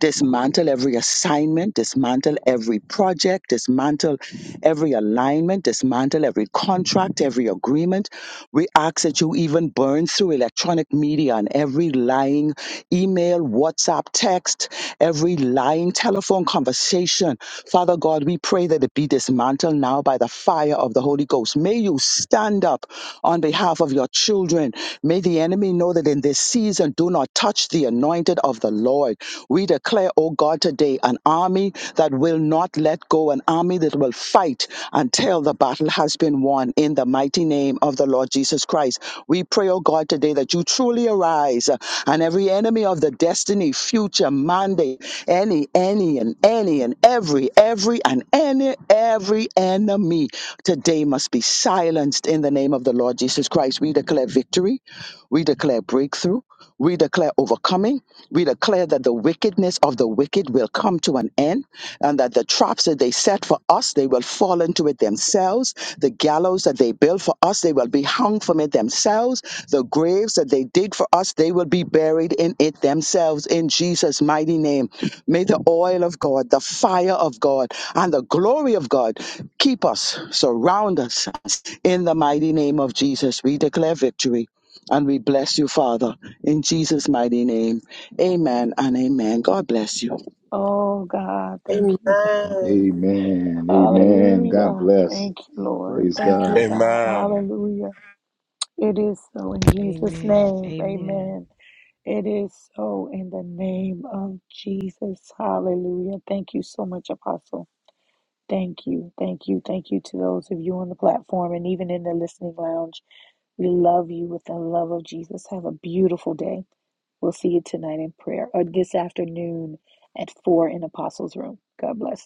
Speaker 9: dismantle every assignment, dismantle every project, dismantle every alignment, dismantle every contract, every agreement. We ask that you even burn through electronic media and every lying email, WhatsApp, text, every lying telephone conversation. Father God, we pray that it be dismantled now by the fire of the Holy Ghost. May you stand up on behalf of your children. May the enemy know that in this season, do not touch the anointing anointed of the Lord. We declare, oh God, today an army that will not let go, an army that will fight until the battle has been won in the mighty name of the Lord Jesus Christ. We pray, oh God, today that you truly arise uh, and every enemy of the destiny, future, mandate, any, any, and any, and every, every, and any, every enemy today must be silenced in the name of the Lord Jesus Christ. We declare victory. We declare breakthrough. We declare overcoming. We declare that the wickedness of the wicked will come to an end and that the traps that they set for us, they will fall into it themselves. The gallows that they built for us, they will be hung from it themselves. The graves that they dig for us, they will be buried in it themselves in Jesus' mighty name. May the oil of God, the fire of God, and the glory of God keep us, surround us in the mighty name of Jesus. We declare victory. And we bless you, Father, in Jesus' mighty name. Amen and amen. God bless you.
Speaker 2: Oh, God. Thank you, God.
Speaker 8: Amen.
Speaker 1: Amen. Amen. God
Speaker 2: Hallelujah.
Speaker 1: bless.
Speaker 2: Thank you, Lord.
Speaker 1: Praise
Speaker 2: Thank you,
Speaker 1: God.
Speaker 2: God. Hallelujah. It is so in Jesus'
Speaker 4: Amen.
Speaker 2: name.
Speaker 4: Amen.
Speaker 2: Amen. It is so in the name of Jesus. Hallelujah. Thank you so much, Apostle. Thank you. Thank you. Thank you to those of you on the platform and even in the listening lounge. We love you with the love of Jesus. Have a beautiful day. We'll see you tonight in prayer or this afternoon at 4 in Apostles' Room. God bless.